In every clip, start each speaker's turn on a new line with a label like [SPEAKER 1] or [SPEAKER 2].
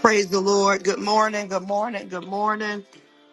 [SPEAKER 1] Praise the Lord. Good morning. Good morning. Good morning.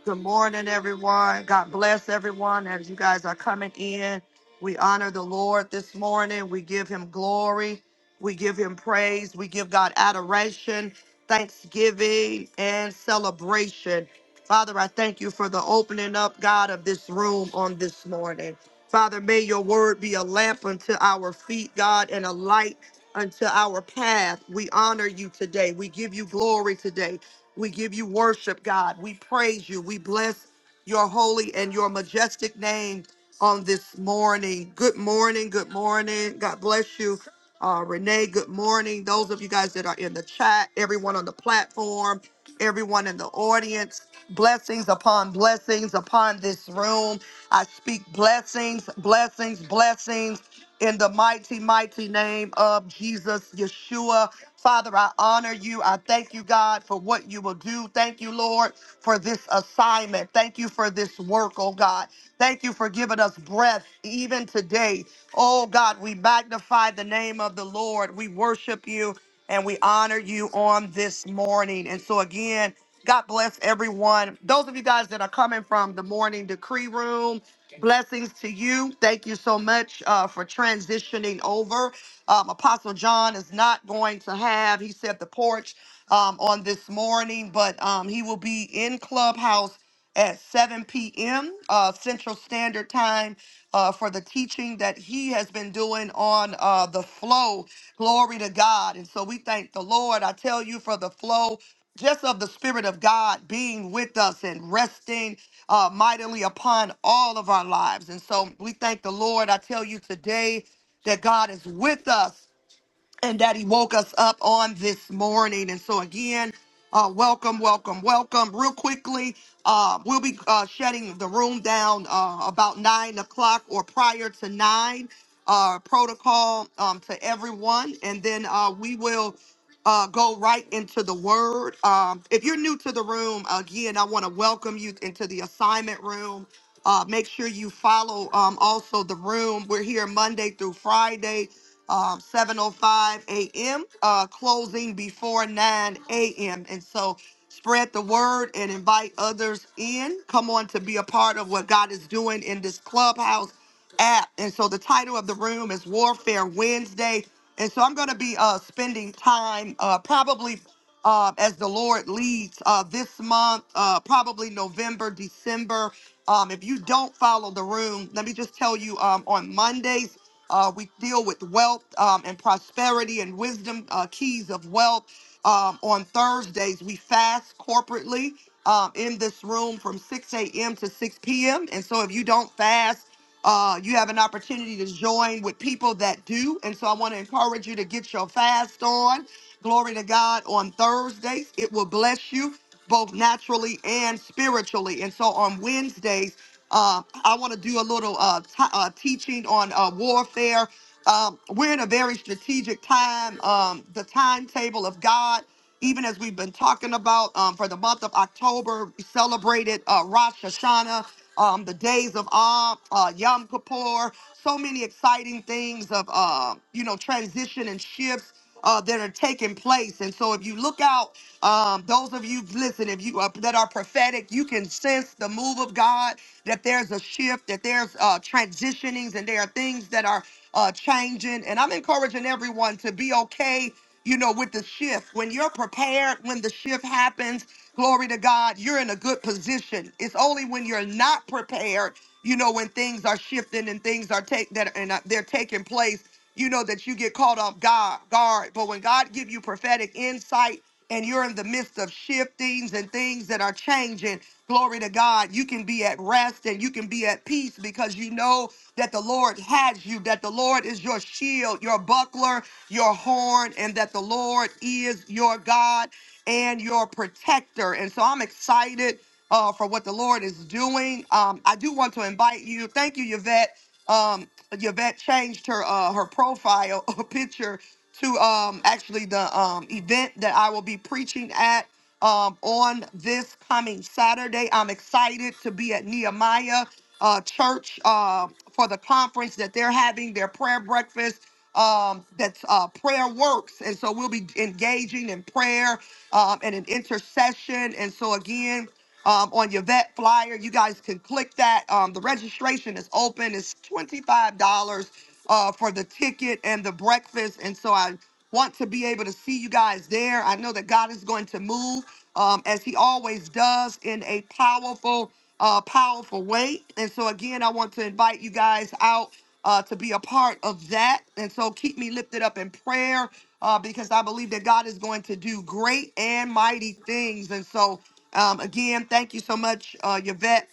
[SPEAKER 1] Good morning, everyone. God bless everyone as you guys are coming in. We honor the Lord this morning. We give him glory. We give him praise. We give God adoration, thanksgiving, and celebration. Father, I thank you for the opening up, God, of this room on this morning. Father, may your word be a lamp unto our feet, God, and a light unto our path. We honor you today. We give you glory today. We give you worship, God. We praise you. We bless your holy and your majestic name on this morning. Good morning. Good morning. God bless you. Uh, Renee, good morning. Those of you guys that are in the chat, everyone on the platform, everyone in the audience, blessings upon blessings upon this room. I speak blessings, blessings, blessings in the mighty, mighty name of Jesus, Yeshua. Father, I honor you. I thank you, God, for what you will do. Thank you, Lord, for this assignment. Thank you for this work, oh God. Thank you for giving us breath even today. Oh God, we magnify the name of the Lord. We worship you and we honor you on this morning. And so, again, God bless everyone. Those of you guys that are coming from the morning decree room, Blessings to you. Thank you so much uh, for transitioning over. Um, Apostle John is not going to have, he said, the porch um, on this morning, but um, he will be in Clubhouse at 7 p.m. Uh, Central Standard Time uh, for the teaching that he has been doing on uh, the flow. Glory to God. And so we thank the Lord. I tell you for the flow just of the Spirit of God being with us and resting uh, mightily upon all of our lives. And so we thank the Lord. I tell you today that God is with us and that he woke us up on this morning. And so, again, uh, welcome, welcome, welcome. Real quickly, uh, we'll be uh, shutting the room down uh, about nine o'clock or prior to nine. Uh, protocol um, to everyone, and then uh, we will uh, go right into the word. Um, if you're new to the room, again, I want to welcome you into the assignment room. Uh, make sure you follow um, also the room. We're here Monday through Friday um, 7.05 a.m., uh, closing before 9 a.m. And so Spread the word and invite others in. Come on to be a part of what God is doing in this clubhouse app. And so the title of the room is Warfare Wednesday. And so I'm going to be uh, spending time uh, probably uh, as the Lord leads uh, this month, uh, probably November, December. Um, if you don't follow the room, let me just tell you um, on Mondays, uh, we deal with wealth um, and prosperity and wisdom, uh, keys of wealth. Um, on Thursdays, we fast corporately um, in this room from 6 a.m. to 6 p.m. And so if you don't fast, uh, you have an opportunity to join with people that do. And so I want to encourage you to get your fast on. Glory to God on Thursdays. It will bless you both naturally and spiritually. And so on Wednesdays, uh, I want to do a little uh, t- uh, teaching on uh, warfare. Um, we're in a very strategic time. Um, the timetable of God, even as we've been talking about um, for the month of October, we celebrated uh, Rosh Hashanah, um, the days of Av, uh, Yom Kippur, so many exciting things of uh, you know transition and shifts uh, that are taking place. And so, if you look out, um, those of you listen, if you uh, that are prophetic, you can sense the move of God. That there's a shift, that there's uh, transitionings, and there are things that are uh, changing. And I'm encouraging everyone to be okay, you know, with the shift. When you're prepared, when the shift happens, glory to God, you're in a good position. It's only when you're not prepared, you know, when things are shifting and things are take that and uh, they're taking place you know that you get caught off guard guard but when god give you prophetic insight and you're in the midst of shiftings and things that are changing glory to god you can be at rest and you can be at peace because you know that the lord has you that the lord is your shield your buckler your horn and that the lord is your god and your protector and so i'm excited uh, for what the lord is doing um, i do want to invite you thank you yvette um Yvette changed her uh her profile picture to um actually the um event that I will be preaching at um on this coming Saturday. I'm excited to be at Nehemiah uh church uh for the conference that they're having their prayer breakfast um that's uh prayer works and so we'll be engaging in prayer um and in intercession and so again um, on your vet flyer. You guys can click that. Um, the registration is open. It's $25 uh, for the ticket and the breakfast. And so I want to be able to see you guys there. I know that God is going to move um, as he always does in a powerful, uh, powerful way. And so again, I want to invite you guys out uh, to be a part of that. And so keep me lifted up in prayer uh, because I believe that God is going to do great and mighty things. And so, um, again, thank you so much, uh, Yvette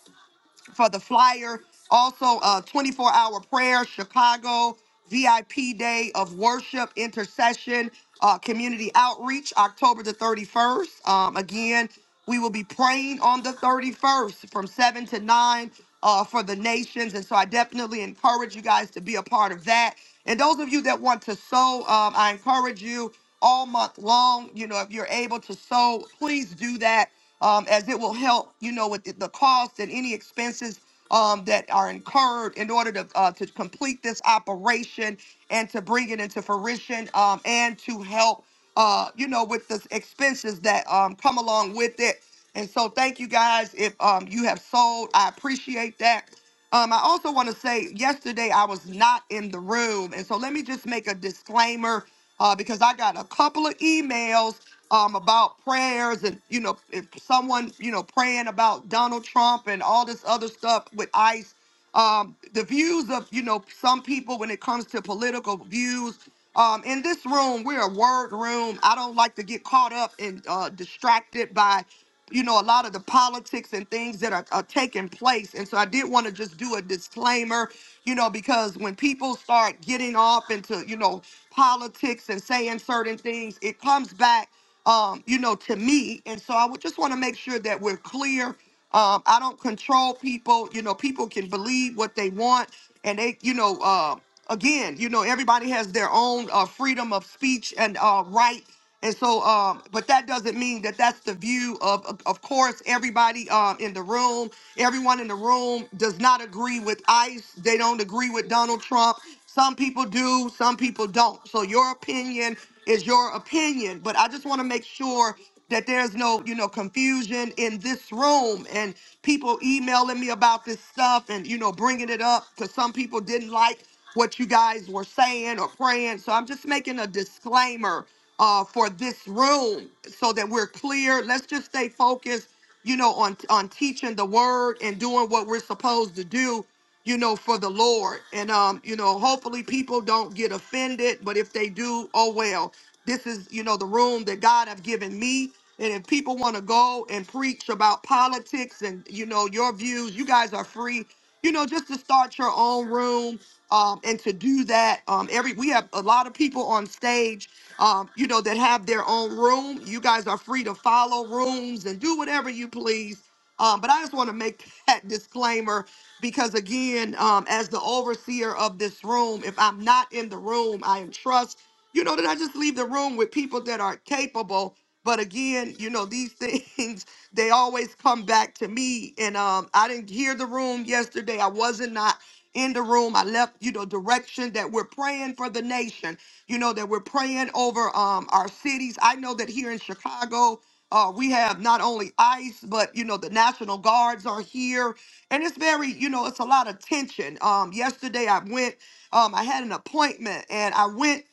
[SPEAKER 1] for the flyer. Also, uh, 24 hour prayer, Chicago, VIP day of worship, intercession, uh, community outreach, October the 31st. Um, again, we will be praying on the 31st from 7 to 9 uh, for the nations. And so I definitely encourage you guys to be a part of that. And those of you that want to sow, um, I encourage you all month long. You know, if you're able to sow, please do that um, as it will help, you know, with the, the costs and any expenses um, that are incurred in order to uh, to complete this operation and to bring it into fruition um, and to help, uh, you know, with the expenses that um, come along with it. And so, thank you guys. If um, you have sold, I appreciate that. Um, I also want to say yesterday I was not in the room. And so let me just make a disclaimer uh, because I got a couple of emails um, about prayers and, you know, if someone, you know, praying about Donald Trump and all this other stuff with ICE. Um, the views of, you know, some people when it comes to political views. Um, in this room, we're a word room. I don't like to get caught up and uh, distracted by you know, a lot of the politics and things that are, are taking place. And so I did want to just do a disclaimer, you know, because when people start getting off into, you know, politics and saying certain things, it comes back, um, you know, to me. And so I would just want to make sure that we're clear. Um, I don't control people. You know, people can believe what they want and they, you know, uh, again, you know, everybody has their own uh, freedom of speech and uh, right and so, um, but that doesn't mean that that's the view of, of of course, everybody um, in the room, everyone in the room does not agree with ICE. They don't agree with Donald Trump. Some people do, some people don't. So your opinion is your opinion. But I just want to make sure that there's no, you know, confusion in this room and people emailing me about this stuff and, you know, bringing it up because some people didn't like what you guys were saying or praying. So I'm just making a disclaimer uh, for this room so that we're clear. Let's just stay focused, you know, on on teaching the word and doing what we're supposed to do, you know, for the Lord. And um, you know, hopefully people don't get offended, but if they do, oh well. This is, you know, the room that God have given me. And if people want to go and preach about politics and you know your views, you guys are free you know, just to start your own room um, and to do that. Um, every we have a lot of people on stage, um, you know, that have their own room. You guys are free to follow rooms and do whatever you please. Um, but I just want to make that disclaimer because, again, um, as the overseer of this room, if I'm not in the room, I am trust you know, that I just leave the room with people that are capable. But again, you know, these things they always come back to me. And um, I didn't hear the room yesterday. I wasn't not in the room. I left, you know, direction that we're praying for the nation. You know that we're praying over um our cities. I know that here in Chicago. Uh, we have not only ICE, but you know the National Guards are here, and it's very, you know, it's a lot of tension. Um, yesterday I went um, I had an appointment and I went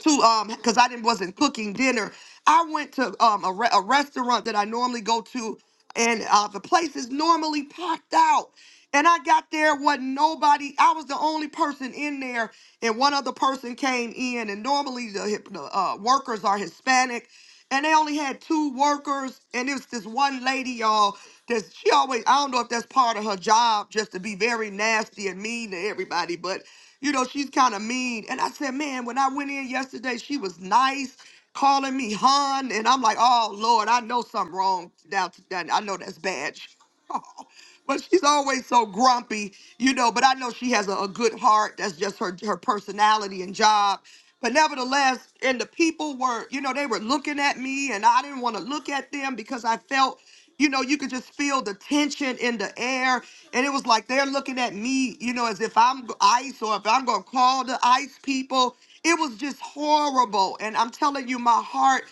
[SPEAKER 1] to um because I didn't wasn't cooking dinner. I went to um a, re- a restaurant that I normally go to, and uh, the place is normally packed out. And I got there, wasn't nobody. I was the only person in there, and one other person came in. And normally the, hip- the uh, workers are Hispanic and they only had two workers and it was this one lady y'all That's she always i don't know if that's part of her job just to be very nasty and mean to everybody but you know she's kind of mean and i said man when i went in yesterday she was nice calling me hon, and i'm like oh lord i know something wrong now i know that's bad but she's always so grumpy, you know. But I know she has a, a good heart. That's just her her personality and job. But nevertheless, and the people were, you know, they were looking at me, and I didn't want to look at them because I felt, you know, you could just feel the tension in the air, and it was like they're looking at me, you know, as if I'm g- ICE or if I'm gonna call the ICE people. It was just horrible, and I'm telling you, my heart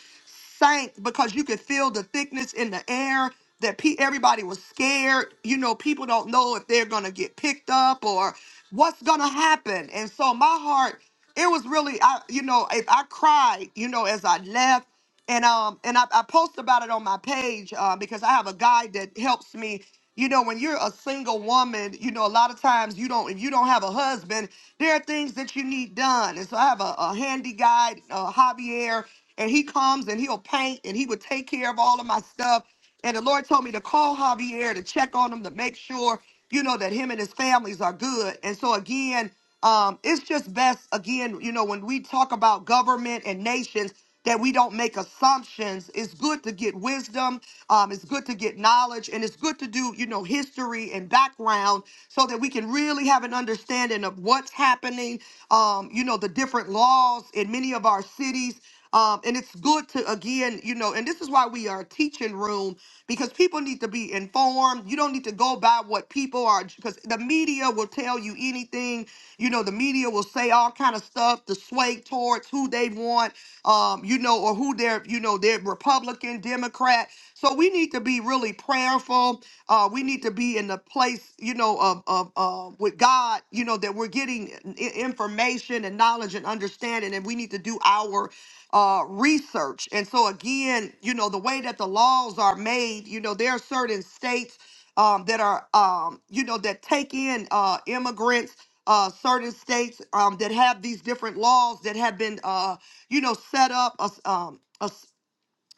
[SPEAKER 1] sank because you could feel the thickness in the air that pe- everybody was scared. You know, people don't know if they're going to get picked up or what's going to happen. And so my heart, it was really, I, you know, if I cried, you know, as I left and um and I, I post about it on my page uh, because I have a guide that helps me. You know, when you're a single woman, you know, a lot of times you don't, if you don't have a husband, there are things that you need done. And so I have a, a handy guy, uh, Javier, and he comes and he'll paint and he would take care of all of my stuff. And the Lord told me to call Javier to check on him to make sure, you know, that him and his families are good. And so again, um, it's just best again, you know, when we talk about government and nations that we don't make assumptions. It's good to get wisdom. Um, it's good to get knowledge, and it's good to do, you know, history and background so that we can really have an understanding of what's happening. Um, you know, the different laws in many of our cities. Um, and it's good to again, you know, and this is why we are a teaching room because people need to be informed informed. You don't need to go by what people are because the media will tell you anything. You know, the media will say all kind of stuff to sway towards who they want, um, you know, or who they're, you know, they're Republican, Democrat. So we need to be really prayerful. Uh, we need to be in the place, you know, of of uh, with God, you know, that we're getting i- information and knowledge and understanding, and we need to do our uh, research. And so, again, you know, the way that the laws are made, you know, there are certain states um, that are, um, you know, that take in uh, immigrants. Uh, certain states um, that have these different laws that have been, uh, you know, set up, uh, um, uh,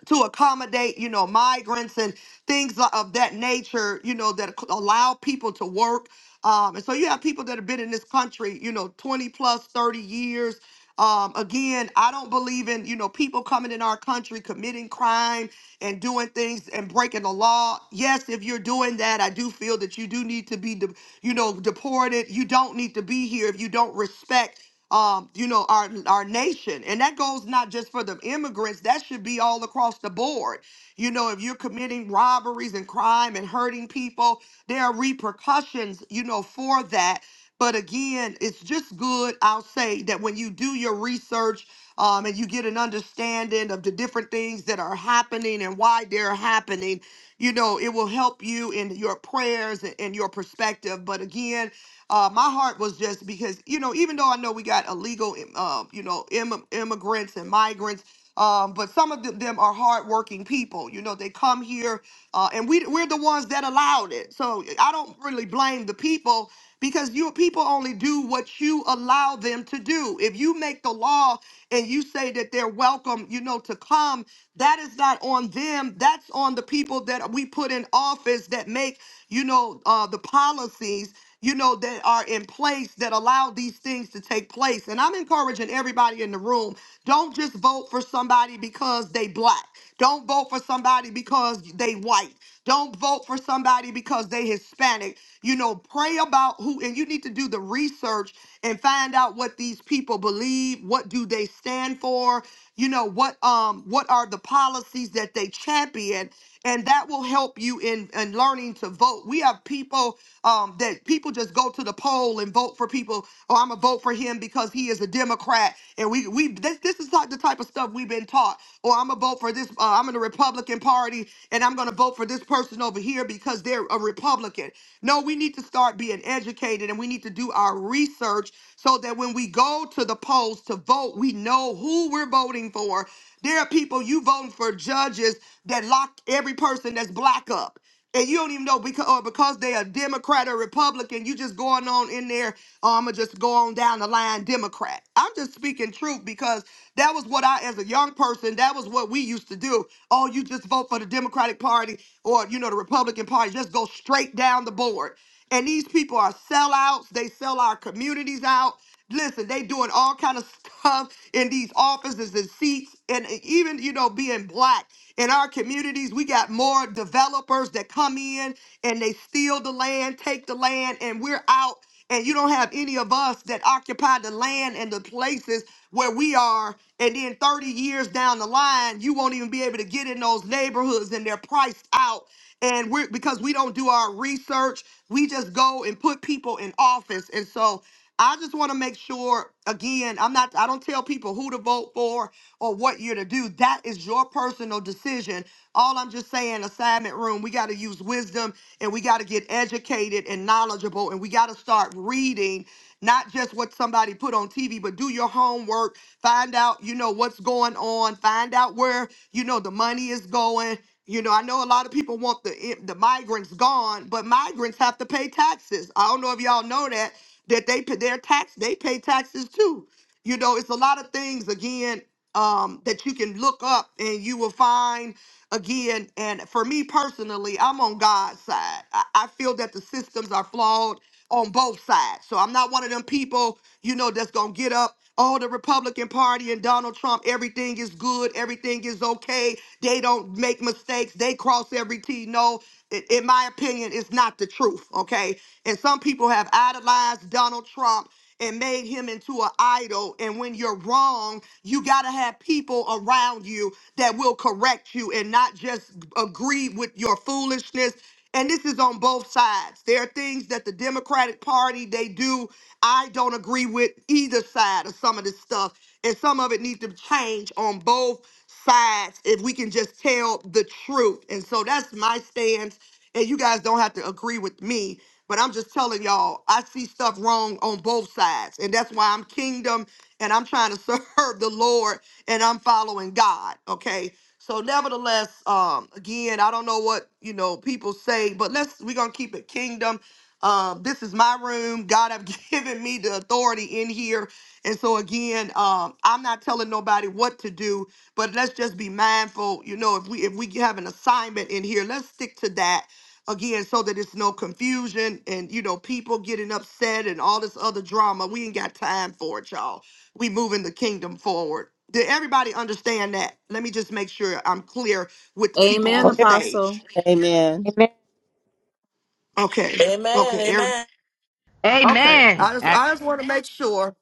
[SPEAKER 1] to accommodate, you know, migrants and things li- of that nature, you know, that ac- allow people to work. Um, and so you have people that have been in this country, you know, 20 plus 30 years. Um, again, I don't believe in, you know, people coming in our country committing crime and doing things and breaking the law. Yes, if you're doing that, I do feel that you do need to be, de- you know, deported. You don't need to be here if you don't respect um, you know, our our nation. And that goes not just for the immigrants, that should be all across the board. You know, if you're committing robberies and crime and hurting people, there are repercussions, you know, for that. But again, it's just good, I'll say, that when you do your research um, and you get an understanding of the different things that are happening and why they're happening, you know, it will help you in your prayers and, and your perspective. But again, uh, my heart was just because, you know, even though I know we got illegal, uh, you know, Im- immigrants and migrants, um, but some of them, them are hardworking people. You know, they come here, uh, and we we're the ones that allowed it. So I don't really blame the people because you people only do what you allow them to do. If you make the law and you say that they're welcome, you know, to come that is not on them. That's on the people that we put in office that make, you know, uh, the policies, you know, that are in place that allow these things to take place. And I'm encouraging everybody in the room don't just vote for somebody because they black. Don't vote for somebody because they white. Don't vote for somebody because they Hispanic. You know, pray about who and you need to do the research and find out what these people believe, what do they stand for, you know, what um what are the policies that they champion and that will help you in in learning to vote. We have people um that people just go to the poll and vote for people, oh, I'm going to vote for him because he is a Democrat. Democrat, and we we this this is like the type of stuff we've been taught. Or I'm gonna vote for this. Uh, I'm in the Republican Party, and I'm gonna vote for this person over here because they're a Republican. No, we need to start being educated, and we need to do our research so that when we go to the polls to vote, we know who we're voting for. There are people you voting for judges that locked every person that's black up and you don't even know because or because they are Democrat or Republican, you just going on in there. Oh, I'ma just go on down the line, Democrat. I'm just speaking truth because that was what I, as a young person, that was what we used to do. Oh, you just vote for the Democratic Party or you know the Republican Party. Just go straight down the board. And these people are sellouts. They sell our communities out. Listen, they doing all kind of stuff in these offices and seats, and even you know being black in our communities, we got more developers that come in and they steal the land, take the land, and we're out. And you don't have any of us that occupy the land and the places where we are. And then 30 years down the line, you won't even be able to get in those neighborhoods, and they're priced out. And we're because we don't do our research, we just go and put people in office. And so I just want to make sure again, I'm not I don't tell people who to vote for or what you're to do. That is your personal decision. All I'm just saying, assignment room, we got to use wisdom and we got to get educated and knowledgeable and we got to start reading not just what somebody put on TV, but do your homework, find out, you know, what's going on, find out where, you know, the money is going. You know, I know a lot of people want the eh, the migrants gone, but migrants have to pay taxes. I don't know if y'all know that that they pay their tax, they pay taxes too. You know, it's a lot of things again um, that you can look up and you will find again. And for me personally, I'm on God's side. I, I feel that the systems are flawed on both sides. So I'm not one of them people, you know, that's gonna get up Oh, the Republican Party and Donald Trump, everything is good, everything is okay. They don't make mistakes, they cross every T. No, i- in my opinion, it's not the truth, okay? And some people have idolized Donald Trump and made him into an idol. And when you're wrong, you got to have people around you that will correct you and not just agree with your foolishness and this is on both sides there are things that the democratic party they do i don't agree with either side of some of this stuff and some of it needs to change on both sides if we can just tell the truth and so that's my stance and you guys don't have to agree with me but i'm just telling y'all i see stuff wrong on both sides and that's why i'm kingdom and i'm trying to serve the lord and i'm following god okay so nevertheless, um, again, I don't know what you know people say, but let's we're gonna keep it kingdom. Um, this is my room. God have given me the authority in here. And so again, um, I'm not telling nobody what to do, but let's just be mindful. You know, if we if we have an assignment in here, let's stick to that again so that it's no confusion and you know people getting upset and all this other drama. We ain't got time for it, y'all we moving the kingdom forward. Did everybody understand that? Let me just make sure I'm clear with the people
[SPEAKER 2] Amen,
[SPEAKER 1] on the
[SPEAKER 3] clear.
[SPEAKER 2] Apostle.
[SPEAKER 1] stage.
[SPEAKER 4] Amen.
[SPEAKER 3] Amen.
[SPEAKER 1] Okay. Okay.
[SPEAKER 5] Amen.
[SPEAKER 1] every-
[SPEAKER 5] Amen.
[SPEAKER 1] Okay.
[SPEAKER 6] Amen
[SPEAKER 1] I just
[SPEAKER 6] Act
[SPEAKER 1] I just want to make sure.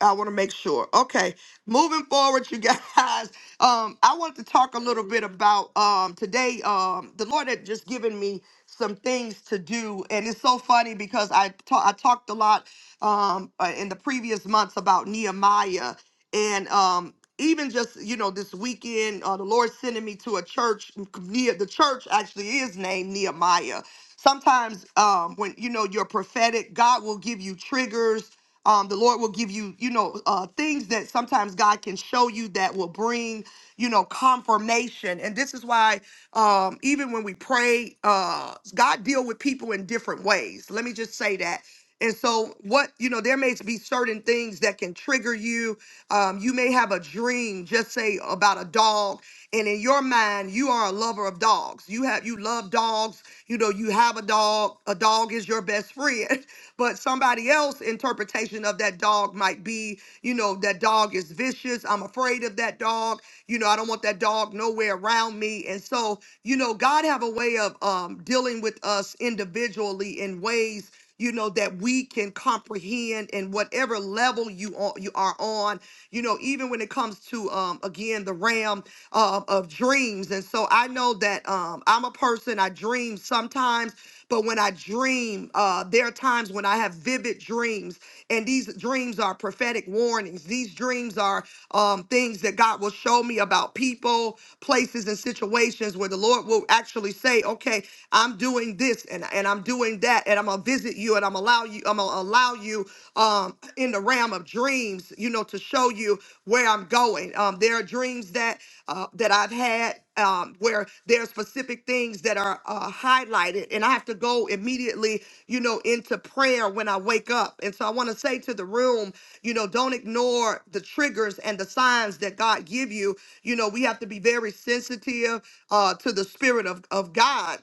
[SPEAKER 1] I want to make sure. Okay. Moving forward, you guys. Um, I wanted to talk a little bit about um today. Um, the Lord had just given me some things to do, and it's so funny because I ta- I talked a lot um uh, in the previous months about Nehemiah and um even just you know this weekend uh, the lord sending me to a church near the church actually is named nehemiah sometimes um when you know you're prophetic god will give you triggers um the lord will give you you know uh things that sometimes god can show you that will bring you know confirmation and this is why um even when we pray uh god deal with people in different ways let me just say that and so, what you know, there may be certain things that can trigger you. Um, you may have a dream, just say about a dog, and in your mind, you are a lover of dogs. You have you love dogs. You know, you have a dog. A dog is your best friend. But somebody else' interpretation of that dog might be, you know, that dog is vicious. I'm afraid of that dog. You know, I don't want that dog nowhere around me. And so, you know, God have a way of um, dealing with us individually in ways you know, that we can comprehend and whatever level you are, you are on, you know, even when it comes to, um, again, the realm uh, of dreams. And so I know that um, I'm a person, I dream sometimes, but when I dream, uh, there are times when I have vivid dreams, and these dreams are prophetic warnings. These dreams are um, things that God will show me about people, places, and situations where the Lord will actually say, okay, I'm doing this. and, and I'm doing that and I'm gonna visit you and I'm allow you I'm gonna allow you um in the realm of dreams, you know, to show you where I'm going. Um, there are dreams that uh, that I've had um, where there are specific things that are uh, highlighted, and I have to go immediately, you know, into prayer when I wake up. And so I want to say to the room, you know, don't ignore the triggers and the signs that God give you. You know, we have to be very sensitive uh, to the spirit of, of God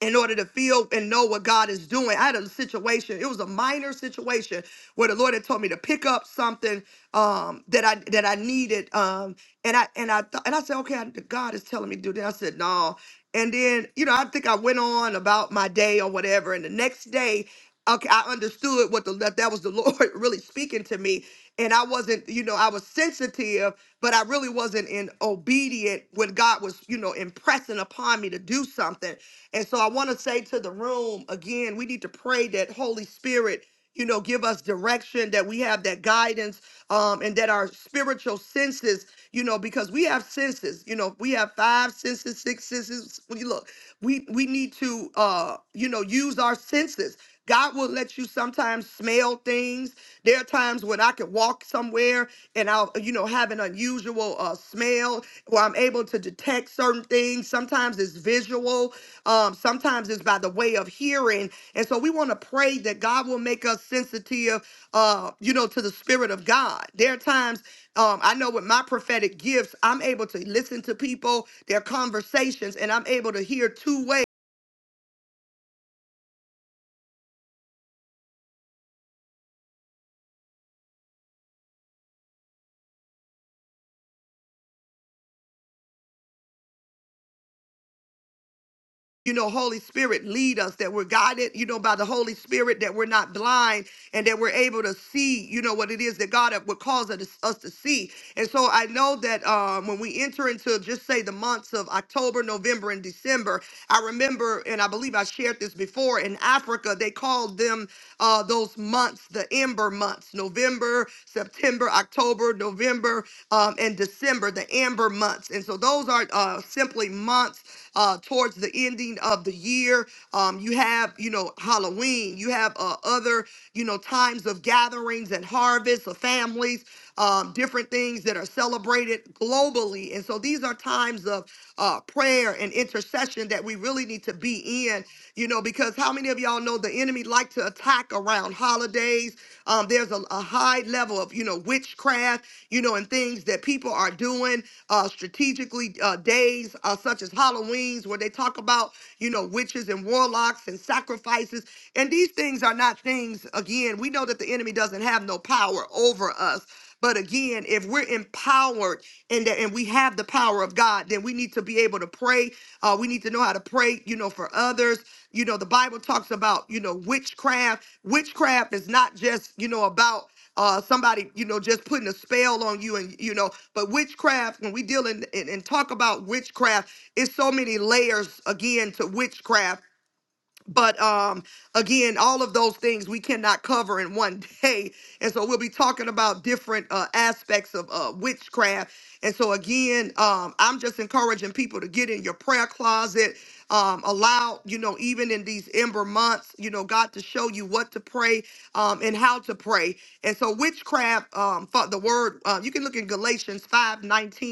[SPEAKER 1] in order to feel and know what God is doing. I had a situation, it was a minor situation where the Lord had told me to pick up something um that I that I needed. Um and I and I thought and I said, okay, I, God is telling me to do that. I said, no. And then, you know, I think I went on about my day or whatever. And the next day, okay, I understood what the that, that was the Lord really speaking to me. And I wasn't, you know, I was sensitive, but I really wasn't in obedient when God was, you know, impressing upon me to do something. And so I want to say to the room again, we need to pray that Holy Spirit, you know, give us direction, that we have that guidance, um, and that our spiritual senses, you know, because we have senses, you know, we have five senses, six senses. When you look, we we need to uh, you know, use our senses. God will let you sometimes smell things. There are times when I could walk somewhere and I'll, you know, have an unusual uh, smell where I'm able to detect certain things. Sometimes it's visual, um, sometimes it's by the way of hearing. And so we want to pray that God will make us sensitive, uh, you know, to the Spirit of God. There are times um, I know with my prophetic gifts, I'm able to listen to people, their conversations, and I'm able to hear two ways you know, Holy Spirit lead us, that we're guided, you know, by the Holy Spirit, that we're not blind and that we're able to see, you know, what it is that God uh, would cause us us to see. And so I know that um, when we enter into just say the months of October, November, and December, I remember, and I believe I shared this before, in Africa, they called them uh, those months the ember months November, September, October, November, um, and December, the amber months. And so those are uh, simply months uh, towards the ending of the year. Um, you have, you know, Halloween. You have uh, other, you know, times of gatherings and harvests of families, um, different things that are celebrated globally. And so these are times of uh, prayer and intercession that we really need to be in, you know, because how many of y'all know the enemy like to attack around around holidays. Um, there's a, a high level of, you know, witchcraft, you know, and things that people are doing uh, strategically uh, days uh, such as Halloween's where they talk about, you know, witches and warlocks and sacrifices. And these things are not things, again, we know that the enemy doesn't have no power over us. But again, if we're empowered and that and we have the power of God, then we need to be able to pray. Uh, we need to know how to pray, you know, for others. You know, the Bible talks about, you know, witchcraft. Witchcraft is not just, you know, about uh, somebody, you know, just putting a spell on you and, you know, but witchcraft, when we deal in, in and talk about witchcraft, it's so many layers again to witchcraft but um again all of those things we cannot cover in one day and so we'll be talking about different uh aspects of uh witchcraft and so again um i'm just encouraging people to get in your prayer closet um allow you know even in these ember months you know god to show you what to pray um and how to pray and so witchcraft um for the word uh, you can look in galatians 5:19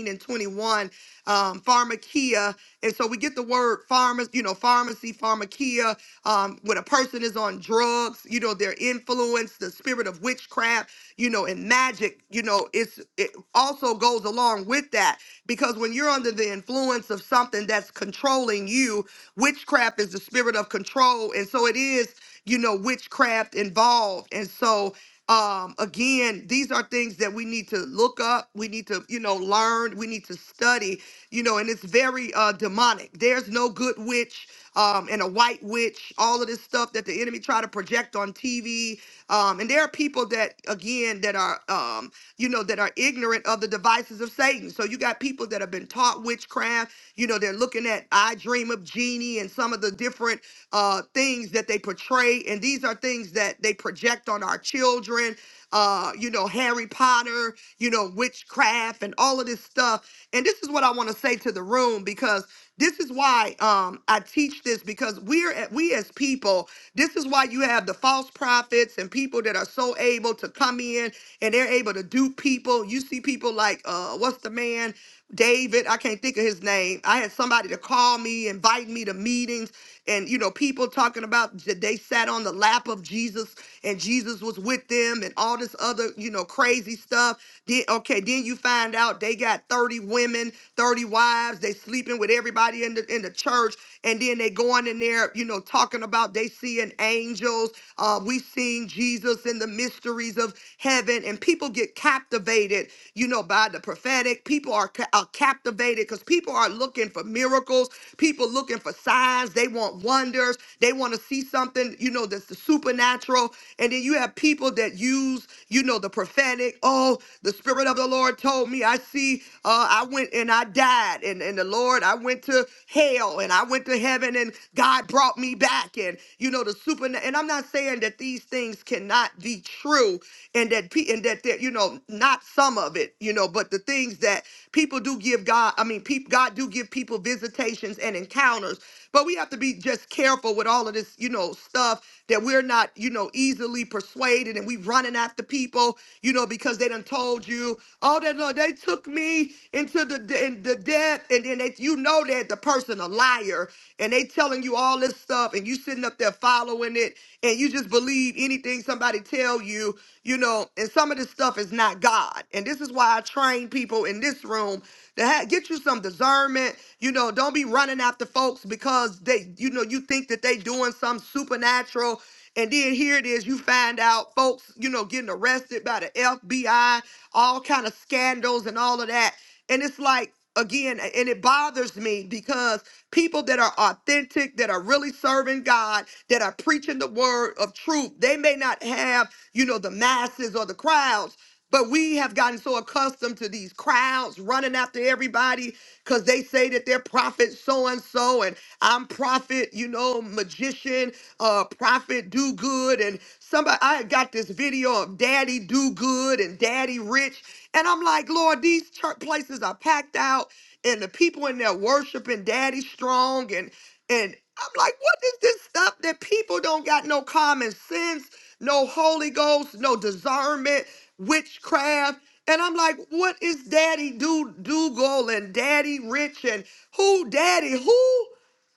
[SPEAKER 1] and 21 um pharmakia and so we get the word pharma pharmacy, you know, pharmacy, pharmakia. Um, when a person is on drugs, you know, their influence, the spirit of witchcraft, you know, and magic, you know, it's it also goes along with that because when you're under the influence of something that's controlling you, witchcraft is the spirit of control, and so it is you know, witchcraft involved. And so, um, again, these are things that we need to look up. We need to, you know, learn. We need to study, you know, and it's very uh, demonic. There's no good witch um, and a white witch, all of this stuff that the enemy try to project on TV. Um, and there are people that, again, that are, um, you know, that are ignorant of the devices of Satan. So you got people that have been taught witchcraft. You know, they're looking at I Dream of Genie and some of the different uh, things that they they portray, and these are things that they project on our children. Uh, you know, Harry Potter, you know, witchcraft, and all of this stuff. And this is what I want to say to the room because this is why um, I teach this because we're at, we as people. This is why you have the false prophets and people that are so able to come in and they're able to dupe people. You see people like uh, what's the man? David, I can't think of his name. I had somebody to call me, invite me to meetings, and you know, people talking about j- they sat on the lap of Jesus and Jesus was with them and all this other, you know, crazy stuff. Then okay, then you find out they got 30 women, 30 wives, they sleeping with everybody in the in the church, and then they going in there, you know, talking about they seeing angels. Uh, we seen Jesus in the mysteries of heaven and people get captivated you know by the prophetic people are, ca- are captivated because people are looking for miracles people looking for signs they want wonders they want to see something you know that's the supernatural and then you have people that use you know the prophetic oh the spirit of the lord told me i see uh i went and i died and and the lord i went to hell and i went to heaven and god brought me back and you know, the super. And I'm not saying that these things cannot be true, and that pe- and that there, you know, not some of it, you know, but the things that people do give God. I mean, peop God do give people visitations and encounters, but we have to be just careful with all of this, you know, stuff that we're not, you know, easily persuaded, and we running after people, you know, because they done told you, oh, that no, they took me into the in the death, and then they if you know that the person a liar and they telling you all this stuff and you sitting up there following it and you just believe anything somebody tell you, you know, and some of this stuff is not God. And this is why I train people in this room to ha- get you some discernment. You know, don't be running after folks because they, you know, you think that they doing some supernatural. And then here it is, you find out folks, you know, getting arrested by the FBI, all kind of scandals and all of that. And it's like, again, and it bothers me because people that are authentic, that are really serving God, that are preaching the word of truth, they may not have, you know, the masses or the crowds. But we have gotten so accustomed to these crowds running after everybody because they say that they're prophet so and so, and I'm prophet, you know, magician, uh, prophet do good. And somebody, I got this video of daddy do good and daddy rich. And I'm like, Lord, these church places are packed out, and the people in there worshiping Daddy Strong, and and I'm like, what is this stuff that people don't got no common sense, no Holy Ghost, no discernment, witchcraft? And I'm like, what is Daddy Do Dougal and Daddy Rich and who Daddy who?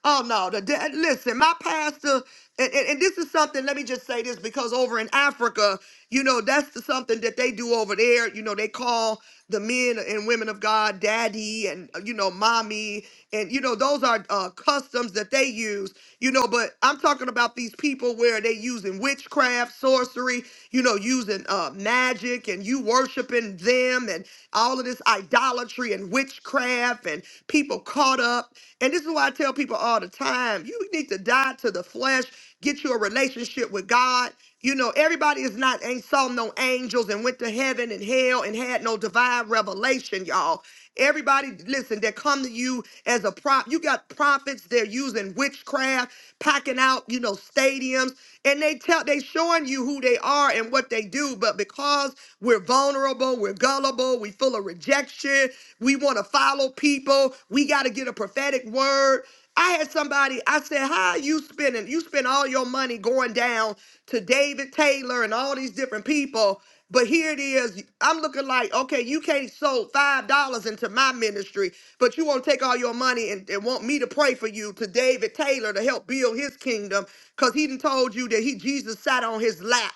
[SPEAKER 1] Oh no! The, the- listen, my pastor, and, and, and this is something. Let me just say this because over in Africa, you know, that's the, something that they do over there. You know, they call the men and women of God daddy, and uh, you know, mommy, and you know, those are uh, customs that they use. You know, but I'm talking about these people where they using witchcraft, sorcery, you know, using uh, magic, and you worshiping them, and all of this idolatry and witchcraft riffraff and people caught up. And this is why I tell people all the time you need to die to the flesh, get you a relationship with God. You know, everybody is not, ain't saw no angels and went to heaven and hell and had no divine revelation, y'all. Everybody, listen, that come to you as a prop. You got prophets, they're using witchcraft, packing out, you know, stadiums, and they tell they showing you who they are and what they do. But because we're vulnerable, vulnerable, we're gullible, we full of rejection, we want to follow people, we got to get a prophetic word. I had somebody, I said, How are you spending? You spend all your money going down to David Taylor and all these different people. But here it is. I'm looking like, okay, you can't sold five dollars into my ministry, but you want to take all your money and, and want me to pray for you to David Taylor to help build his kingdom because he done told you that he Jesus sat on his lap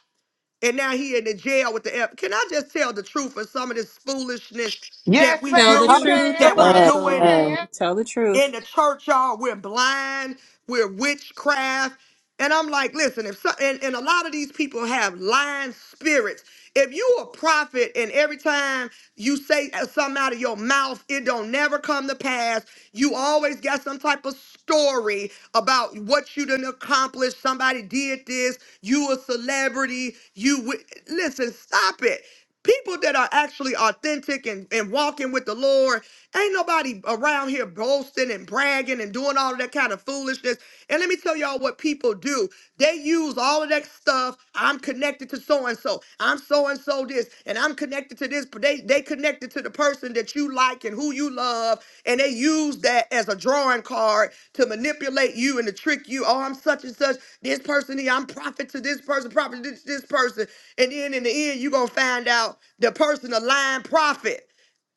[SPEAKER 1] and now he in the jail with the F. Can I just tell the truth of some of this foolishness that
[SPEAKER 5] Yes,
[SPEAKER 1] we
[SPEAKER 2] Tell
[SPEAKER 5] ma'am,
[SPEAKER 2] the
[SPEAKER 5] you
[SPEAKER 1] do,
[SPEAKER 2] truth,
[SPEAKER 1] that
[SPEAKER 5] can.
[SPEAKER 1] we're
[SPEAKER 4] Amen.
[SPEAKER 5] Yes, you
[SPEAKER 2] Apostle.
[SPEAKER 1] doing
[SPEAKER 4] Amen.
[SPEAKER 5] can.
[SPEAKER 2] Tell the truth.
[SPEAKER 1] in the church, y'all? We're blind, we're witchcraft. And I'm like, listen, if so, and, and a lot of these people have lying spirits. If you a prophet and every time you say something out of your mouth, it don't never come to pass. You always got some type of story about what you done accomplished. Somebody did this. You a celebrity. You wi- listen. Stop it. People that are actually authentic and, and walking with the Lord, ain't nobody around here boasting and bragging and doing all of that kind of foolishness. And let me tell y'all what people do. They use all of that stuff. I'm connected to so and so. I'm so and so this, and I'm connected to this. But they they connected to the person that you like and who you love, and they use that as a drawing card to manipulate you and to trick you. Oh, I'm such and such. This person here, I'm prophet to this person, prophet to this, this person, and then in the end, you are gonna find out the person a lying prophet.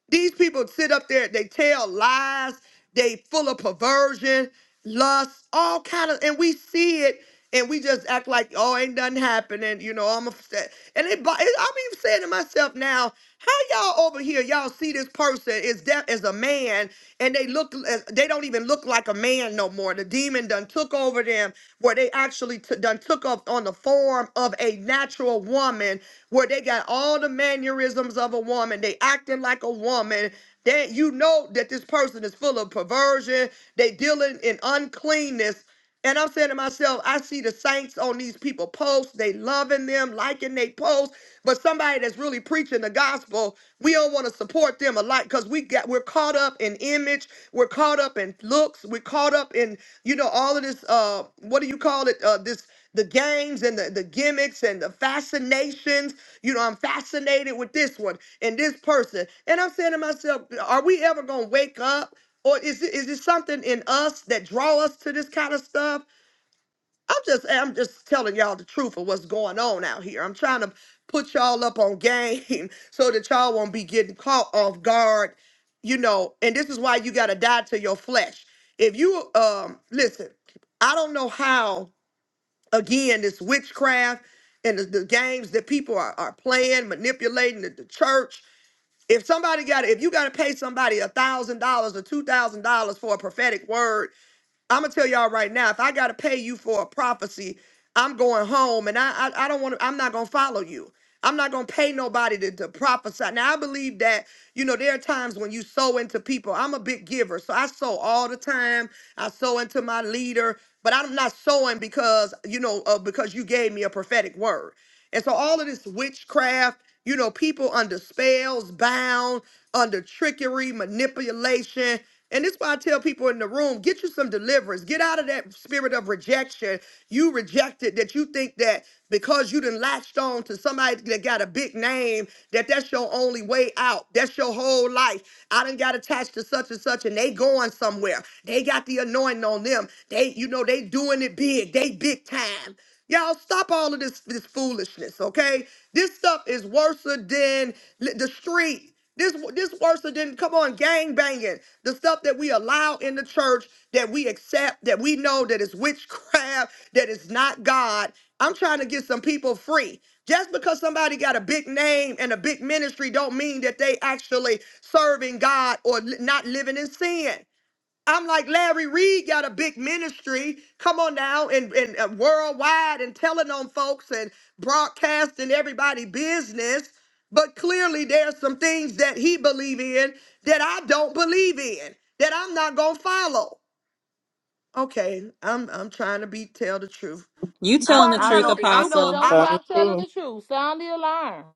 [SPEAKER 1] These people sit up there, they tell lies, they full of perversion, lust, all kind of, and we see it, and we just act like, oh, ain't nothing happening, you know. I'm upset, and it, bo- it- I'm even saying to myself now, how y'all over here, y'all see this person is that is a man, and they look, as- they don't even look like a man no more. The demon done took over them, where they they actually t- done took off on the form of a natural woman, where they got all the mannerisms of a woman. They acting like a woman. That you know that this person is full of perversion. They dealing in uncleanness. And I'm saying to myself, I see the saints on these people posts. They loving them, liking they posts. But somebody that's really preaching the gospel, we don't don't want to support them a lot because we got we're caught up in image, we're caught up in looks, we're caught up in you know all of this. Uh, what do you call it? Uh, this the games and the, the gimmicks and the fascinations. You know, I'm fascinated with this one and this person, and I'm saying to myself, are we ever gonna wake up? Or is it, is it something in us that draw us to this kind of stuff? I'm just I'm just telling y'all the truth of what's going on out here. I'm trying to put y'all up on game so that y'all won't be getting caught off guard, you know, and this is why you gotta die to your flesh. If you um listen, I don't know how again this witchcraft and the, the games that people are, are playing, manipulating the, the church. If somebody got if you gotta pay somebody a thousand dollars or two thousand dollars for a prophetic word I'm gonna tell y'all right now, if I gotta pay you for a prophecy, I'm going home and I I, I don't want to, I'm not gonna follow you. I'm not gonna pay nobody to, to prophesy. Now I believe that, you know, there are times when you sow into people. I'm a big giver, so I sow all the time. I sow into my leader, but I'm not sowing because, you know, uh, because you gave me a prophetic word. And so all of this witchcraft, you know, people under spells, bound, under trickery, manipulation. And this is why I tell people in the room, get you some deliverance. Get out of that spirit of rejection. You rejected that you think that because you done latched on to somebody that got a big name, that that's your only way out. That's your whole life. I done got attached to such and such and they going somewhere. They got the anointing on them. They, you know, they doing it big. They big time. Y'all stop all of this, this foolishness, okay? This stuff is worse than li- the street. This this worse than come on gang banging. The stuff that we allow in the church that we accept that we know that is witchcraft that is not God. I'm trying to get some people free. Just because somebody got a big name and a big ministry don't mean that they actually serving God or li- not living in sin. I'm like Larry Reed got a big ministry. Come on now, and, and uh, worldwide, and telling on folks and broadcasting everybody business. But clearly, there's some things that he believe in that I don't believe in that I'm not gonna follow. Okay, I'm I'm trying to be tell the truth.
[SPEAKER 2] You
[SPEAKER 5] You
[SPEAKER 1] I
[SPEAKER 2] telling the
[SPEAKER 5] are
[SPEAKER 1] I
[SPEAKER 2] truth,
[SPEAKER 5] telling
[SPEAKER 1] know
[SPEAKER 5] the
[SPEAKER 1] I
[SPEAKER 5] truth, so
[SPEAKER 1] know
[SPEAKER 2] Apostle.
[SPEAKER 5] don't
[SPEAKER 1] I'm
[SPEAKER 4] Tell
[SPEAKER 1] a
[SPEAKER 4] me
[SPEAKER 5] stop telling
[SPEAKER 4] true.
[SPEAKER 5] the truth. Sound the alarm.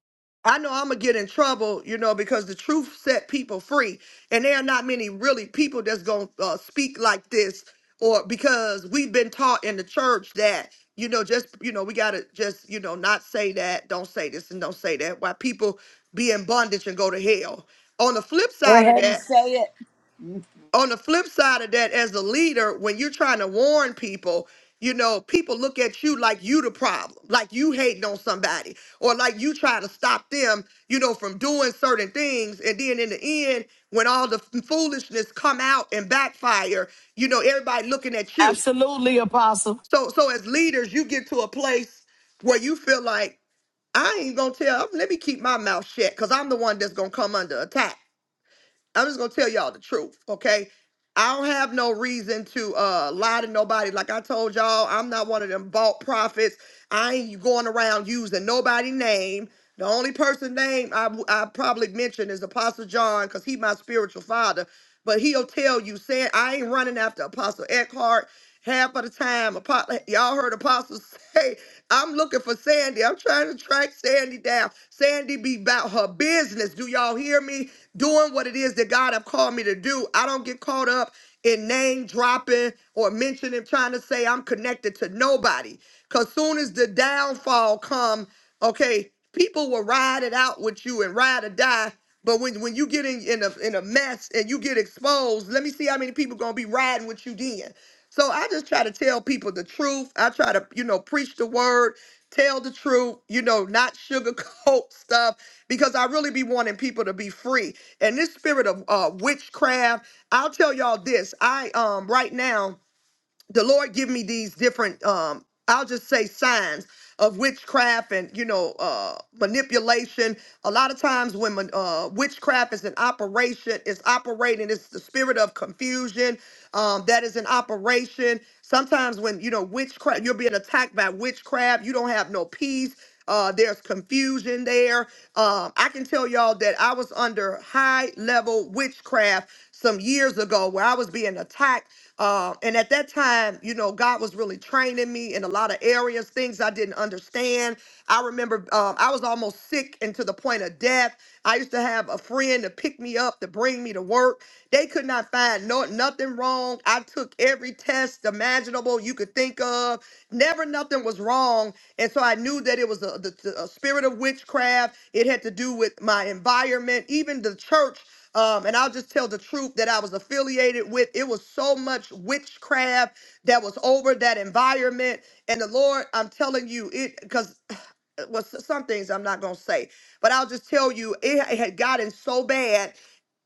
[SPEAKER 1] I know I'm gonna get in trouble, you know, because the truth set people free, and there are not many really people that's gonna uh, speak like this, or because we've been taught in the church that you know, just you know, we gotta just you know not say that, don't say this, and don't say that. Why people be in bondage and go to hell. On the flip
[SPEAKER 7] Go
[SPEAKER 1] side of
[SPEAKER 7] ahead and
[SPEAKER 1] that,
[SPEAKER 7] say it.
[SPEAKER 1] on the flip side of that as a leader when you're trying to warn people you know people look at you like you the problem like you hating on somebody or like you trying to stop them you know from doing certain things and then in the end when all the f- foolishness come out and backfire you know everybody looking at you
[SPEAKER 8] Absolutely, Apostle.
[SPEAKER 1] so so as leaders you get to a place where you feel like i ain't gonna tell let me keep my mouth shut because i'm the one that's gonna come under attack I'm just gonna tell y'all the truth, okay? I don't have no reason to uh lie to nobody. Like I told y'all, I'm not one of them bought prophets. I ain't going around using nobody name. The only person name I, w- I probably mention is Apostle John because he my spiritual father. But he'll tell you, saying I ain't running after Apostle Eckhart. Half of the time, apo- y'all heard apostles say, I'm looking for Sandy. I'm trying to track Sandy down. Sandy be about her business. Do y'all hear me? Doing what it is that God have called me to do. I don't get caught up in name dropping or mentioning, trying to say I'm connected to nobody. Cause soon as the downfall come, okay, people will ride it out with you and ride or die. But when, when you get in, in a in a mess and you get exposed, let me see how many people gonna be riding with you then. So I just try to tell people the truth. I try to, you know, preach the word, tell the truth, you know, not sugarcoat stuff because I really be wanting people to be free. And this spirit of uh, witchcraft, I'll tell y'all this. I um right now the Lord give me these different um I'll just say signs of witchcraft and you know uh manipulation a lot of times when man- uh witchcraft is an operation it's operating it's the spirit of confusion um that is an operation sometimes when you know witchcraft you're being attacked by witchcraft you don't have no peace uh, there's confusion there. Um, I can tell y'all that I was under high level witchcraft some years ago where I was being attacked. Uh, and at that time, you know, God was really training me in a lot of areas, things I didn't understand. I remember um, I was almost sick and to the point of death. I used to have a friend to pick me up to bring me to work. They could not find no nothing wrong. I took every test imaginable you could think of. Never nothing was wrong and so I knew that it was a, the, the- a spirit of witchcraft. It had to do with my environment, even the church. Um, and I'll just tell the truth that I was affiliated with. It was so much witchcraft that was over that environment. And the Lord, I'm telling you, it because was some things I'm not gonna say, but I'll just tell you, it had gotten so bad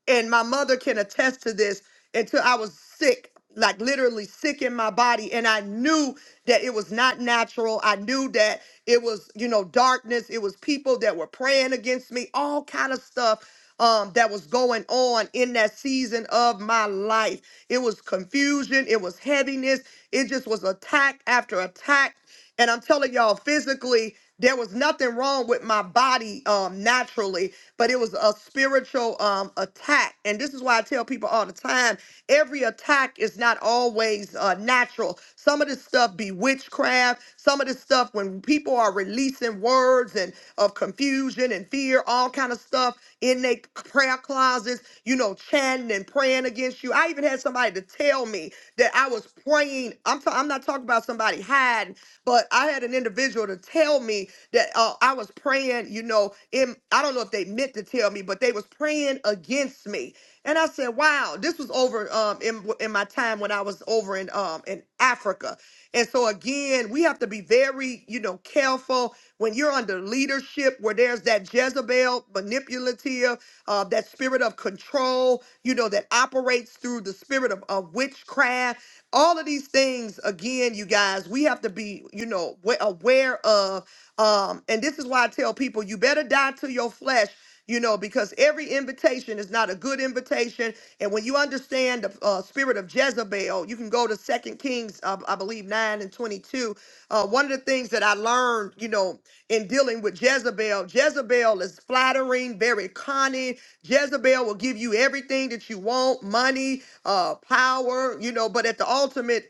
[SPEAKER 1] and my mother can attest to this until I was sick, like literally sick in my body. And I knew that it was not natural. I knew that it was, you know, darkness. It was people that were praying against me, all kind of stuff um, that was going on in that season of my life. It was confusion. It was heaviness. It just was attack after attack. And I'm telling y'all, physically, there was nothing wrong with my body um, naturally, but it was a spiritual um, attack. And this is why I tell people all the time every attack is not always uh, natural. Some of this stuff be witchcraft. Some of this stuff, when people are releasing words and of confusion and fear, all kind of stuff, in their prayer closets, you know, chanting and praying against you. I even had somebody to tell me that I was praying. I'm, i I'm not talking about somebody hiding, but I had an individual to tell me that uh, I was praying, you know, in, I don't know if they meant to tell me, but they was praying against me. And I said, wow, this was over um, in, in my time when I was over in, um, in Africa. Africa. And so again, we have to be very, you know, careful when you're under leadership where there's that Jezebel manipulative, uh, that spirit of control, you know, that operates through the spirit of, of witchcraft. All of these things, again, you guys, we have to be, you know, wa- aware of. Um, and this is why I tell people, you better die to your flesh you know, because every invitation is not a good invitation. And when you understand the uh, spirit of Jezebel, you can go to Second Kings, uh, I believe, 9 and 22. Uh, one of the things that I learned, you know, in dealing with Jezebel, Jezebel is flattering, very conning. Jezebel will give you everything that you want money, uh, power, you know, but at the ultimate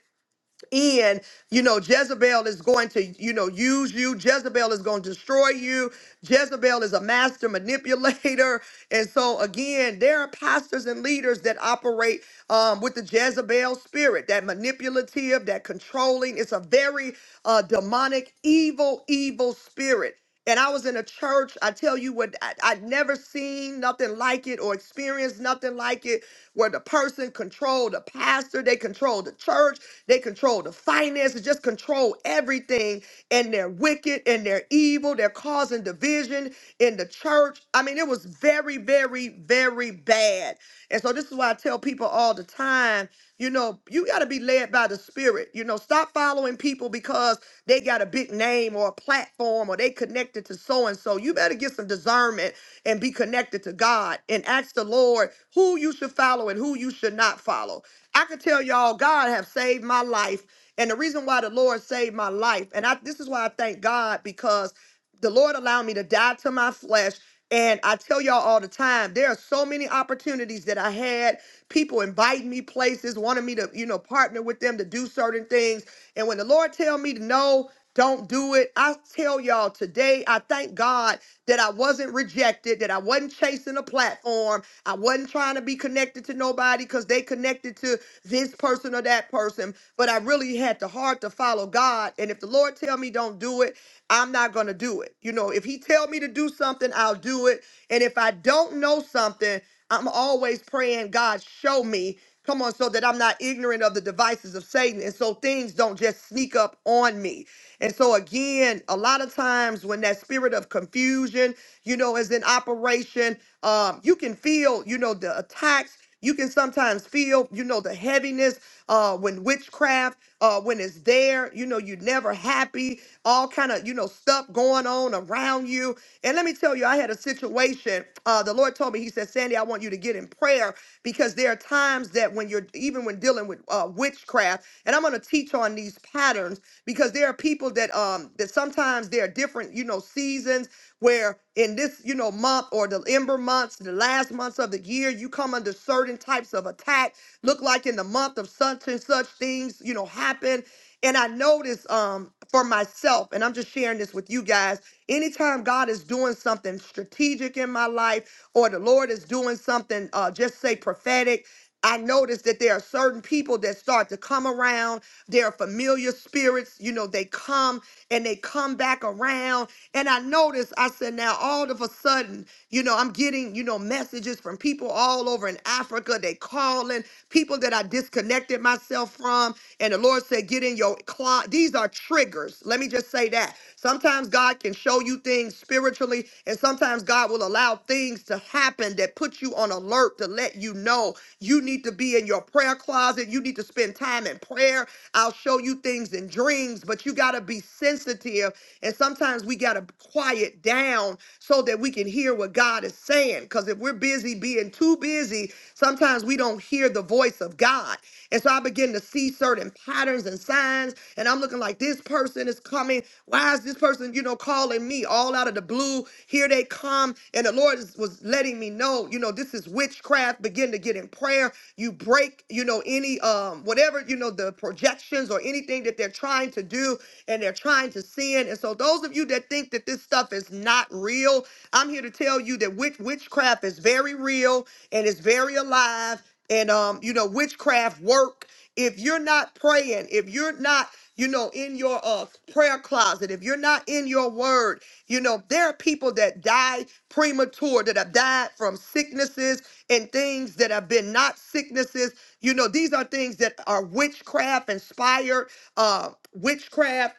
[SPEAKER 1] and you know jezebel is going to you know use you jezebel is going to destroy you jezebel is a master manipulator and so again there are pastors and leaders that operate um, with the jezebel spirit that manipulative that controlling it's a very uh, demonic evil evil spirit and I was in a church. I tell you what, I, I'd never seen nothing like it or experienced nothing like it, where the person controlled the pastor, they controlled the church, they controlled the finances, just control everything. And they're wicked and they're evil. They're causing division in the church. I mean, it was very, very, very bad. And so this is why I tell people all the time. You know, you got to be led by the spirit. You know, stop following people because they got a big name or a platform or they connected to so and so. You better get some discernment and be connected to God and ask the Lord who you should follow and who you should not follow. I can tell y'all God have saved my life and the reason why the Lord saved my life and I this is why I thank God because the Lord allowed me to die to my flesh. And I tell y'all all the time, there are so many opportunities that I had. People inviting me places, wanting me to, you know, partner with them to do certain things. And when the Lord tell me to no, don't do it. I tell y'all today, I thank God that I wasn't rejected, that I wasn't chasing a platform. I wasn't trying to be connected to nobody because they connected to this person or that person. But I really had the heart to follow God. And if the Lord tell me don't do it, I'm not going to do it. You know, if he tell me to do something, I'll do it. And if I don't know something, I'm always praying, God, show me. Come on, so that I'm not ignorant of the devices of Satan. And so things don't just sneak up on me. And so, again, a lot of times when that spirit of confusion, you know, is in operation, um, you can feel, you know, the attacks. You can sometimes feel, you know, the heaviness uh, when witchcraft, uh, when it's there, you know, you're never happy, all kind of, you know, stuff going on around you. And let me tell you, I had a situation. Uh, the Lord told me, He said, Sandy, I want you to get in prayer because there are times that when you're, even when dealing with uh, witchcraft, and I'm going to teach on these patterns because there are people that um that sometimes there are different, you know, seasons where in this, you know, month or the ember months, the last months of the year, you come under certain types of attack. Look like in the month of such and such things, you know, happen. And I notice um for myself, and I'm just sharing this with you guys, anytime God is doing something strategic in my life or the Lord is doing something uh just say prophetic, I noticed that there are certain people that start to come around. There are familiar spirits, you know, they come and they come back around. And I noticed, I said, now all of a sudden, you know, I'm getting, you know, messages from people all over in Africa. They calling people that I disconnected myself from. And the Lord said, get in your closet. These are triggers. Let me just say that. Sometimes God can show you things spiritually. And sometimes God will allow things to happen that put you on alert to let you know you need to be in your prayer closet. You need to spend time in prayer. I'll show you things in dreams, but you got to be sensitive. And sometimes we got to quiet down so that we can hear what God is saying. Because if we're busy being too busy, sometimes we don't hear the voice of God. And so I begin to see certain patterns and signs. And I'm looking like this person is coming. Why is this person, you know, calling me all out of the blue? Here they come. And the Lord is- was letting me know, you know, this is witchcraft. Begin to get in prayer. You break, you know, any um whatever, you know, the projections or anything that they're trying to do and they're trying to sin. And so those of you that think that this stuff is not real, I'm here to tell you that witch- witchcraft is very real and it's very alive and um you know witchcraft work if you're not praying if you're not you know in your uh prayer closet if you're not in your word you know there are people that die premature that have died from sicknesses and things that have been not sicknesses you know these are things that are witchcraft inspired uh witchcraft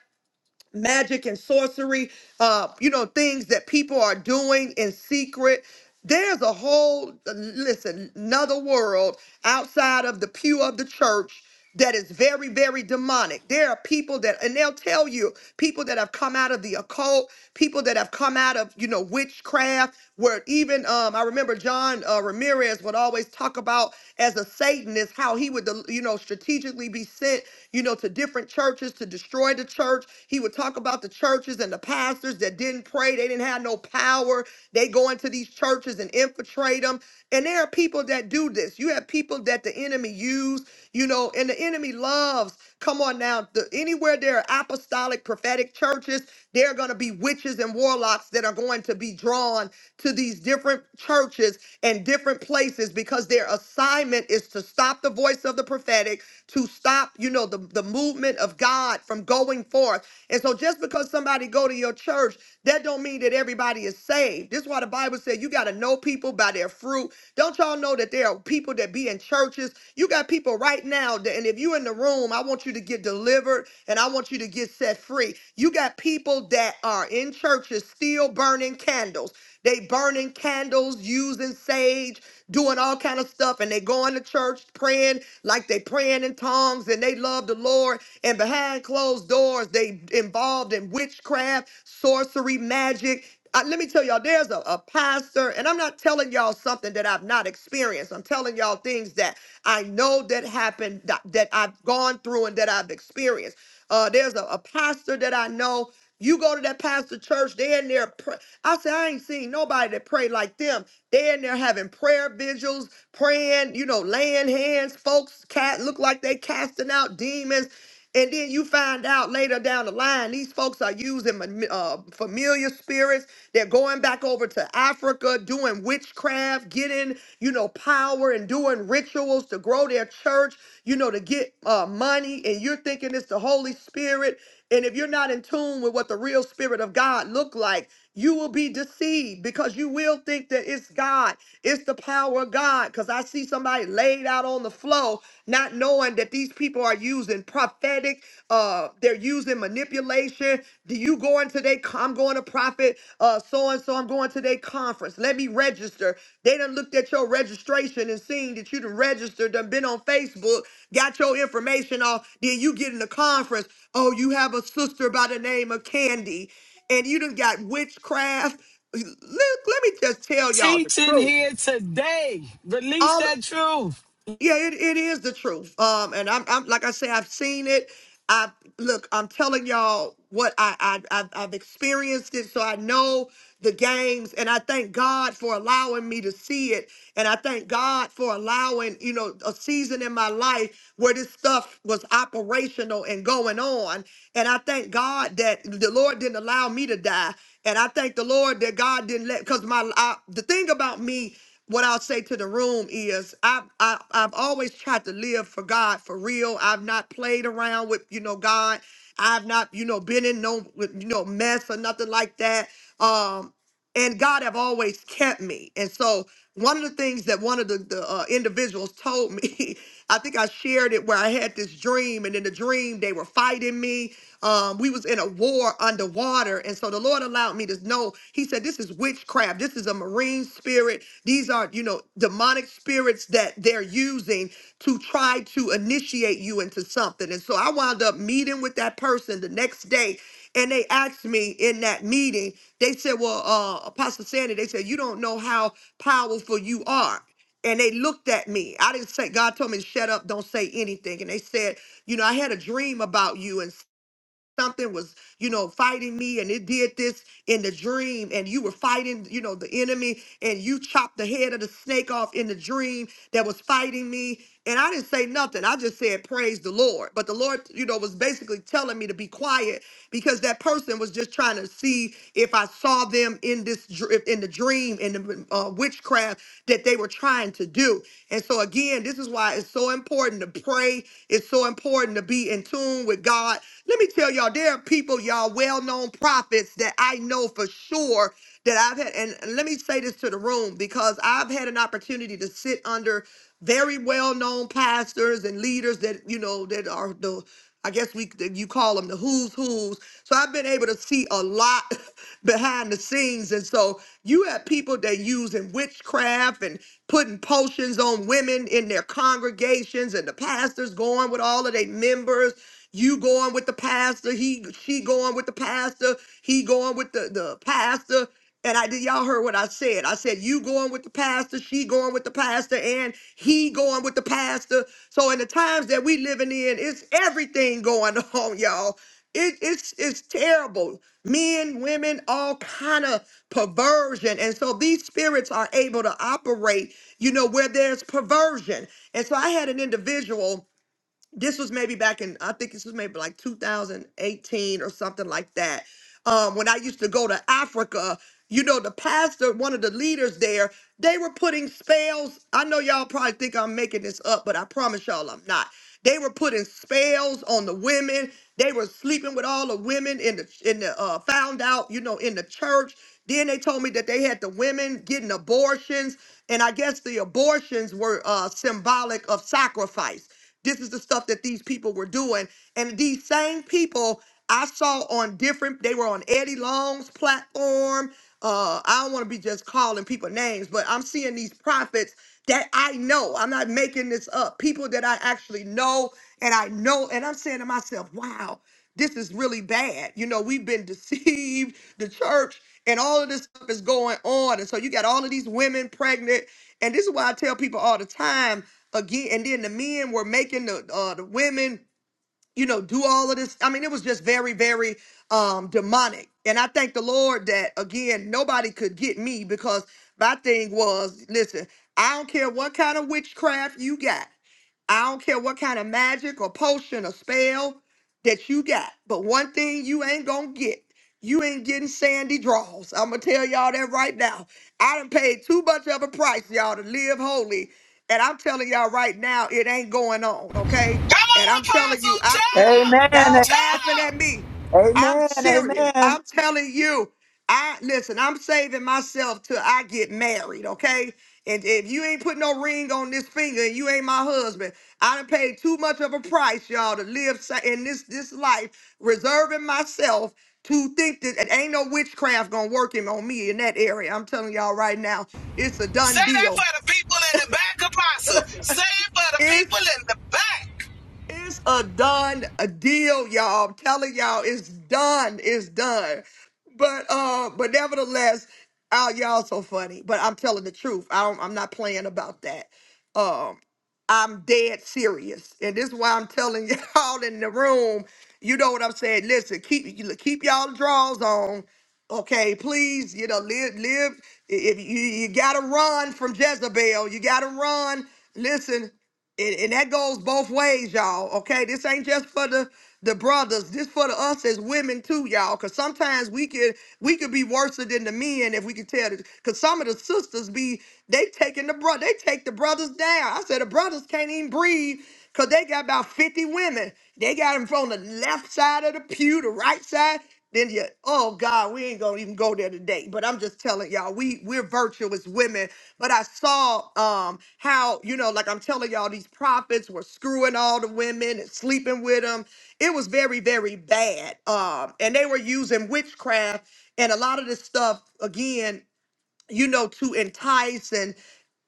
[SPEAKER 1] magic and sorcery, uh, you know, things that people are doing in secret. There's a whole, listen, another world outside of the pew of the church that is very, very demonic. There are people that, and they'll tell you, people that have come out of the occult, people that have come out of, you know, witchcraft, where even, um, I remember John uh, Ramirez would always talk about as a Satanist, how he would, you know, strategically be sent you know, to different churches to destroy the church. He would talk about the churches and the pastors that didn't pray, they didn't have no power. They go into these churches and infiltrate them. And there are people that do this. You have people that the enemy use, you know, and the enemy loves. Come on now. The, anywhere there are apostolic prophetic churches, there are going to be witches and warlocks that are going to be drawn to these different churches and different places because their assignment is to stop the voice of the prophetic, to stop, you know, the, the movement of God from going forth. And so just because somebody go to your church, that don't mean that everybody is saved. This is why the Bible said you got to know people by their fruit. Don't y'all know that there are people that be in churches? You got people right now, that, and if you in the room, I want you to get delivered and I want you to get set free. You got people that are in churches still burning candles. They burning candles, using sage, doing all kind of stuff, and they going to church praying like they praying in tongues and they love the Lord. And behind closed doors, they involved in witchcraft, sorcery, magic. I, let me tell y'all, there's a, a pastor, and I'm not telling y'all something that I've not experienced. I'm telling y'all things that I know that happened, that, that I've gone through, and that I've experienced. Uh, there's a, a pastor that I know. You go to that pastor church, they're in there. pr- I said, I ain't seen nobody that pray like them. They in there having prayer vigils, praying, you know, laying hands. Folks cat look like they casting out demons. And then you find out later down the line, these folks are using ma- uh, familiar spirits. They're going back over to Africa, doing witchcraft, getting, you know, power and doing rituals to grow their church, you know, to get uh, money. And you're thinking it's the Holy Spirit. And if you're not in tune with what the real spirit of God look like, you will be deceived because you will think that it's God. It's the power of God. Because I see somebody laid out on the floor, not knowing that these people are using prophetic, uh, they're using manipulation. Do you go into their con- I'm going to profit uh so and so, I'm going to their conference. Let me register. They done looked at your registration and seen that you done registered, done been on Facebook, got your information off, then you get in the conference. Oh, you have a sister by the name of Candy and you done got witchcraft. Let, let me just tell y'all the
[SPEAKER 8] Teaching
[SPEAKER 1] truth.
[SPEAKER 8] here today. Release
[SPEAKER 1] All.
[SPEAKER 8] that truth.
[SPEAKER 1] Yeah, it, it is the truth. Um, and I'm, I'm like I say, I've seen it. I look, I'm telling y'all what I, I I've, I've experienced it, so I know the games, and I thank God for allowing me to see it, and I thank God for allowing you know a season in my life where this stuff was operational and going on, and I thank God that the Lord didn't allow me to die, and I thank the Lord that God didn't let because my I, the thing about me what I'll say to the room is I've, I, I've always tried to live for God for real. I've not played around with, you know, God. I've not, you know, been in no, you know, mess or nothing like that. Um, and God have always kept me. And so one of the things that one of the, the uh, individuals told me, I think I shared it where I had this dream, and in the dream they were fighting me. Um, we was in a war underwater, and so the Lord allowed me to know. He said, "This is witchcraft. This is a marine spirit. These are you know demonic spirits that they're using to try to initiate you into something." And so I wound up meeting with that person the next day and they asked me in that meeting, they said, Well, uh, Apostle Sandy, they said, You don't know how powerful you are. And they looked at me. I didn't say, God told me to shut up, don't say anything. And they said, You know, I had a dream about you. And something was, you know, fighting me and it did this in the dream and you were fighting, you know, the enemy and you chopped the head of the snake off in the dream that was fighting me. And I didn't say nothing. I just said, praise the Lord. But the Lord, you know, was basically telling me to be quiet because that person was just trying to see if I saw them in this, dr- in the dream, in the uh, witchcraft that they were trying to do. And so again, this is why it's so important to pray. It's so important to be in tune with God. Let me tell y'all, there are people, y'all, well known prophets that I know for sure that I've had. And let me say this to the room because I've had an opportunity to sit under very well known pastors and leaders that, you know, that are the, I guess we that you call them the who's who's. So I've been able to see a lot behind the scenes. And so you have people that using witchcraft and putting potions on women in their congregations and the pastors going with all of their members you going with the pastor, he she going with the pastor, he going with the, the pastor. And I did y'all heard what I said. I said you going with the pastor, she going with the pastor, and he going with the pastor. So in the times that we living in, it's everything going on, y'all. It, it's it's terrible. Men, women, all kind of perversion. And so these spirits are able to operate, you know, where there's perversion. And so I had an individual this was maybe back in I think this was maybe like 2018 or something like that. Um, when I used to go to Africa, you know, the pastor, one of the leaders there, they were putting spells. I know y'all probably think I'm making this up, but I promise y'all I'm not. They were putting spells on the women. They were sleeping with all the women in the in the uh, found out, you know, in the church. Then they told me that they had the women getting abortions, and I guess the abortions were uh, symbolic of sacrifice. This is the stuff that these people were doing. And these same people I saw on different, they were on Eddie Long's platform. Uh, I don't want to be just calling people names, but I'm seeing these prophets that I know. I'm not making this up. People that I actually know and I know, and I'm saying to myself, wow this is really bad. You know, we've been deceived, the church, and all of this stuff is going on. And so you got all of these women pregnant. And this is why I tell people all the time again. And then the men were making the uh, the women you know, do all of this. I mean, it was just very, very um demonic. And I thank the Lord that again, nobody could get me because my thing was, listen, I don't care what kind of witchcraft you got. I don't care what kind of magic or potion or spell that you got. But one thing you ain't gonna get. You ain't getting sandy draws. I'm gonna tell y'all that right now. I done paid too much of a price, y'all, to live holy. And I'm telling y'all right now, it ain't going on, okay?
[SPEAKER 5] Come
[SPEAKER 1] And
[SPEAKER 5] on,
[SPEAKER 1] I'm telling you,
[SPEAKER 5] Apostle.
[SPEAKER 1] I
[SPEAKER 5] Tell them.
[SPEAKER 4] Amen.
[SPEAKER 1] y'all laughing
[SPEAKER 5] Tell
[SPEAKER 1] at
[SPEAKER 5] them.
[SPEAKER 1] me. I'm
[SPEAKER 4] Amen.
[SPEAKER 1] serious.
[SPEAKER 4] Amen.
[SPEAKER 1] I'm telling you. I listen, I'm saving myself till I get married, okay? And if you ain't put no ring on this finger and you ain't my husband, I done paid too much of a price, y'all, to live sa- in this this life, reserving myself to think that it ain't no witchcraft gonna work him on me in that area. I'm telling y'all right now, it's a
[SPEAKER 5] Say
[SPEAKER 1] done
[SPEAKER 5] that
[SPEAKER 1] deal.
[SPEAKER 5] for the people in the back, Apostle. Say it for the people in the back.
[SPEAKER 1] It's a done a deal, y'all. I'm telling y'all, it's done. It's done. But uh, but nevertheless, oh, y'all so funny. But I'm telling the truth. I don't, I'm not playing about that. Um, I'm dead serious, and this is why I'm telling y'all in the room. You know what I'm saying? Listen, keep you- keep y'all draws on. Okay, please, you know, live live. If you you gotta run from Jezebel, you gotta run. Listen and, and that goes both ways, y'all. Okay, this ain't just for the the brothers. This for the us as women too, y'all. Cause sometimes we could we could be worse than the men if we could tell. The, Cause some of the sisters be they taking the bro they take the brothers down. I said the brothers can't even breathe. Cause they got about 50 women. They got them from the left side of the pew, the right side then you oh god we ain't gonna even go there today but i'm just telling y'all we we're virtuous women but i saw um how you know like i'm telling y'all these prophets were screwing all the women and sleeping with them it was very very bad um and they were using witchcraft and a lot of this stuff again you know, to entice. And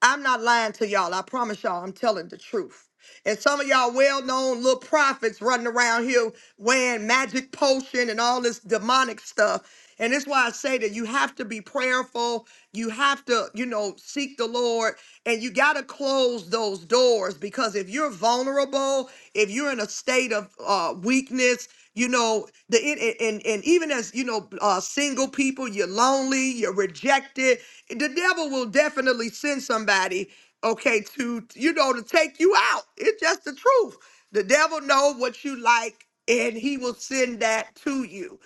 [SPEAKER 1] I'm not lying to y'all. I promise y'all, I'm telling the truth. And some of y'all well-known little prophets running around here wearing magic potion and all this demonic stuff. And that's why I say that you have to be prayerful. You have to, you know, seek the Lord and you got to close those doors because if you're vulnerable, if you're in a state of uh, weakness, you know the it, it- and and even as you know uh single people you're lonely you're rejected the devil will definitely send somebody okay to you know to take you out it's just the truth the devil know what you like and he will send that to you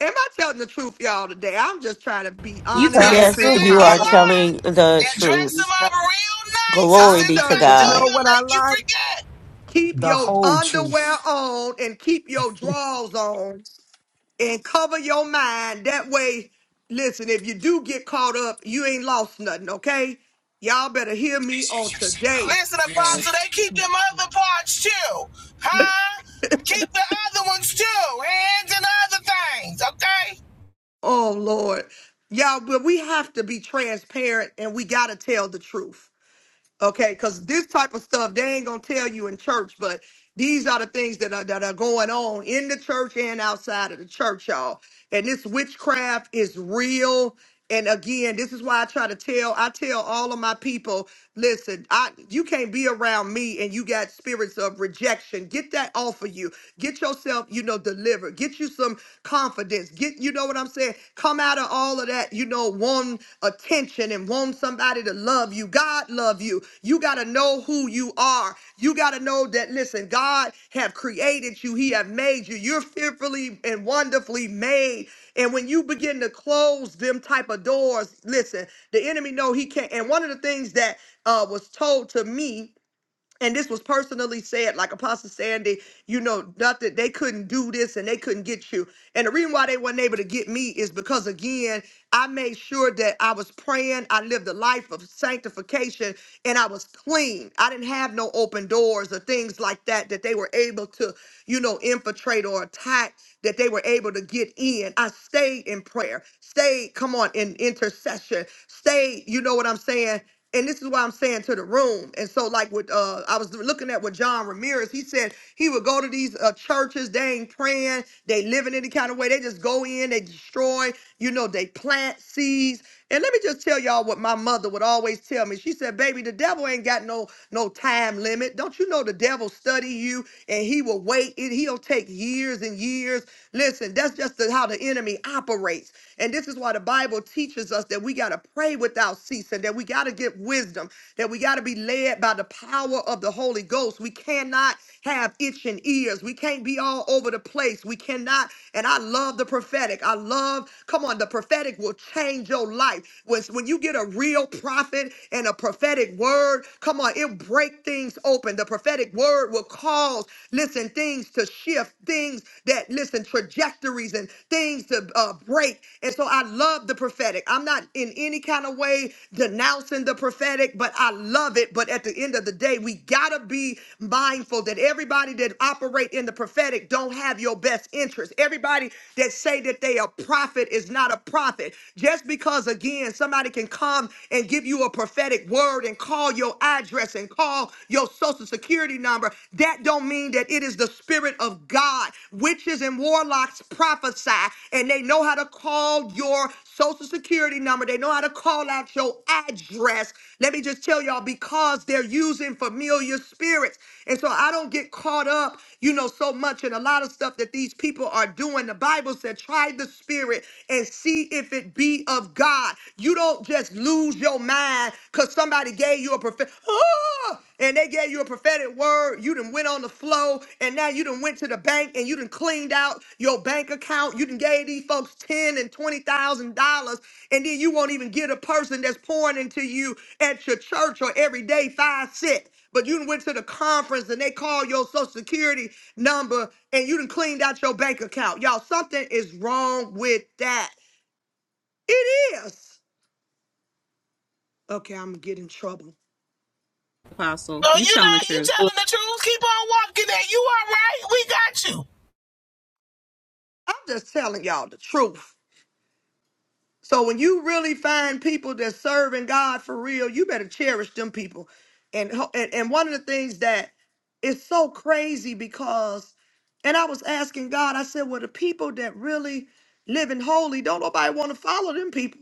[SPEAKER 1] am i telling the truth y'all today i'm just trying to be
[SPEAKER 4] You
[SPEAKER 2] You
[SPEAKER 4] tell
[SPEAKER 2] telling
[SPEAKER 4] me
[SPEAKER 2] the
[SPEAKER 1] honest
[SPEAKER 5] Yes,
[SPEAKER 9] Yes,
[SPEAKER 2] truth,
[SPEAKER 4] true,
[SPEAKER 5] ma'am,
[SPEAKER 9] you
[SPEAKER 5] you
[SPEAKER 9] are
[SPEAKER 4] Father.
[SPEAKER 2] Apostle.
[SPEAKER 5] are.
[SPEAKER 9] telling the
[SPEAKER 5] And dress
[SPEAKER 4] You
[SPEAKER 5] them
[SPEAKER 9] truth.
[SPEAKER 4] tell
[SPEAKER 5] up
[SPEAKER 4] me
[SPEAKER 5] real nice and
[SPEAKER 9] Glory
[SPEAKER 1] i'm
[SPEAKER 5] send
[SPEAKER 9] be
[SPEAKER 5] them
[SPEAKER 9] to
[SPEAKER 1] telling
[SPEAKER 5] back
[SPEAKER 4] You
[SPEAKER 1] the
[SPEAKER 5] to
[SPEAKER 9] God.
[SPEAKER 4] know
[SPEAKER 5] you and
[SPEAKER 4] what I
[SPEAKER 5] make you
[SPEAKER 4] like?
[SPEAKER 5] forget.
[SPEAKER 1] Keep
[SPEAKER 8] The
[SPEAKER 1] your
[SPEAKER 8] whole
[SPEAKER 1] underwear
[SPEAKER 8] truth.
[SPEAKER 1] on and keep your drawers on and cover your mind. That way, listen, if you do get caught up, you ain't lost nothing, okay? Y'all better hear me on today.
[SPEAKER 5] Listen,
[SPEAKER 4] man.
[SPEAKER 5] Apostle, they keep them other parts too. Huh? Keep the other ones too. Hands and other things, okay?
[SPEAKER 1] Oh, Lord. Y'all, but we have to be transparent and we got to tell the truth. Okay, because this type of stuff they ain't gonna tell you in church, but these are the things that are that are going on in the church and outside of the church, y'all. And this witchcraft is real. And again, this is why I try to tell I tell all of my people, listen, I you can't be around me and you got spirits of rejection. Get that off of you. Get yourself, you know, delivered. Get you some confidence. Get you know what I'm saying? Come out out of all of that, you know, wanting attention and wanting somebody to love you. God love you. You got to know who you are. You got to know that, listen, God have created you. He have made you. You're fearfully and wonderfully made. And when you begin to close them type of doors, listen, the enemy know he can't. And one of the things that uh, was told to me and this was personally said, like Apostle Sandy, you know, nothing, they couldn't do this and they couldn't get you. And the reason why they weren't able to get me is because, again, I made sure that I was praying, I lived a life of sanctification, and I was clean. I didn't have no open doors or things like that that they were able to, you know, infiltrate or attack that they were able to get in. I stayed in prayer, stayed, come on, in intercession, stayed, you know what I'm saying? and this is why I'm saying to the room. And so, like with uh, I was looking at what John Ramirez. He said he would go to these uh, churches. They ain't praying. They living any kind of way. They just go in. They destroy. You know, they plant seeds. And let me just tell y'all what my mother would always tell me. She said, "Baby, the devil ain't got no no time limit. Don't you know the devil study you and he will wait. It, he'll take years and years. Listen, that's just the, how the enemy operates. And this is." This is why the Bible teaches us that we got to pray without ceasing, that we got to get wisdom, that we got to be led by the power of the Holy Ghost. We cannot have itching ears. We can't be all over the place. We cannot. And I love the prophetic. I love, come on, the prophetic will change your life. When, when you get a real prophet and a prophetic word, come on, it'll break things open. The prophetic word will cause, listen, things to shift, things that listen trajectories and things to uh, break and so i love the prophetic i'm not in any kind of way denouncing the prophetic but i love it but at the end of the day we gotta be mindful that everybody that operate in the prophetic don't have your best interest everybody that say that they a prophet is not a prophet just because again somebody can come and give you a prophetic word and call your address and call your social security security number, that don't mean that it is the spirit of God. Witches and warlocks prophesy and they know how to call your social security number. They know how to call out your address. Let me just tell y'all because they're using familiar spirits. And so I don't get caught up, you know, so much in a lot of stuff that these people are doing. The Bible said, try the spirit and see if it be of God. You don't just lose your mind because somebody gave you a prophet ah, and they gave you a prophetic word you done went on the flow and now you done went to the bank and you done cleaned out your bank account you done gave these folks 10 and 20 thousand dollars and then you won't even get a person that's pouring into you at your church or every day five cents but you done went to the conference and they call your social security number and you done cleaned out your bank account y'all something is wrong with that it is okay i'm gonna get in trouble
[SPEAKER 2] Apostle.
[SPEAKER 5] No,
[SPEAKER 2] You
[SPEAKER 5] you
[SPEAKER 2] telling the
[SPEAKER 5] not. You
[SPEAKER 2] truth.
[SPEAKER 5] telling the truth. Keep on walking there. You all right? We got you.
[SPEAKER 1] I'm just telling y'all the truth. So when you really find people that's serving God for real, you better cherish them people. And ho- and, and one of the things that is so crazy because, and I was asking God, I said, well, the people that really living holy, don't nobody want to follow them people.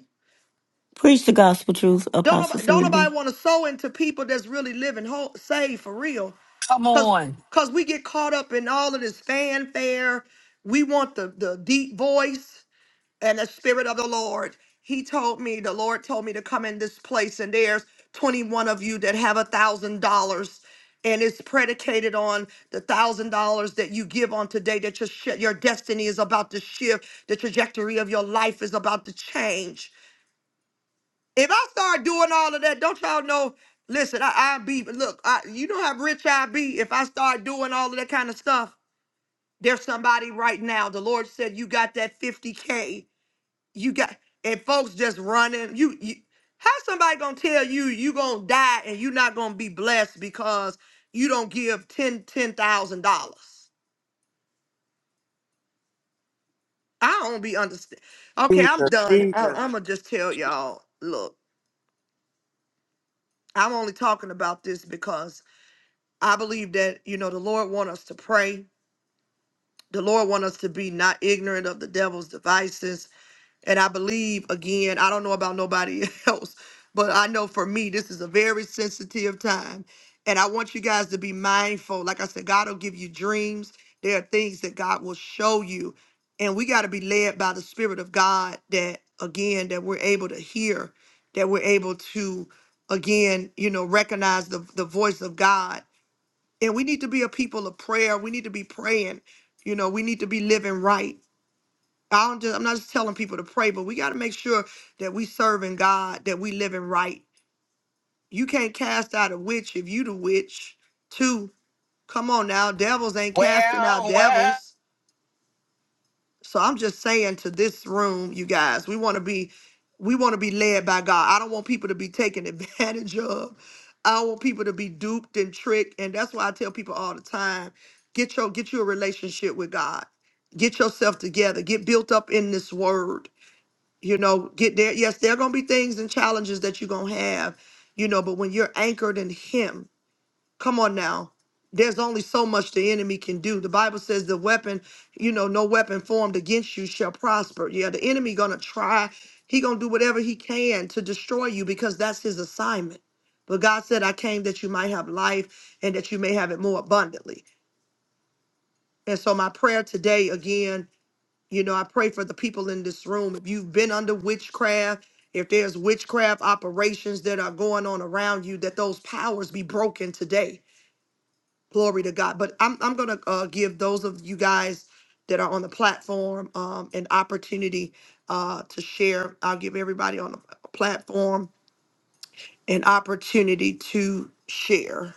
[SPEAKER 9] Preach the gospel truth,
[SPEAKER 1] Don't
[SPEAKER 9] Apostle
[SPEAKER 1] nobody, don't
[SPEAKER 9] Sandy.
[SPEAKER 1] nobody want to sow into people that's really living whole, saved for real.
[SPEAKER 8] Come
[SPEAKER 1] Cause,
[SPEAKER 8] on.
[SPEAKER 1] cause we get caught up in all of this fanfare. We want the the deep voice. and the spirit of the Lord. He told me, the Lord told me to come in this place, and there's 21 of you that have a thousand dollars. And it's predicated on the thousand dollars that you give on today, that your, shi- your destiny is about to shift, the trajectory of your life is about to change. If I start doing all of that, don't y'all know? Listen, I, I be, look, I, you know how rich I be. If I start doing all of that kind of stuff, there's somebody right now. The Lord said, You got that 50K you got and folks just running you, you how somebody gonna tell you you gonna die and you not gonna be blessed because you don't give ten ten thousand dollars i don't be understand okay i'm
[SPEAKER 4] Jesus.
[SPEAKER 1] done I,
[SPEAKER 4] Jesus.
[SPEAKER 1] i'm gonna just tell y'all look i'm only talking about this because i believe that you know the lord want us to pray the lord want us to be not ignorant of the devil's devices And I believe, again, I don't know about nobody else, but I know for me, this is a very sensitive time. And I want you guys to be mindful. Like I said, God will give you dreams. There are things that God will show you. And we got to be led by the Spirit of God that, again, that we're able to hear, that we're able to, again, you know, recognize the, the voice of God. And we need to be a people of prayer. We need to be praying. You know, we need to be living right I don't just I'm not just telling people to pray, but we got to make sure that we serving God, that we living right. You can't cast out a witch if you the witch too. Come on now, devils ain't casting out
[SPEAKER 5] Well, well.
[SPEAKER 1] devils. So I'm just saying to this room, you guys, we want to be we want to be led by God. I don't want people to be taken advantage of. I don't want people to be duped and tricked. And that's why I tell people all the time, get your get you a relationship with God. Get yourself together. Get built up in this word you know get there yes there are going to be things and challenges that you're going to have you know but when you're anchored in him come on now there's only so much the enemy can do the bible says the weapon you know no weapon formed against you shall prosper yeah the enemy going to try he going to do whatever he can to destroy you because that's his assignment but god said i came that you might have life and that you may have it more abundantly and so my prayer today again you know, I pray for the people in this room. If you've been under witchcraft, if there's witchcraft operations that are going on around you, that those powers be broken today. Glory to God. But I'm, I'm going to uh, give those of you guys that are on the platform um, an opportunity uh, to share. I'll give everybody on the platform an opportunity to share.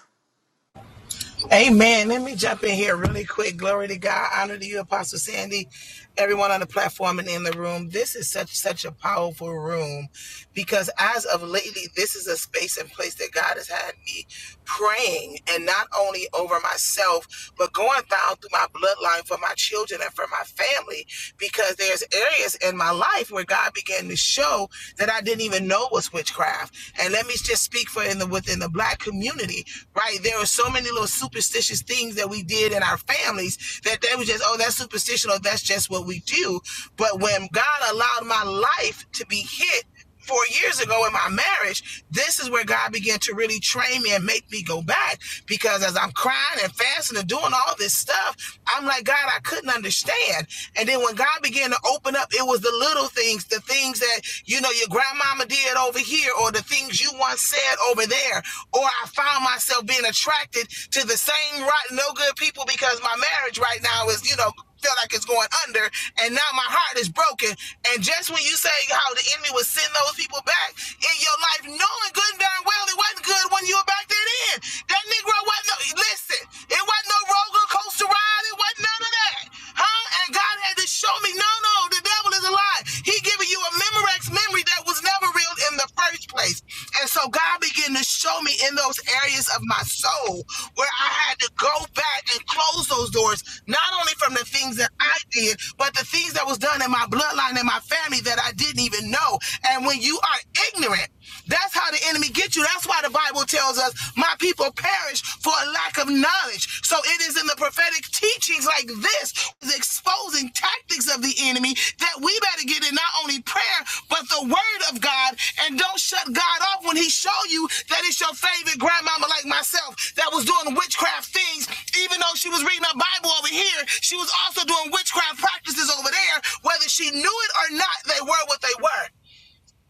[SPEAKER 5] Amen. Let me jump in here really quick. Glory to God. Honor to you, Apostle Sandy, everyone on the platform and in the room. This is such such a powerful room because as of lately, this is a space and place that God has had me praying and not only over myself, but going down through my bloodline for my children and for my family because there's areas in my life where God began to show that I didn't even know was witchcraft. And let me just speak for in the within the black community, right? There are so many little superstitious things that we did in our families that they was just, oh, that's superstition or that's just what we do. But when God allowed my life to be hit four years ago in my marriage, this is where God began to really train me and make me go back. Because as I'm crying and fasting and doing all this stuff, I'm like, God, I couldn't understand. And then when God began to open up, it was was the little things, the things that, you know, your grandmama did over here, or the things you once said over there. Or I found myself being attracted to the same rotten, no good people because my marriage right now is, you know, feel like it's going under and now my heart is broken and just when you say how the enemy will send those people back in your life knowing good and darn well it wasn't good when you were back there then that negro wasn't no, listen it wasn't no roller coaster ride it wasn't none of that Huh? And God had to show me, no, no, the devil is a lie. He giving you a Memorex memory that was never real in the first place. And so God began to show me in those areas of my soul where I had to go back and close those doors, not only from the things that I did, but the things that was done in my bloodline and my family that I didn't even know. And when you are ignorant, that's how the enemy gets you. That's why the Bible tells us, my people perish for a lack of knowledge. So it is in the prophetic teachings like this, the exposing tactics of the enemy, that we better get in not only prayer, but the word of God. And don't shut God off when he show you that it's your favorite grandmama like myself that was doing witchcraft things. Even though she was reading her Bible over here, she was also doing witchcraft practices over there. Whether she knew it or not, they were what they were.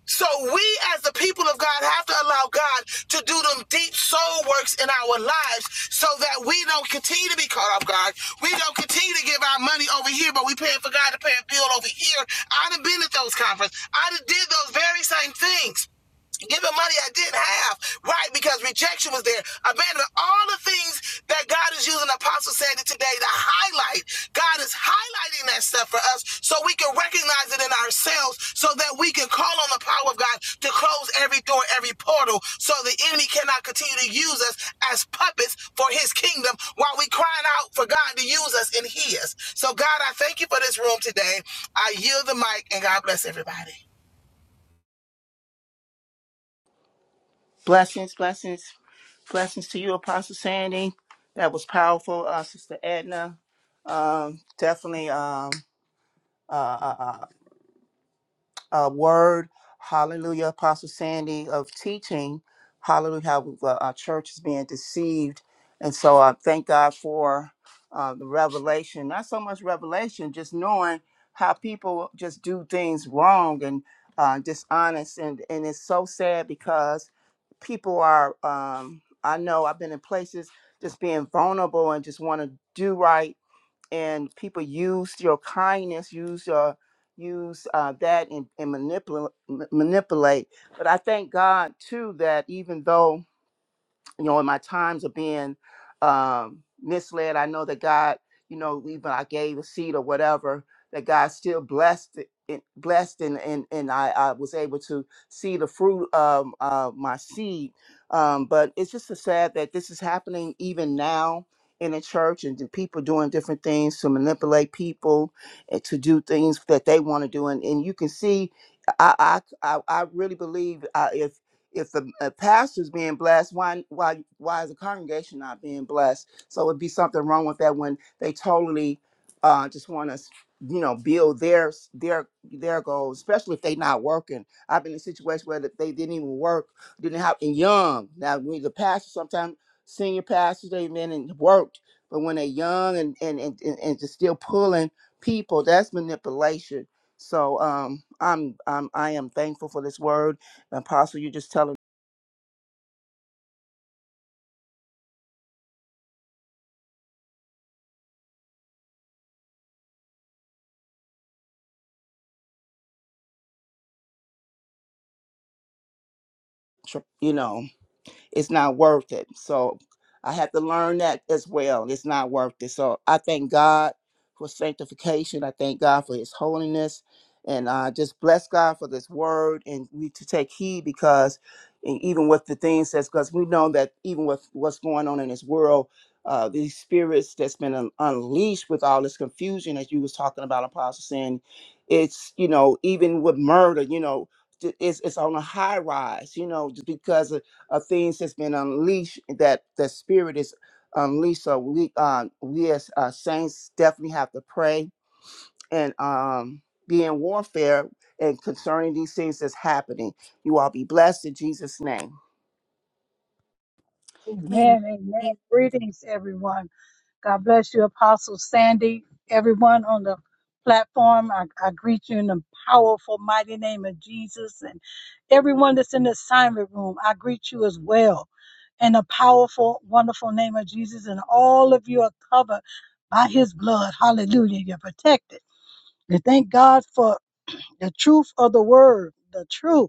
[SPEAKER 5] So we as the people of God have to allow God to do them deep soul works in our lives so that we don't continue to be caught off guard. We don't continue to give our money over here, but we paying for God to pay a bill over here. I would have been at those conferences. I done did those very same things. Giving money I didn't have, right? Because rejection was there. Abandonment, all the things that God is using Apostle Sandy today to highlight. God is highlighting that stuff for us so we can recognize it in ourselves so that we can call on the power of God to close every door, every portal so the enemy cannot continue to use us as puppets for his kingdom while we crying out for God to use us in his. So God, I thank you for this room today. I yield the mic and God bless everybody.
[SPEAKER 4] Blessings, blessings, blessings to you, Apostle Sandy. That was powerful, uh, Sister Edna. Um, definitely. Um, uh, uh, uh, uh, word, hallelujah, Apostle Sandy, of teaching, hallelujah, how uh, our church is being deceived. And so I thank God for uh, the revelation, not so much revelation, just knowing how people just do things wrong and uh, dishonest. And, and it's so sad because people are, um, I know I've been in places just being vulnerable and just want to do right and people used your kindness, use your use uh, that and, and manipulate manipulate. But I thank God too that even though you know, in my times of being um, misled, I know that God, you know, even I gave a seed or whatever, that God still blessed it, it- blessed and and and I, I was able to see the fruit of uh, my seed. Um, but it's just so sad that this is happening even now in the church and the people doing different things to manipulate people and to do things that they want to do. And, and you can see, I I, I I really believe uh, if the uh, pastor's being blessed, why why why is the congregation not being blessed? So it'd be something wrong with that when they totally uh, just want to, you know, build their their their goals, especially if they not working. I've been in situations where that they didn't even work, didn't have and young. Now we the pastor sometimes senior pastors they been and worked, but when they're young and and and, and, and just still pulling people, that's manipulation. So um, I'm I'm I am thankful for this word Apostle, you just telling, tr- you know. it's not worth it. So I had to learn that as well. It's not worth it. So I thank God for sanctification. I thank God for his holiness. And I just bless God for this word and we to take heed because and even with the things that's because we know that even with what's going on in this world, uh, these spirits that's been un- unleashed with all this confusion that you was talking about, Apostle saying, it's you know even with murder, you know, t- it's it's on a high rise, you know, just because of of things that's been unleashed that the spirit is unleashed so we uh we as uh, saints definitely have to pray and um be in warfare and concerning these things that's happening you all be blessed in jesus name
[SPEAKER 10] Amen. Amen. Greetings, everyone. God bless you, Apostle Sandy. Everyone on the platform, I, I greet you in the powerful, mighty name of Jesus. And everyone that's in the assignment room, I greet you as well in the powerful, wonderful name of Jesus. And all of you are covered by his blood. Hallelujah. You're protected. We thank God for the truth of the word, the truth.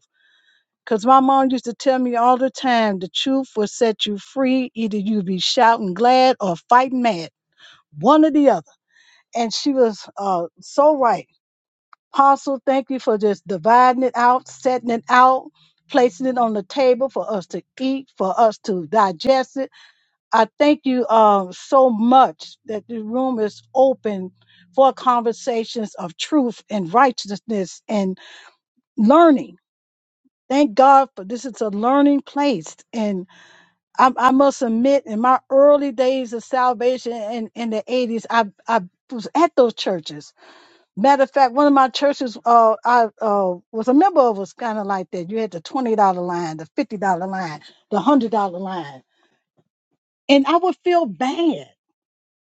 [SPEAKER 10] Because my mom used to tell me all the time the truth will set you free. Either you be shouting glad or fighting mad, one or the other. And she was uh, so right. Apostle, thank you for just dividing it out, setting it out, placing it on the table for us to eat, for us to digest it. I thank you uh, so much that the room is open for conversations of truth and righteousness and learning. Thank God for this is a learning place. and I, I must admit, in my early days of salvation in, in the 80s, I, I was at those churches. Matter of fact, one of my churches uh, I uh, was a member of was kind of like that. You had the $20 line, the $50 line, the $100 line. And I would feel bad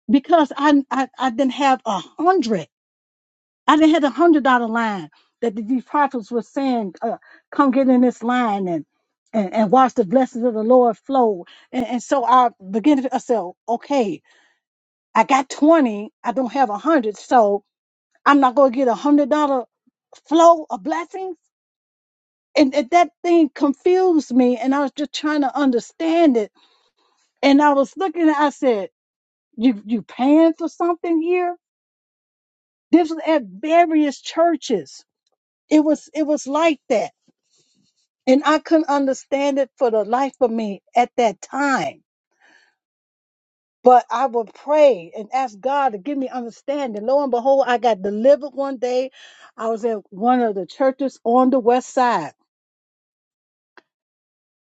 [SPEAKER 10] because I, I, I didn't have a 100 I didn't have a hundred dollar line that the, these prophets were saying, uh, come get in this line and, and and watch the blessings of the Lord flow. And, and so I began to I said, okay, I got twenty, I don't have a hundred, so I'm not gonna get a hundred dollar flow of blessings. And, and that thing confused me, and I was just trying to understand it. And I was looking, I said, you you paying for something here? This was at various churches. It was it was like that And I couldn't understand it for the life of me at that time. But I would pray and ask God to give me understanding. Lo and behold, I got delivered one day. I was at one of the churches on the west side.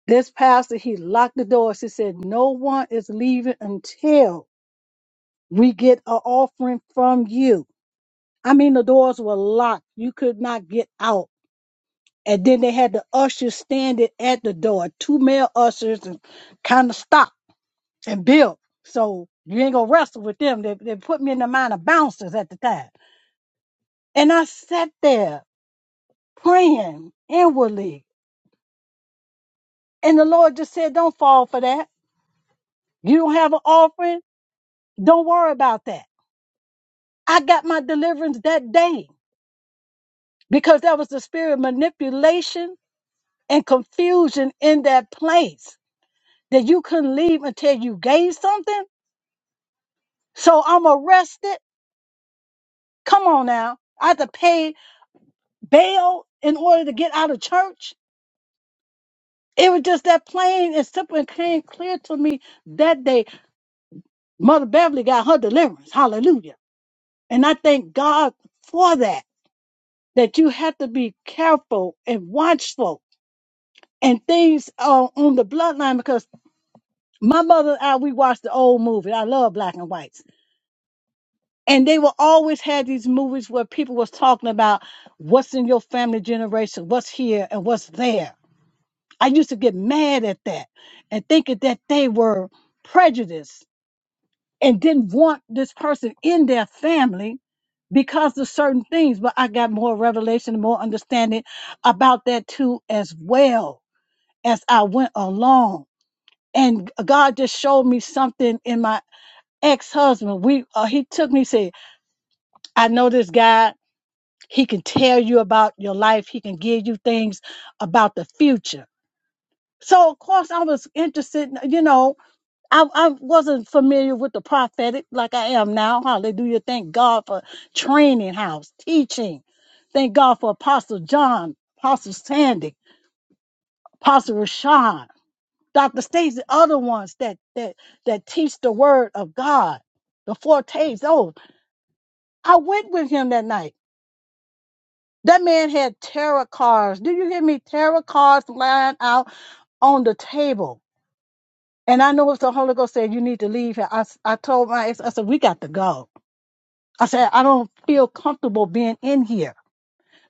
[SPEAKER 10] This pastor, he locked the doors. He said, No one is leaving until we get an offering from you. I mean, the doors were locked. You could not get out. And then they had the ushers standing at the door, two male ushers, and kind of stopped. and built. So you ain't gonna wrestle with them. They, they put me in the mind of bouncers at the time. And I sat there praying inwardly. And the Lord just said, Don't fall for that. You don't have an offering. Don't worry about that. I got my deliverance that day because that was the spirit of manipulation and confusion in that place that you couldn't leave until you gave something. So I'm arrested. Come on now. I had to pay bail in order to get out of church It was just that plain and simple and came clear to me that day. Mother Beverly got her deliverance. Hallelujah. And I thank God for that, that you have to be careful and watchful and things uh, on the bloodline because my mother and I, we watched the old movie. I love black and whites. And they will always have these movies where people was talking about what's in your family generation, what's here and what's there. I used to get mad at that and thinking that they were prejudiced and didn't want this person in their family because of certain things. But I got more revelation and more understanding about that too, as well as I went along. And God just showed me something in my ex husband. We uh, he took me said, I know this guy. He can tell you about your life. He can give you things about the future. So of course I was interested, you know, I, I wasn't familiar with the prophetic like I am now. Hallelujah. Thank God for training house, teaching. Thank God for Apostle John, Apostle Sandy, Apostle Rashawn, Dr. Stacy, other ones that that that teach the word of God, the fortes. Oh, I went with him that night. That man had tarot cards. Do you hear me? Tarot cards lying out on the table. And I know it's the Holy Ghost said, you need to leave here. I, s- I told my ex, I said, we got to go. I said, I don't feel comfortable being in here.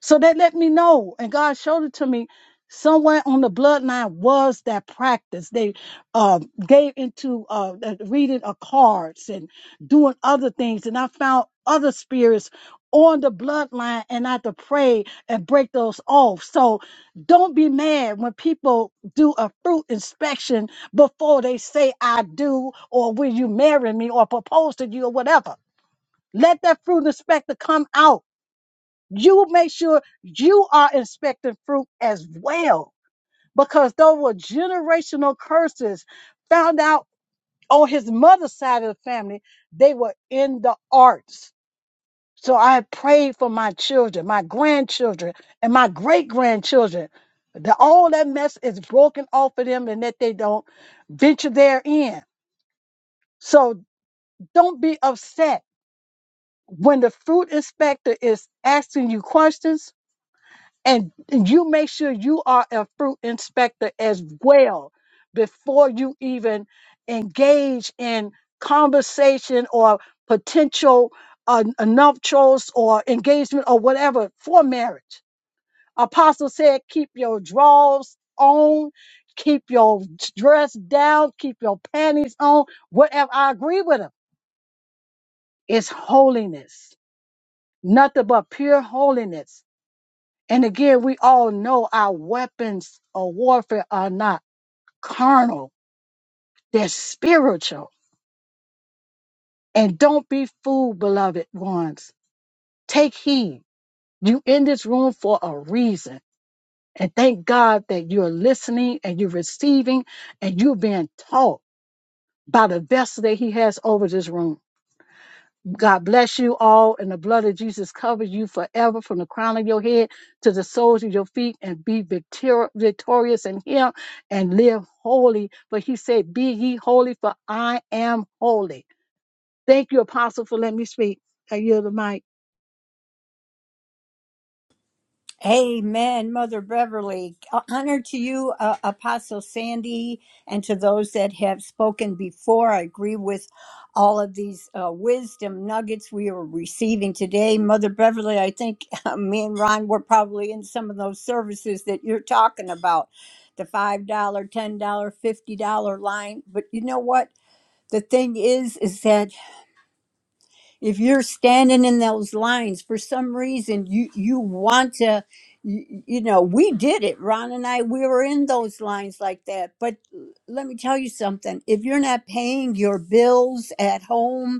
[SPEAKER 10] So they let me know, and God showed it to me. Somewhere on the bloodline was that practice. They uh, gave into uh, the reading of cards and doing other things, and I found other spirits on the bloodline, and I had to pray and break those off. So don't be mad when people do a fruit inspection before they say I do, or will you marry me, or propose to you, or whatever let that fruit inspector come out. You make sure you are inspecting fruit as well, because there were generational curses found out on his mother's side of the family. They were in the arts. So I prayed for my children, my grandchildren, and my great grandchildren. That all that mess is broken off of them and that they don't venture therein. So don't be upset when the fruit inspector is asking you questions and you make sure you are a fruit inspector as well before you even engage in conversation or potential uh, n- nuptials or engagement or whatever for marriage. Apostle said, keep your drawers on, keep your dress down, keep your panties on, whatever. I agree with him. It's holiness, nothing but pure holiness And again, we all know our weapons of warfare are not carnal, they're spiritual. And don't be fooled, beloved ones. Take heed. You in this room for a reason. And thank God that you're listening and you're receiving and you're being taught by the vessel that He has over this room. God bless you all, and the blood of Jesus covers you forever from the crown of your head to the soles of your feet, and be victor- victorious in Him and live holy. For He said, Be ye holy, for I am holy. Thank you, Apostle, for letting me speak. I yield the mic.
[SPEAKER 3] Amen, Mother Beverly. uh, Honor to you, uh, Apostle Sandy, and to those that have spoken before. I agree with all of these uh, wisdom nuggets we are receiving today. Mother Beverly, I think me and Ron were probably in some of those services that you're talking about the $5, dollar, $10, dollar, $50 line. But you know what? The thing is, is that if you're standing in those lines for some reason you you want to you, you know we did it ron and i we were in those lines like that but let me tell you something if you're not paying your bills at home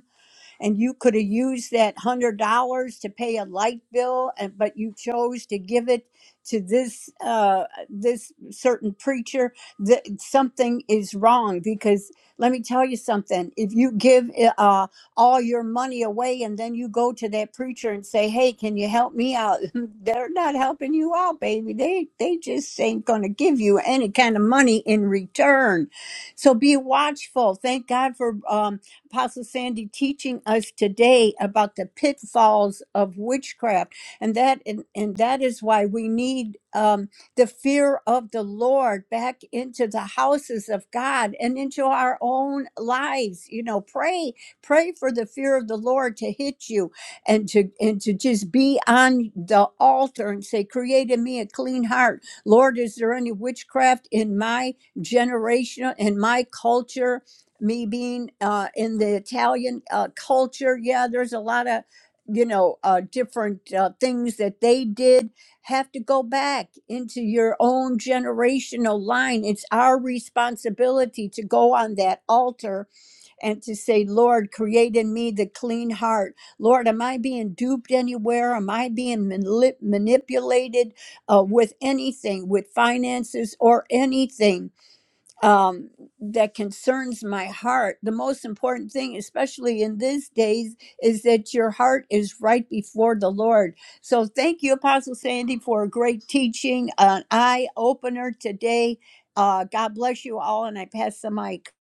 [SPEAKER 3] and you could have used that hundred dollars to pay a light bill, and but you chose to give it to this uh, this certain preacher. That something is wrong because let me tell you something. If you give eh, uh, all your money away and then you go to that preacher and say, "Hey, can you help me out?" They're not helping you out, baby. They they just ain't gonna give you any kind of money in return. So be watchful. Thank God for. Um, Apostle Sandy teaching us today about the pitfalls of witchcraft, and that and, and that is why we need um, the fear of the Lord back into the houses of God and into our own lives. You know, pray, pray for the fear of the Lord to hit you and to and to just be on the altar and say, "Create in me a clean heart, Lord." Is there any witchcraft in my generation, in my culture? me being uh, in the Italian uh, culture, yeah, there's a lot of, you know, uh, different uh, things that they did. Have to go back into your own generational line. It's our responsibility to go on that altar and to say, Lord, create in me the clean heart. Lord, am I being duped anywhere? Am I being manip- manipulated uh, with anything, with finances or anything? um, that concerns my heart. The most important thing, especially in these days, is that your heart is right before the Lord. So thank you, Apostle Sandy, for a great teaching, an eye opener today. Uh, God bless you all, and I pass the mic.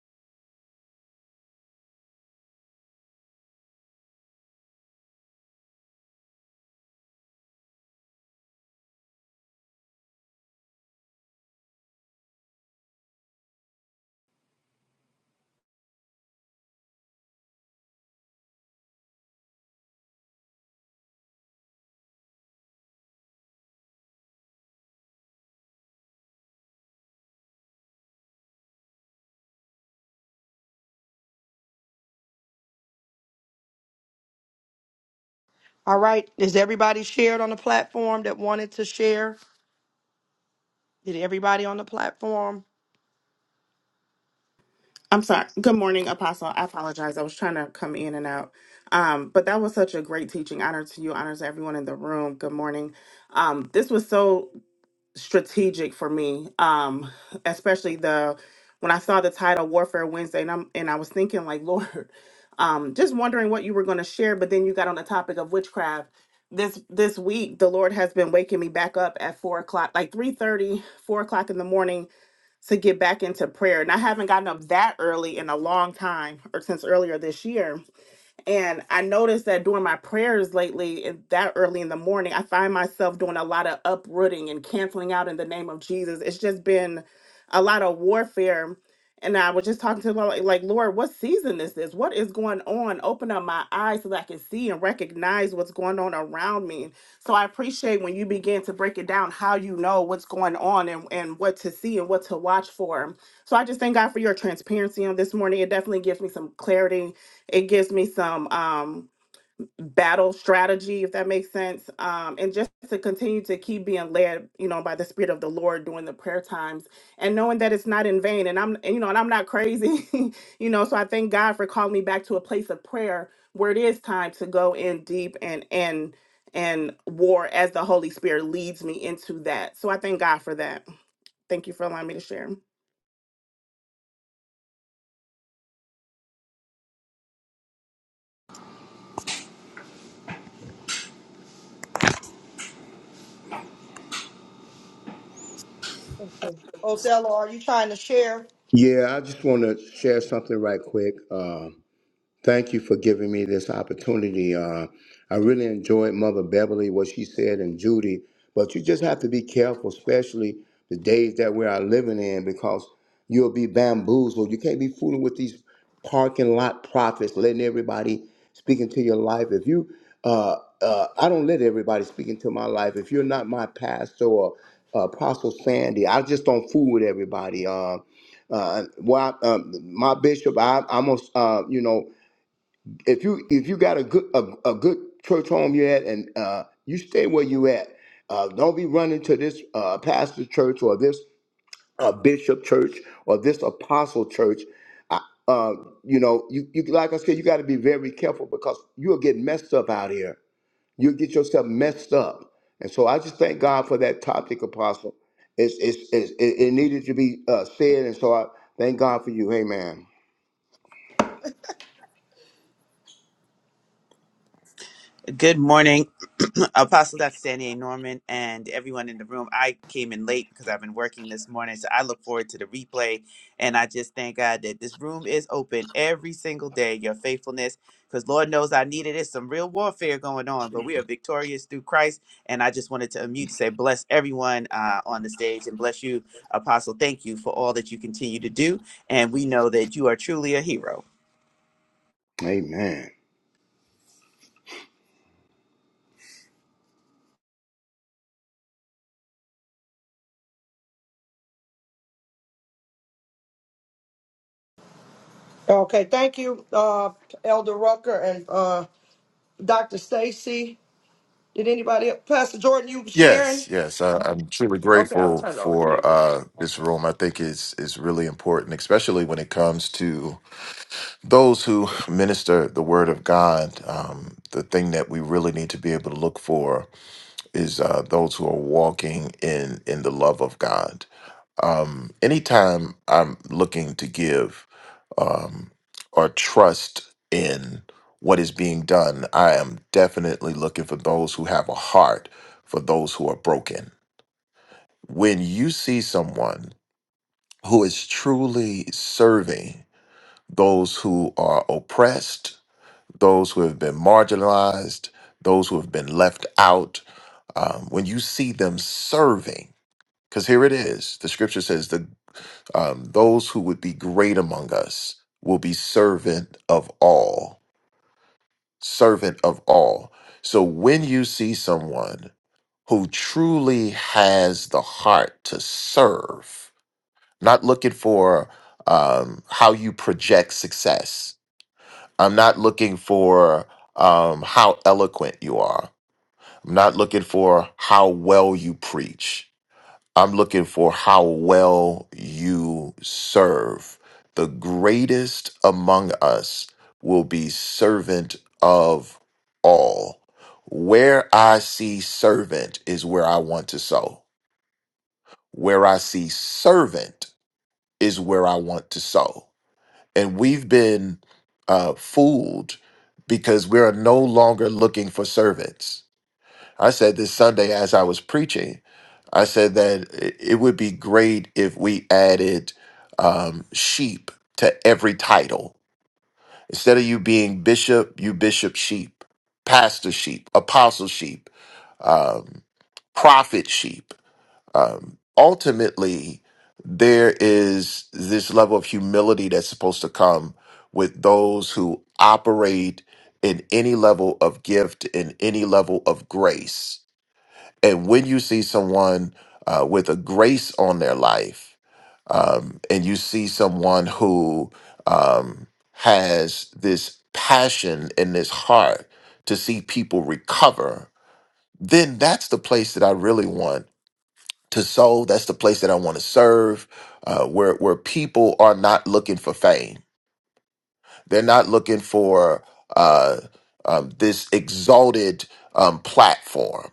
[SPEAKER 1] All right. Is everybody shared on the platform that wanted to share? Did everybody on the platform?
[SPEAKER 11] I'm sorry. Good morning, Apostle. I apologize. I was trying to come in and out. Um, but that was such a great teaching. Honor to you, honor to everyone in the room. Good morning. Um, this was so strategic for me, um, especially the when I saw the title Warfare Wednesday, and I'm and I was thinking like, Lord, um, just wondering what you were going to share. But then you got on the topic of witchcraft. This this week, the Lord has been waking me back up at four o'clock, like 3 30, 4 o'clock in the morning to get back into prayer. And I haven't gotten up that early in a long time or since earlier this year. And I noticed that during my prayers lately, and that early in the morning, I find myself doing a lot of uprooting and canceling out in the name of Jesus. It's just been a lot of warfare. And I was just talking to the Lord, like, like, Lord, what season this is? What is going on? Open up my eyes so that I can see and recognize what's going on around me. So I appreciate when you begin to break it down how you know what's going on and, and what to see and what to watch for. So I just thank God for your transparency on this morning. It definitely gives me some clarity it gives me some um battle strategy if that makes sense um and just to continue to keep being led you know by the spirit of the lord during the prayer times and knowing that it's not in vain and i'm and, you know and i'm not crazy you know so i thank god for calling me back to a place of prayer where it is time to go in deep and and and war as the holy spirit leads me into that so i thank god for that thank you for allowing me to share
[SPEAKER 1] Okay. Othello, are you trying to share?
[SPEAKER 12] Yeah, I just want to share something right quick. Um, Thank you for giving me this opportunity. Uh, I really enjoyed Mother Beverly, what she said, and Judy. But you just have to be careful, especially the days that we are living in, because you'll be bamboozled. You can't be fooling with these parking lot prophets, letting everybody speak into your life. If you, uh, uh, I don't let everybody speak into my life. If you're not my pastor or uh, Apostle Sandy, I just don't fool with everybody. Uh, uh, well, um, my bishop, I, I'm, a, uh, you know if you if you got a good a, a good church home you at and uh, you stay where you at uh, don't be running to this uh, pastor church or this uh, bishop church or this apostle church I, uh, you know you, you like i said you got to be very careful because you'll get messed up out here you'll get yourself messed up and so i just thank god for that topic apostle it's, it's, it's, it it needed to be uh, said and so i thank god for you amen
[SPEAKER 13] Good morning, Apostle Dr. Sandy A. Norman, and everyone in the room. I came in late because I've been working this morning, so I look forward to the replay. And I just thank God that this room is open every single day. Your faithfulness, because Lord knows I needed it. Some real warfare going on, but we are victorious through Christ. And I just wanted to unmute, to say, bless everyone uh, on the stage, and bless you, Apostle. Thank you for all that you continue to do, and we know that you are truly a hero.
[SPEAKER 12] amen
[SPEAKER 1] Okay, thank you, uh, Elder Rucker and uh, Dr. Stacy. Did anybody, Pastor Jordan, you sharing?
[SPEAKER 14] Yes, yes, I, I'm truly
[SPEAKER 1] Okay, I'll
[SPEAKER 14] grateful
[SPEAKER 1] turn it over to
[SPEAKER 14] for
[SPEAKER 1] you.
[SPEAKER 14] uh, this room. I think is is really important, especially when it comes to those who minister the Word of God. Um, the thing that we really need to be able to look for is uh, those who are walking in in the love of God. Um, anytime I'm looking to give um, or trust in what is being done, I am definitely looking for those who have a heart for those who are broken when you see someone who is truly serving those who are oppressed, those who have been marginalized, those who have been left out, um, when you see them serving, because here it is, the scripture says that um, those who would be great among us will be servant of all, servant of all. So when you see someone who truly has the heart to serve, not looking for um, how you project success. I'm not looking for um, how eloquent you are. I'm not looking for how well you preach. I'm looking for how well you serve. The greatest among us will be servant of all. Where I see servant is where I want to sow. Where I see servant is where I want to sow and we've been uh, fooled because we are no longer looking for servants. I said this Sunday as I was preaching, I said that i- it would be great if we added um, sheep to every title. Instead of you being bishop, you bishop sheep, pastor sheep, apostle sheep, um, prophet sheep um, ultimately, there is this level of humility that's supposed to come with those who operate in any level of gift, in any level of grace. And when you see someone uh, with a grace on their life, um, and you see someone who um, has this passion and this heart to see people recover, then that's the place that I really want to soul. That's the place that I want to serve, uh, where where people are not looking for fame. They're not looking for uh, um, this exalted um, platform.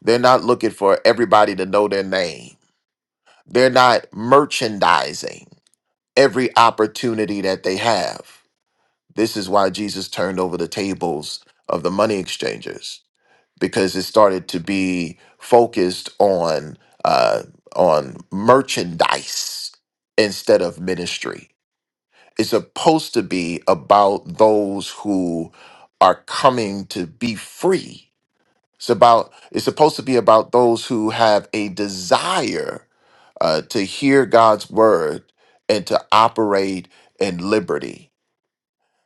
[SPEAKER 14] They're not looking for everybody to know their name. They're not merchandising every opportunity that they have. This is why Jesus turned over the tables of the money exchangers because it started to be focused on uh, on merchandise instead of ministry. It's supposed to be about those who are coming to be free. It's about it's supposed to be about those who have a desire uh, to hear God's word and to operate in liberty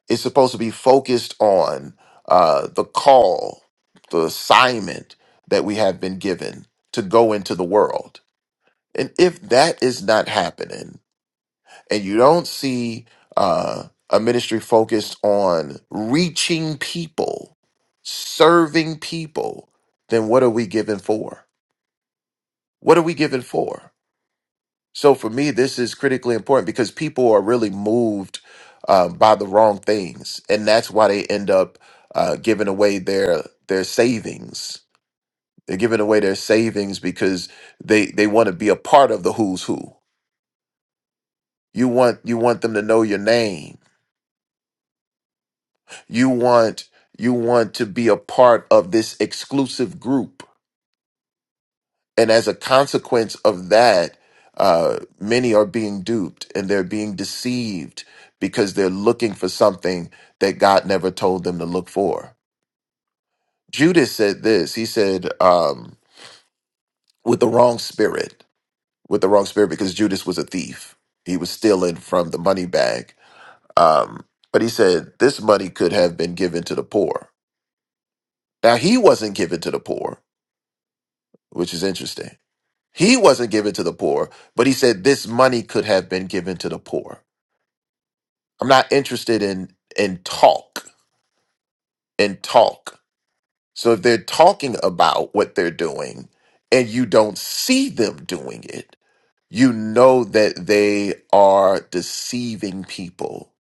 [SPEAKER 14] it's supposed to be focused on uh, the call, the assignment that we have been given to go into the world. And if that is not happening, and you don't see uh, a ministry focused on reaching people, serving people, then what are we given for? What are we given for? So for me, this is critically important because people are really moved um, by the wrong things, and that's why they end up uh, giving away their their savings. They're giving away their savings because they they want to be a part of the who's who. You want you want them to know your name. You want you want to be a part of this exclusive group and as a consequence of that, uh, many are being duped and they're being deceived because they're looking for something that God never told them to look for. Judas said this. He said, um, with the wrong spirit, with the wrong spirit, because Judas was a thief. He was stealing from the money bag. Um, but he said, this money could have been given to the poor. Now, he wasn't given to the poor, which is interesting He wasn't given to the poor, but he said this money could have been given to the poor. I'm not interested in in talk and talk. So if they're talking about what they're doing and you don't see them doing it, you know that they are deceiving people.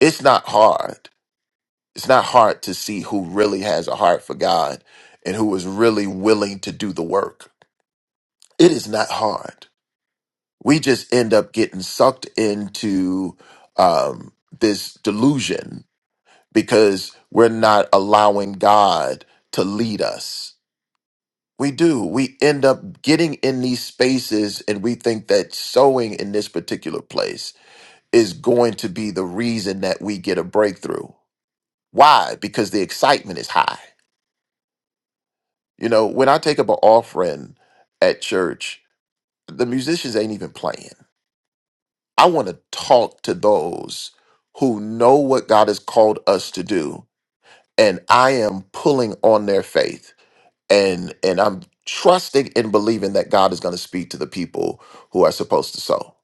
[SPEAKER 14] It's not hard. It's not hard to see who really has a heart for God and who is really willing to do the work. It is not hard we just end up getting sucked into um, this delusion because we're not allowing God to lead us. We do. We end up getting in these spaces and we think that sowing in this particular place is going to be the reason that we get a breakthrough. Why? Because the excitement is high. You know, when I take up an offering at church, the musicians ain't even playing I want to talk to those who know what God has called us to do and I am pulling on their faith and and I'm trusting and believing that God is going to speak to the people who are supposed to sow.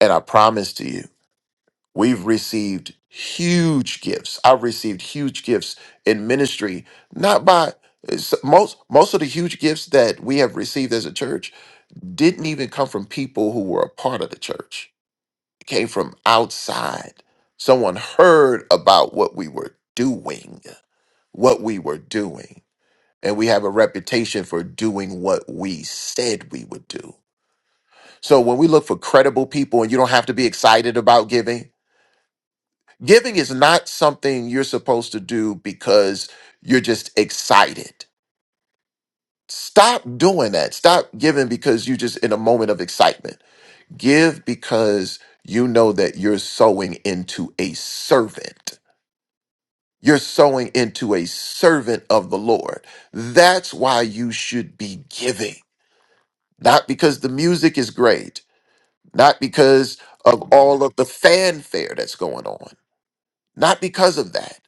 [SPEAKER 14] And I promise to you, we've received huge gifts. I've received huge gifts in ministry not by it's- most most of the huge gifts that we have received as a church didn't even come from people who were a part of the church it came from outside. Someone heard about what we were doing, what we were doing. And we have a reputation for doing what we said we would do. So when we look for credible people, and you don't have to be excited about giving, giving is not something you're supposed to do because you're just excited. Stop doing that. Stop giving because you're just in a moment of excitement. Give because you know that you're sowing into a servant. You're sowing into a servant of the Lord. That's why you should be giving, not because the music is great, not because of all of the fanfare that's going on, not because of that,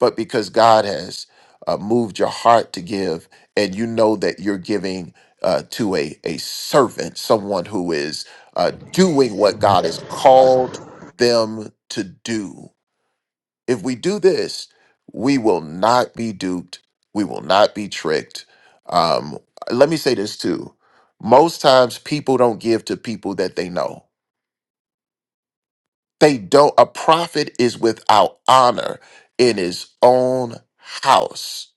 [SPEAKER 14] but because God has uh, moved your heart to give, and you know that you're giving uh, to a, a servant, someone who is uh, doing what God has called them to do. If we do this, we will not be duped. We will not be tricked. Um, let me say this too. Most times people don't give to people that they know. They don't. A prophet is without honor in his own house.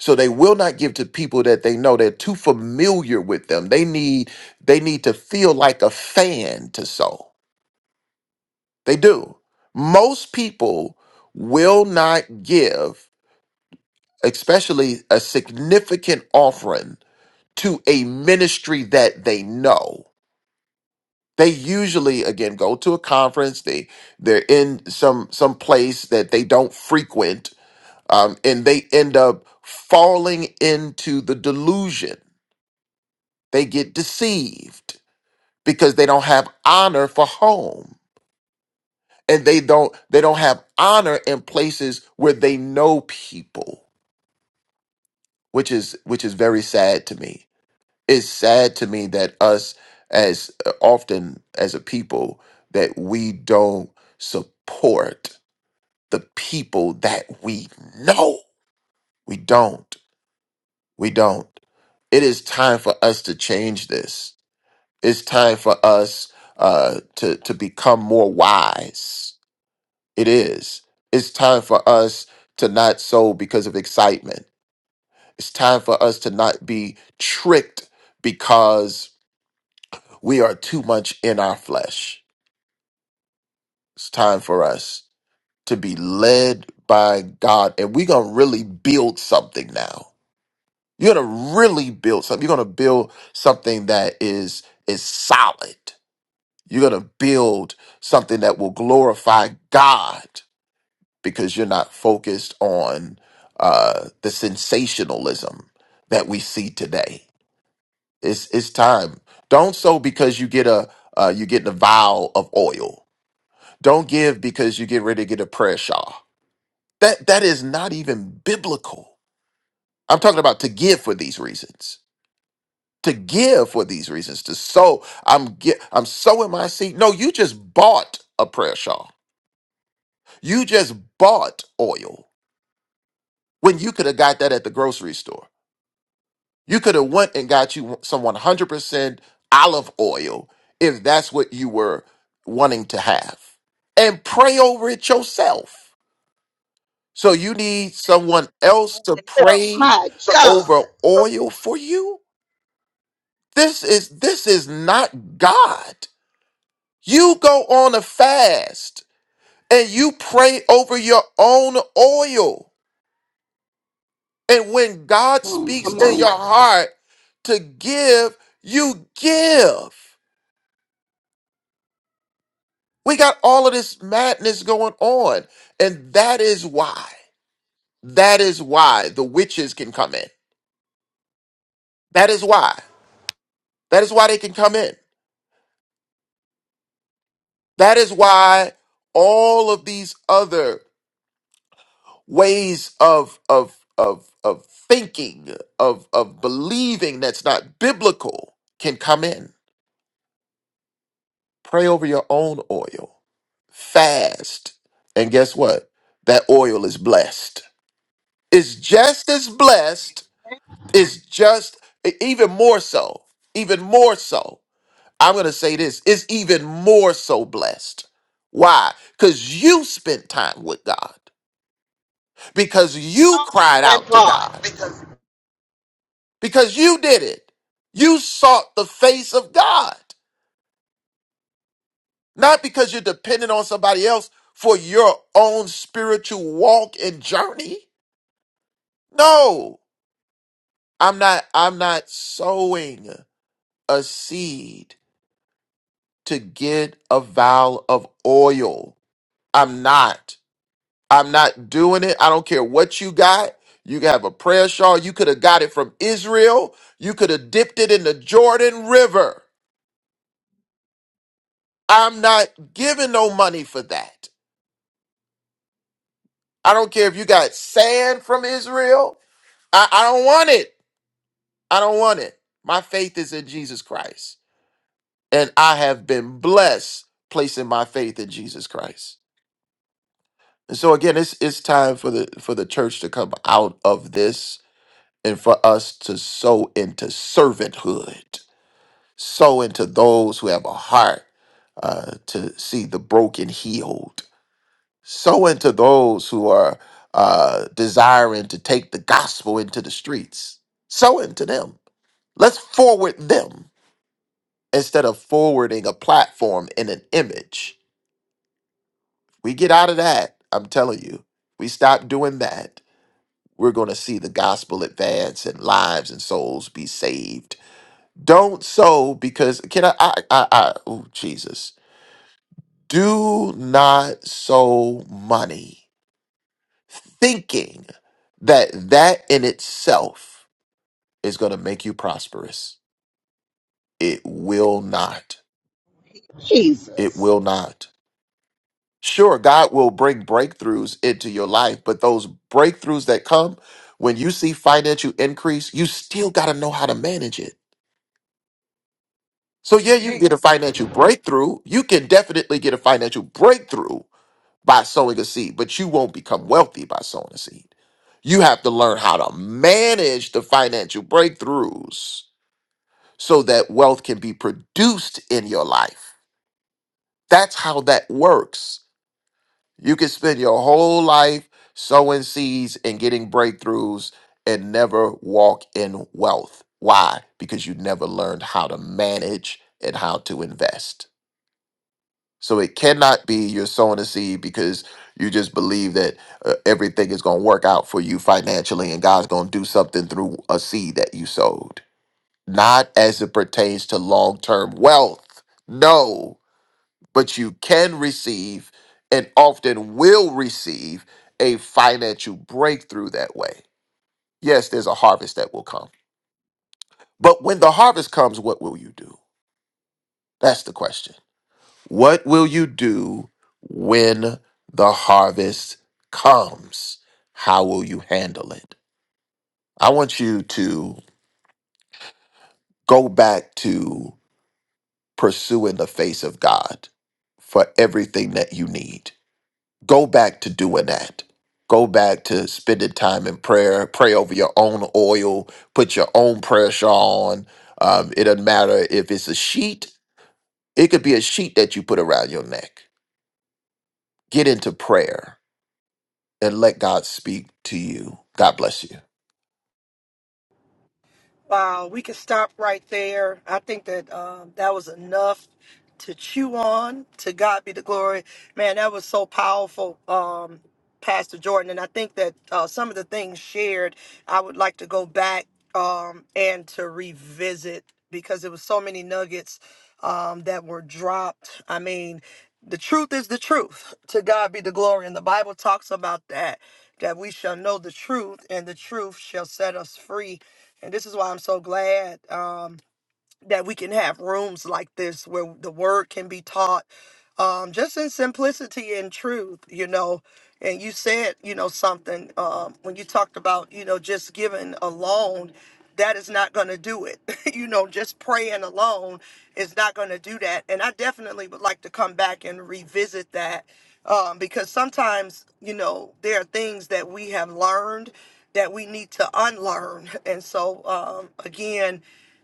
[SPEAKER 14] So they will not give to people that they know. They're too familiar with them. They need they need to feel like a fan to sow. They do. Most people will not give especially a significant offering to a ministry that they know. They usually again go to a conference, they they're in some some place that they don't frequent, um, and they end up falling into the delusion. They get deceived because they don't have honor for home. And they don't they don't have honor in places where they know people, which is which is very sad to me it's sad to me that us as uh, often as a people that we don't support the people that we know we don't we don't it is time for us to change this it's time for us uh to to become more wise it is it's time for us to not sow because of excitement it's time for us to not be tricked because we are too much in our flesh it's time for us to be led by God and we're going to really build something now. You're going to really build something. You're going to build something that is is solid. You're going to build something that will glorify God because you're not focused on uh, the sensationalism that we see today. It's it's time. Don't sow because you get a uh, you get a vial of oil. Don't give because you get ready to get a prayer shawl That that is not even biblical. I'm talking about to give for these reasons. To give for these reasons. To sow. I'm get, I'm sowing my seed. No, you just bought a prayer shawl. You just bought oil when you could have got that at the grocery store. You could have went and got you some 100% olive oil if that's what you were wanting to have. And pray over it yourself. So you need someone else
[SPEAKER 15] Oh,
[SPEAKER 14] to
[SPEAKER 15] and
[SPEAKER 14] pray
[SPEAKER 15] My So- God.
[SPEAKER 14] over oil for you? This is this is not God. You go on a fast and you pray over your own oil. And when God
[SPEAKER 15] Come on,
[SPEAKER 14] speaks
[SPEAKER 15] come That
[SPEAKER 14] to
[SPEAKER 15] on.
[SPEAKER 14] your
[SPEAKER 15] went-
[SPEAKER 14] heart to give, you give. We got all of this madness going on. And that is why. That is why the witches can come in. That is why. That is why they can come in That is why all of these other ways of of of of thinking, of of believing that's not biblical can come in. Pray over your own oil. Fast. And guess what? That oil is blessed. It's just as blessed, it's just e- even more so. Even more so. I'm going to say this, it's even more so blessed. Why? Cuz you spent time with God. because you cried
[SPEAKER 15] That
[SPEAKER 14] out to
[SPEAKER 15] part.
[SPEAKER 14] God,
[SPEAKER 15] Because
[SPEAKER 14] because you did it. You sought the face of God, not because you're dependent on somebody else for your own spiritual walk and journey. No, I'm not, I'm not sowing a seed to get a vial of oil. I'm not. I'm not doing it. I don't care what you got. You can have a prayer shawl. You could have got it from Israel. You could have dipped it in the Jordan River. I'm not giving no money for that. I don't care if you got sand from Israel. I, I don't want it. I don't want it. My faith is in Jesus Christ. And I have been blessed placing my faith in Jesus Christ. And so again, it's it's time for the for the church to come out of this and for us to sow into servanthood, sow into those who have a heart uh, to see the broken healed Sow into those who are uh, desiring to take the gospel into the streets. Sow into them. Let's forward them instead of forwarding a platform and an image. We get out of that, I'm telling you. We stop doing that. We're going to see the gospel advance and lives and souls be saved. Don't sow because can I? I, I, I oh Jesus! Do not sow money thinking that that in itself is going to make you prosperous. It will not. It
[SPEAKER 15] Jesus.
[SPEAKER 14] will not. Sure, God will bring breakthroughs into your life, but those breakthroughs that come when you see financial increase, you still got to know how to manage it. So, yeah, you can
[SPEAKER 15] Amen.
[SPEAKER 14] get a financial breakthrough. You can definitely get a financial breakthrough by sowing a seed, but you won't become wealthy by sowing a seed. You have to learn how to manage the financial breakthroughs so that wealth can be produced in your life. That's how that works. You can spend your whole life sowing seeds and getting breakthroughs and never walk in wealth. Why? Because you never learned how to manage and how to invest. So it cannot be you're sowing a seed because you just believe that uh, everything is going to work out for you financially and God's going to do something through a seed that you sowed not as it pertains to long term wealth. No, but you can receive and often will receive a financial breakthrough that way. Yes, there's a harvest that will come. But when the harvest comes, what will you do? That's the question. What will you do when the harvest comes? How will you handle it? I want you to go back to pursue in the face of God for everything that you need. Go back to doing that. Go back to spending time in prayer. Pray over your own oil. Put your own prayer shawl on. Um, it doesn't matter if it's a sheet. It could be a sheet that you put around your neck. Get into prayer and let God speak to you. God bless you.
[SPEAKER 1] Wow, we could stop right there. I think that um, that was enough to chew on. To God be the glory, man. That was so powerful, um, Pastor Jordan. And I think that uh, some of the things shared, I would like to go back um, and to revisit because it was so many nuggets um, that were dropped. I mean, the truth is the truth. To God be the glory, and the Bible talks about that. That we shall know the truth, and the truth shall set us free and this is why I'm so glad. Um, that we can have rooms like this where the word can be taught um, just in simplicity and truth, you know. And you said, you know, something um, when you talked about, you know, just giving alone, that is not going to do it. you know, just praying alone is not going to do that. And I definitely would like to come back and revisit that um, because sometimes, you know, there are things that we have learned that we need to unlearn. And so, um, again,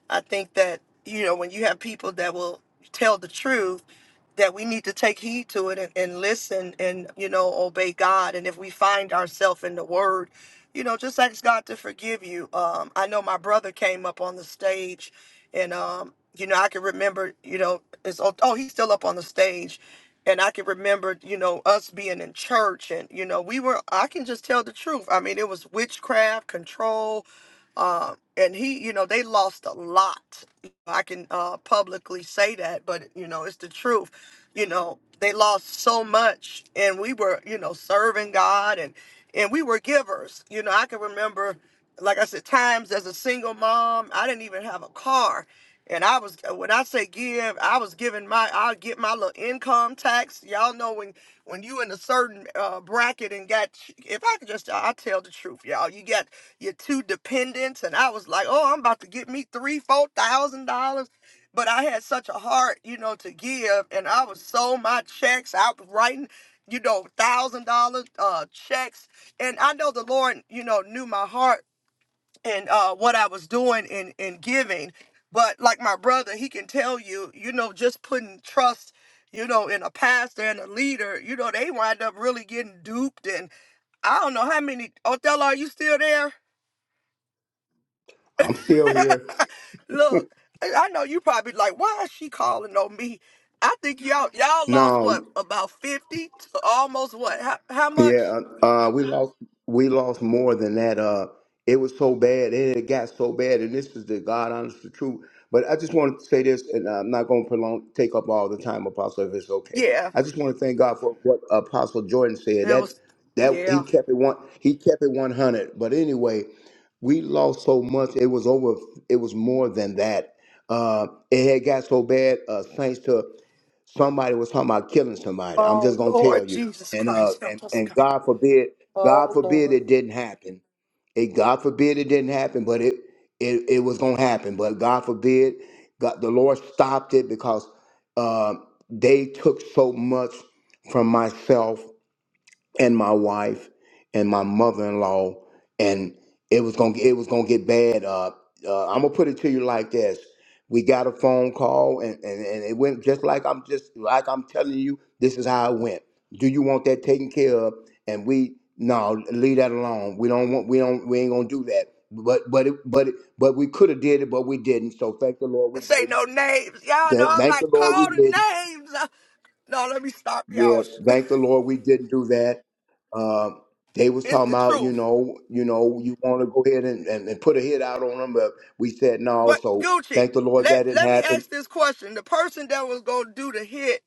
[SPEAKER 1] I think that, you know, when you have people that will tell the truth, that we need to take heed to it and, and listen and, you know, obey God. And if we find ourselves in the word, you know, just ask God to forgive you. Um, I know my brother came up on the stage and, um, you know, I can remember, you know, it's, oh, oh, he's still up on the stage. And I can remember, you know, us being in church and, you know, we were, I can just tell the truth. I mean, it was witchcraft, control, um, and he, you know, they lost a lot. I can uh, publicly say that, but you know, it's the truth. You know, they lost so much, and we were, you know, serving God, and and we were givers. You know, I can remember, like I said, times as a single mom, I didn't even have a car, and I was when I say give, I was giving my, I'll get my little income tax. Y'all know when when you in a certain uh, bracket and got, if I could just, I tell the truth, y'all, you get. You're two dependents. And I was like, oh, I'm about to get me three, four thousand dollars. But I had such a heart, you know, to give. And I was so my checks. I was writing, you know, thousand dollar uh checks. And I know the Lord, you know, knew my heart and uh what I was doing in in giving. But like my brother, he can tell you, you know, just putting trust, you know, in a pastor and a leader, you know, they wind up really getting duped and I don't know how many. Othello, are you still there?
[SPEAKER 12] i'm still here
[SPEAKER 1] Look, I know you probably like, why is she calling on me? I think y'all y'all lost
[SPEAKER 12] no
[SPEAKER 1] what about fifty to almost what? How, how much?
[SPEAKER 12] Yeah, uh, uh, we lost we lost more than that. Uh, it was so bad, and it got so bad, and this is the God honest the truth. But I just want to say this, and I'm not going to prolong, take up all the time, Apostle, if it's okay.
[SPEAKER 1] Yeah,
[SPEAKER 12] I just want to thank God for what Apostle Jordan said.
[SPEAKER 1] it
[SPEAKER 12] That
[SPEAKER 1] was.
[SPEAKER 12] that
[SPEAKER 1] Yeah.
[SPEAKER 12] he kept it one, he kept it 100. But anyway, we lost so much. It was over. It was more than that. Uh, it had got so bad. Uh, thanks to somebody was talking about killing somebody. I'm
[SPEAKER 1] Oh
[SPEAKER 12] just gonna tell
[SPEAKER 1] Lord
[SPEAKER 12] you.
[SPEAKER 1] Jesus
[SPEAKER 12] And uh
[SPEAKER 1] Christ, help
[SPEAKER 12] and,
[SPEAKER 1] us,
[SPEAKER 12] and
[SPEAKER 1] God.
[SPEAKER 12] God forbid, God
[SPEAKER 1] Oh
[SPEAKER 12] forbid
[SPEAKER 1] Lord.
[SPEAKER 12] it didn't happen. It God forbid it didn't happen, but it it, it was gonna happen. But God forbid, God, the Lord stopped it because uh, they took so much from myself and my wife and my mother-in-law and it was gonna it was gonna get bad uh, uh i'm gonna put it to you like this we got a phone call and, and and it went just like i'm just like i'm telling you this is how it went do you want that taken care of and we no leave that alone we don't want we don't we ain't gonna do that but but it, but it, but we could have did it but we didn't so thank the lord we
[SPEAKER 1] This ain't
[SPEAKER 12] didn't
[SPEAKER 1] no names, y'all know.
[SPEAKER 12] Th-
[SPEAKER 1] I'm
[SPEAKER 12] thank the
[SPEAKER 1] like,
[SPEAKER 12] lord we
[SPEAKER 1] call
[SPEAKER 12] didn't
[SPEAKER 1] the names. Uh, No, let me stop
[SPEAKER 12] yeah,
[SPEAKER 1] y'all.
[SPEAKER 12] thank the Lord we didn't do that. Um, they was
[SPEAKER 1] It's
[SPEAKER 12] talking
[SPEAKER 1] the
[SPEAKER 12] about, you
[SPEAKER 1] truth.
[SPEAKER 12] know, you know, you want to go ahead and, and, and put a hit out on them, but we said no.
[SPEAKER 1] What
[SPEAKER 12] So
[SPEAKER 1] Gucci?
[SPEAKER 12] thank the Lord
[SPEAKER 1] Let
[SPEAKER 12] that didn't
[SPEAKER 1] Let me
[SPEAKER 12] happen.
[SPEAKER 1] ask this question. The person that was gonna do the hit.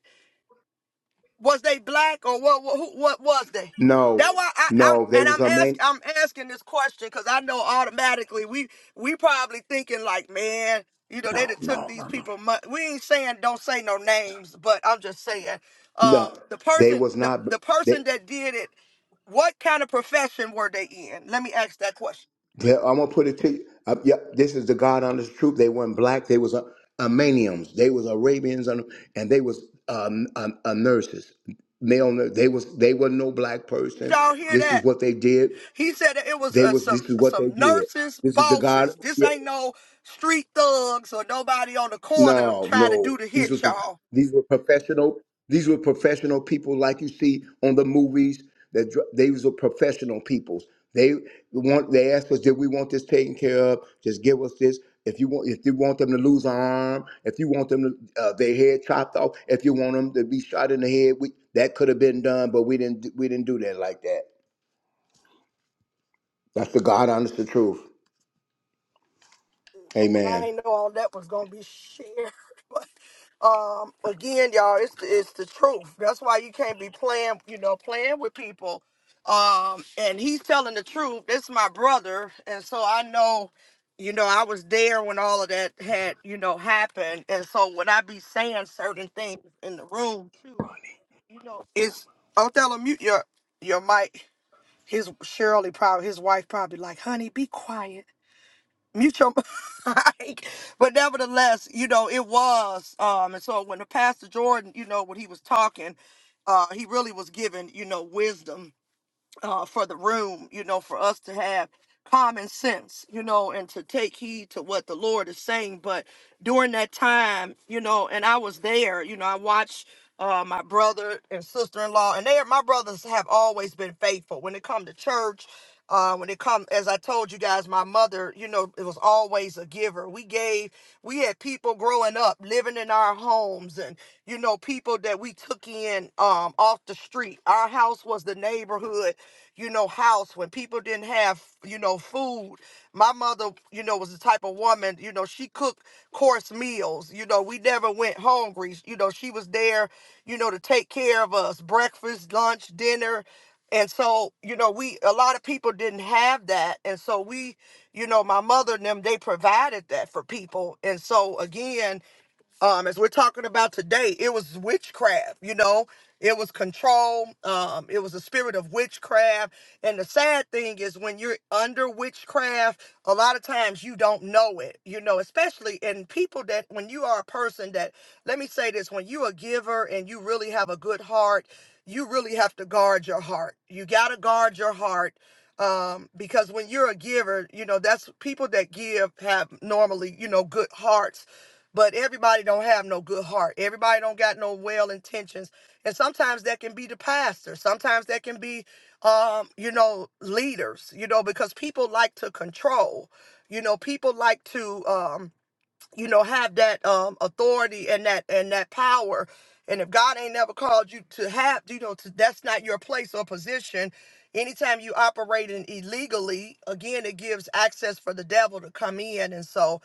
[SPEAKER 1] was they black or what what, what was they
[SPEAKER 12] No,
[SPEAKER 1] that why I, I'm
[SPEAKER 12] no, they
[SPEAKER 1] and
[SPEAKER 12] was
[SPEAKER 1] I'm
[SPEAKER 12] a
[SPEAKER 1] asking.
[SPEAKER 12] main.
[SPEAKER 1] I'm asking this question because I know automatically we we probably thinking like man you know they
[SPEAKER 12] No,
[SPEAKER 1] done took
[SPEAKER 12] no,
[SPEAKER 1] these
[SPEAKER 12] no, no.
[SPEAKER 1] people money. we ain't saying don't say no names but I'm just saying um
[SPEAKER 12] No,
[SPEAKER 1] the
[SPEAKER 12] they
[SPEAKER 1] person
[SPEAKER 12] was
[SPEAKER 1] the
[SPEAKER 12] not.
[SPEAKER 1] the person that did it what kind of profession were they in let me ask that question
[SPEAKER 12] Yeah, I'm gonna put it to you. Uh, yeah, this is the God honest truth. They weren't black. They was uh, Armenians. They was Arabians, and, and they was um, um, uh, nurses. Male. nur- They was they were no black
[SPEAKER 1] did
[SPEAKER 12] person.
[SPEAKER 1] y'all hear
[SPEAKER 12] This
[SPEAKER 1] that?
[SPEAKER 12] is what they did.
[SPEAKER 1] He said that it was
[SPEAKER 12] They
[SPEAKER 1] uh,
[SPEAKER 12] was this
[SPEAKER 1] some
[SPEAKER 12] is what they
[SPEAKER 1] some
[SPEAKER 12] did.
[SPEAKER 1] nurses,
[SPEAKER 12] This is the God.
[SPEAKER 1] bosses.
[SPEAKER 12] yeah,
[SPEAKER 1] This ain't no street thugs or nobody on the corner
[SPEAKER 12] No,
[SPEAKER 1] trying to
[SPEAKER 12] no.
[SPEAKER 1] do the
[SPEAKER 12] These
[SPEAKER 1] hit,
[SPEAKER 12] was
[SPEAKER 1] y'all.
[SPEAKER 12] these were professional. These were professional people, like you see on the movies. That dr- they was were professional peoples. They want. They asked us, "Did we want this taken care of? Just give us this. If you want, if you want them to lose an arm, if you want them to uh, their head chopped off, if you want them to be shot in the head, we, that could have been done, but we didn't. We didn't do that like that. That's the God honest the truth.
[SPEAKER 1] Lord, I
[SPEAKER 12] Amen.
[SPEAKER 1] ain't know all that was gonna be shared, but um, again, y'all, it's the, it's the truth. That's why you can't be playing, you know, playing with people. Um, and he's telling the truth. This is my brother, and so I know, you know, I was there when all of that had, you know, happened, and so when I be saying certain things in the room too You know, it's Othello. Mute your your mic. His Shirley probably his wife probably like, honey, be quiet. Mute your mic. But nevertheless, you know, it was. Um, and so when the Pastor Jordan, you know, when he was talking, uh, he really was giving, you know, wisdom uh, for the room, you know, for us to have common sense, you know, and to take heed to what the Lord is saying. But during that time, you know, and I was there, you know, I watched uh, my brother and sister-in-law, and they are my brothers have always been faithful when it come to church. Uh, when it come, as I told you guys, my mother, you know, it was always a giver. We gave. We had people growing up living in our homes and, you know, people that we took in um, off the street. Our house was the neighborhood, you know, house when people didn't have, you know, food. My mother, you know, was the type of woman, you know, she cooked course meals. You know, we never went hungry. You know, she was there, you know, to take care of us breakfast, lunch, dinner. And so, you know, we a lot of people didn't have that. And so we, you know, my mother and them, they provided that for people. And so again, um as we're talking about today it was witchcraft you know it was control um it was a spirit of witchcraft and the sad thing is when you're under witchcraft a lot of times you don't know it you know especially in people that when you are a person that let me say this when you're a giver and you really have a good heart you really have to guard your heart you got to guard your heart um because when you're a giver you know that's people that give have normally you know good hearts but everybody don't have no good heart everybody don't got no well intentions and sometimes that can be the pastor sometimes that can be um you know leaders you know because people like to control you know people like to um you know have that um authority and that and that power and if god ain't never called you to have you know to, that's not your place or position anytime you operating illegally again it gives access for the devil to come in and so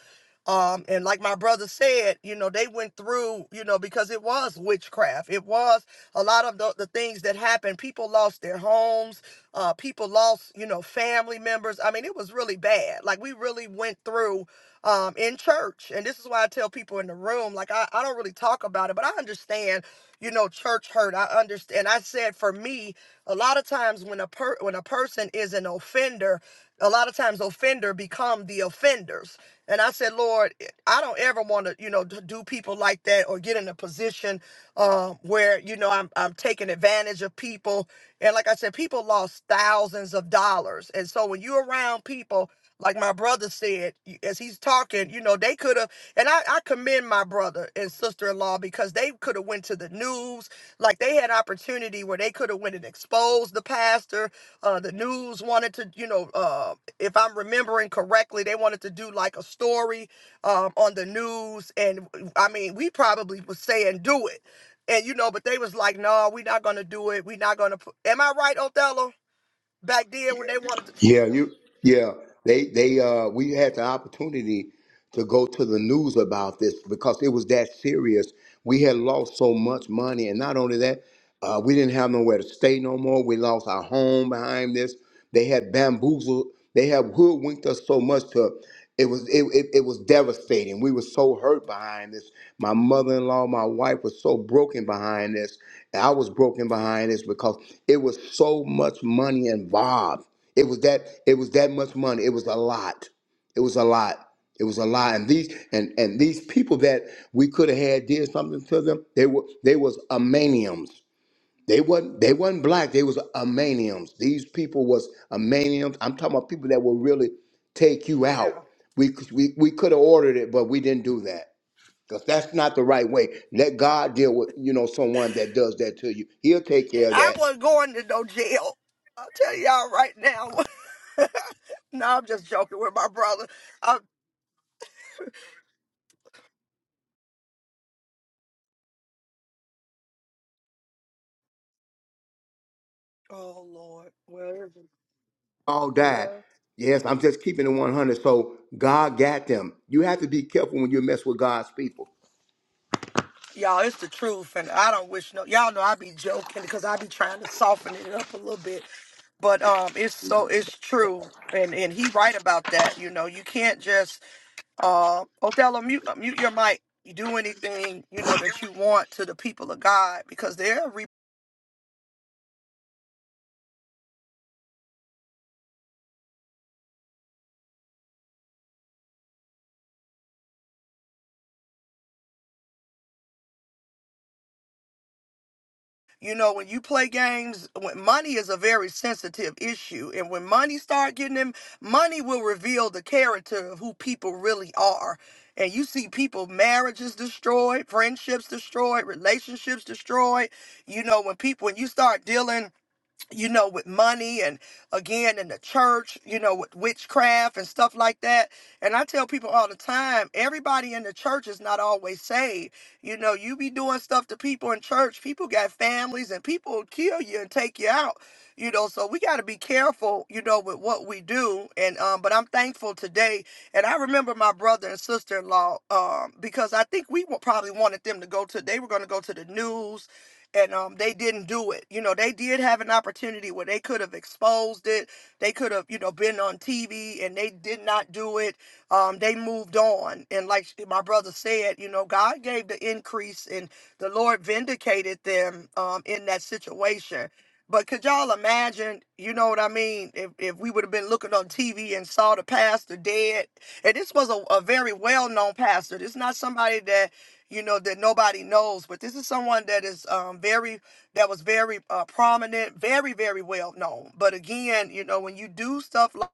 [SPEAKER 1] um and like my brother said you know they went through you know because it was witchcraft it was a lot of the, the things that happened people lost their homes uh people lost you know family members i mean it was really bad like we really went through um in church and this is why i tell people in the room like i, I don't really talk about it but i understand you know church hurt i understand i said for me a lot of times when a per when a person is an offender a lot of times offender become the offenders and I said, Lord, I don't ever want to, you know, d- do people like that or get in a position um, where, you know, I'm, I'm taking advantage of people. And like I said, people lost thousands of dollars. And so when you're around people, like my brother said, y- as he's talking, you know, they could have, and I, I commend my brother and sister-in-law because they could have went to the news. Like they had opportunity where they could have went and exposed the pastor. Uh, the news wanted to, you know, uh, if I'm remembering correctly, they wanted to do like a story um, on the news, and I mean, we probably was saying do it, and you know, but they was like, no, we're not gonna do it. We're not gonna. Put... Am I right, Othello? Back then yeah. when they Yeah. wanted to,
[SPEAKER 12] Yeah, you. Yeah, they they uh we had the opportunity to go to the news about this because it was that serious. We had lost so much money, and not only that, uh, we didn't have nowhere to stay no more. We lost our home behind this. They had bamboozled. They had hoodwinked us so much to. It was it, it, it was devastating. We were so hurt behind this. My mother-in-law, my wife was so broken behind this. I was broken behind this because it was so much money involved it was that it was that much money. It was a lot. It was a lot. It was a lot. And these and and these people that we could have had did something to them, they were they was Armenians. They wasn't they wasn't black, they was Armenians. These people was Armenians. I'm talking about people that will really take you
[SPEAKER 1] yeah,
[SPEAKER 12] out.
[SPEAKER 1] yeah.
[SPEAKER 12] We c- we, we could have ordered it, but we didn't do that. Because that's not the right way. Let God deal with, you know, someone that does that to you. He'll take
[SPEAKER 1] and
[SPEAKER 12] care of
[SPEAKER 1] I
[SPEAKER 12] that.
[SPEAKER 1] wasn't going to no jail. I'll tell y'all right now. no, I'm just joking with my brother. i oh Lord, well,
[SPEAKER 12] all died.
[SPEAKER 1] yeah.
[SPEAKER 12] Yes, I'm just keeping it 100. So God got them. You have to be careful when you mess with God's people.
[SPEAKER 1] Y'all, it's the truth, and I don't wish no. Y'all know I be joking because I be trying to soften it up a little bit, but um, it's so it's true, and and he right about that. You know, you can't just uh, Othello mute uh, mute your mic. You do anything you know that you want to the people of God because they'll You know, when you play games, when money is a very sensitive issue, and when money start getting them, money will reveal the character of who people really are. And you see people marriages destroyed, friendships destroyed, relationships destroyed. You know, when people when you start dealing you know, with money and again in the church, you know, with witchcraft and stuff like that. And I tell people all the time, everybody in the church is not always saved. You know, you be doing stuff to people in church, people got families and people will kill you and take you out. You know, so we gotta be careful, you know, with what we do. And um, but I'm thankful today. And I remember my brother and sister in law, um, because I think we wa- probably wanted them to go to they were gonna go to the news and um they didn't do it. You know, they did have an opportunity where they could have exposed it. They could have, you know, been on TV and they did not do it. Um they moved on and like my brother said, you know, God gave the increase and the Lord vindicated them um in that situation. But could y'all imagine, you know what I mean, if, if we would have been looking on TV and saw the pastor dead? And this was a, a very well known pastor. This is not somebody that you know that nobody knows but this is someone that is um, very that was very uh, prominent very very well known but again you know when you do stuff like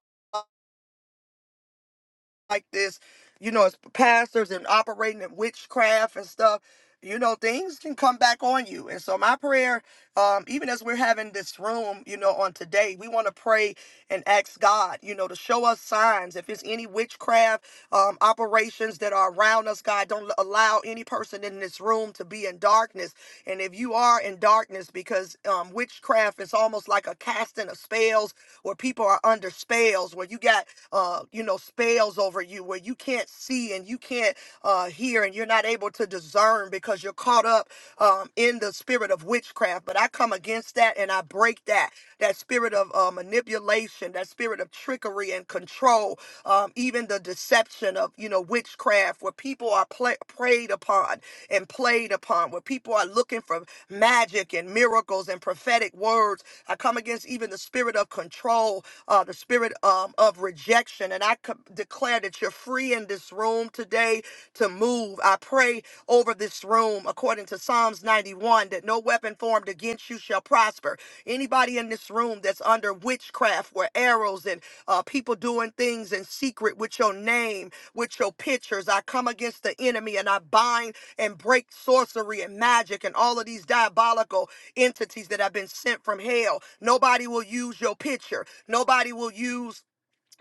[SPEAKER 1] like this, you know, as pastors and operating in witchcraft and stuff, you know, things can come back on you. And so my prayer, um, even as we're having this room, you know, on today, we want to pray and ask God, you know, to show us signs. If it's any witchcraft um, operations that are around us, God, don't allow any person in this room to be in darkness and if you are in darkness, because um, witchcraft is almost like a casting of spells where people are under spells, where you got, uh, you know, spells over you, where you can't see and you can't uh, hear and you're not able to discern because you're caught up um, in the spirit of witchcraft. But I come against that and I break that, that spirit of uh, manipulation, that spirit of trickery and control, um, even the deception of, you know, witchcraft, where people are pla preyed upon and played upon, where people are looking for magic and miracles and prophetic words. I come against even the spirit of control, uh, the spirit um, of rejection. And I co- declare that you're free in this room today to move. I pray over this room according to Psalms 91 that no weapon formed against you shall prosper. Anybody in this room that's under witchcraft, where arrows and uh, people doing things in secret with your name, with your pictures, I come against the enemy and I bind and break sorcery and magic and all of these diabolical entities that have been sent from hell. Nobody will use your picture. Nobody will use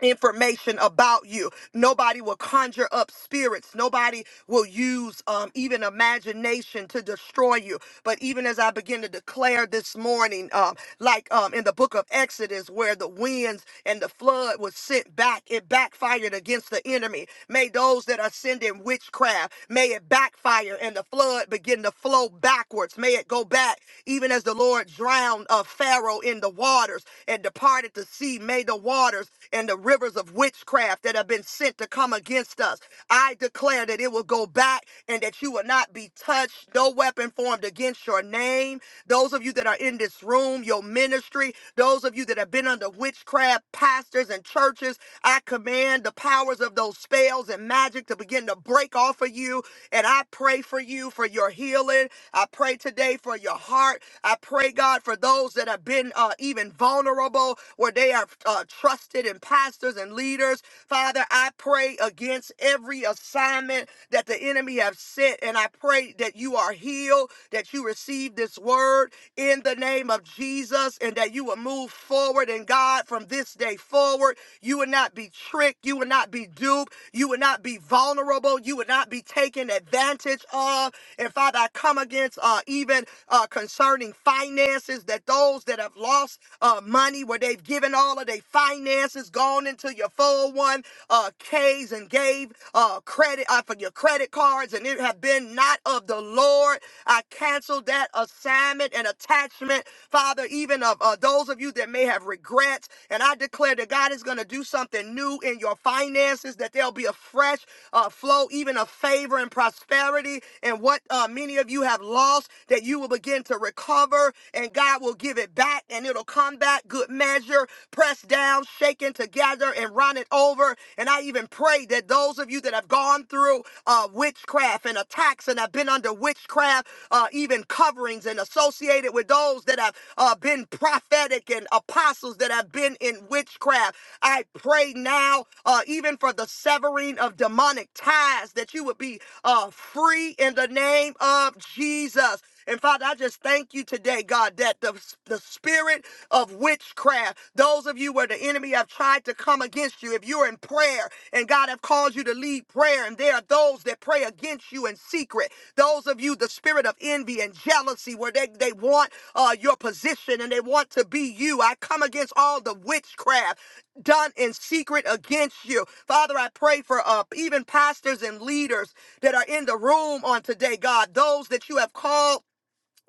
[SPEAKER 1] information about you. Nobody will conjure up spirits. Nobody will use um, even imagination to destroy you. But even as I begin to declare this morning, um, like um, in the book of Exodus, where the winds and the flood was sent back, it backfired against the enemy. May those that are sending witchcraft, may it backfire and the flood begin to flow backwards. May it go back, even as the Lord drowned uh, Pharaoh in the waters and departed the sea. May the the waters and the rivers of witchcraft that have been sent to come against us. I declare that it will go back and that you will not be touched. No weapon formed against your name. Those of you that are in this room, your ministry, those of you that have been under witchcraft, pastors and churches, I command the powers of those spells and magic to begin to break off of you. And I pray for you for your healing. I pray today for your heart. I pray, God, for those that have been uh, even vulnerable world where they are uh, trusted in pastors and leaders. Father, I pray against every assignment that the enemy have sent, and I pray that you are healed, that you receive this word in the name of Jesus, and that you will move forward And God from this day forward. You will not be tricked, you will not be duped, you will not be vulnerable, you will not be taken advantage of. And Father, I come against uh, even uh, concerning finances that those that have lost lost uh, money, where they've given all of their finances, gone into your 401 uh, Ks uh, and gave uh, credit uh, for your credit cards, and it have been not of the Lord. I cancel that assignment and attachment, Father, even of uh, those of you that may have regrets. And I declare that God is going to do something new in your finances, that there'll be a fresh uh, flow, even of favor and prosperity, and what uh, many of you have lost, that you will begin to recover. And God, God will give it back and it'll come back good measure, pressed down, shaken together, and run it over. And I even pray that those of you that have gone through uh, witchcraft and attacks and have been under witchcraft, uh, even coverings and associated with those that have uh, been prophetic and apostles that have been in witchcraft, I pray now, uh, even for the severing of demonic ties, that you would be uh, free in the name of Jesus. And Father, I just thank you today, God, that the, the spirit of witchcraft, those of you where the enemy have tried to come against you, if you're in prayer and God have called you to lead prayer, and there are those that pray against you in secret, those of you, the spirit of envy and jealousy, where they, they want uh, your position and they want to be you. I come against all the witchcraft done in secret against you. Father, I pray for uh, even pastors and leaders that are in the room on today, God, those that you have called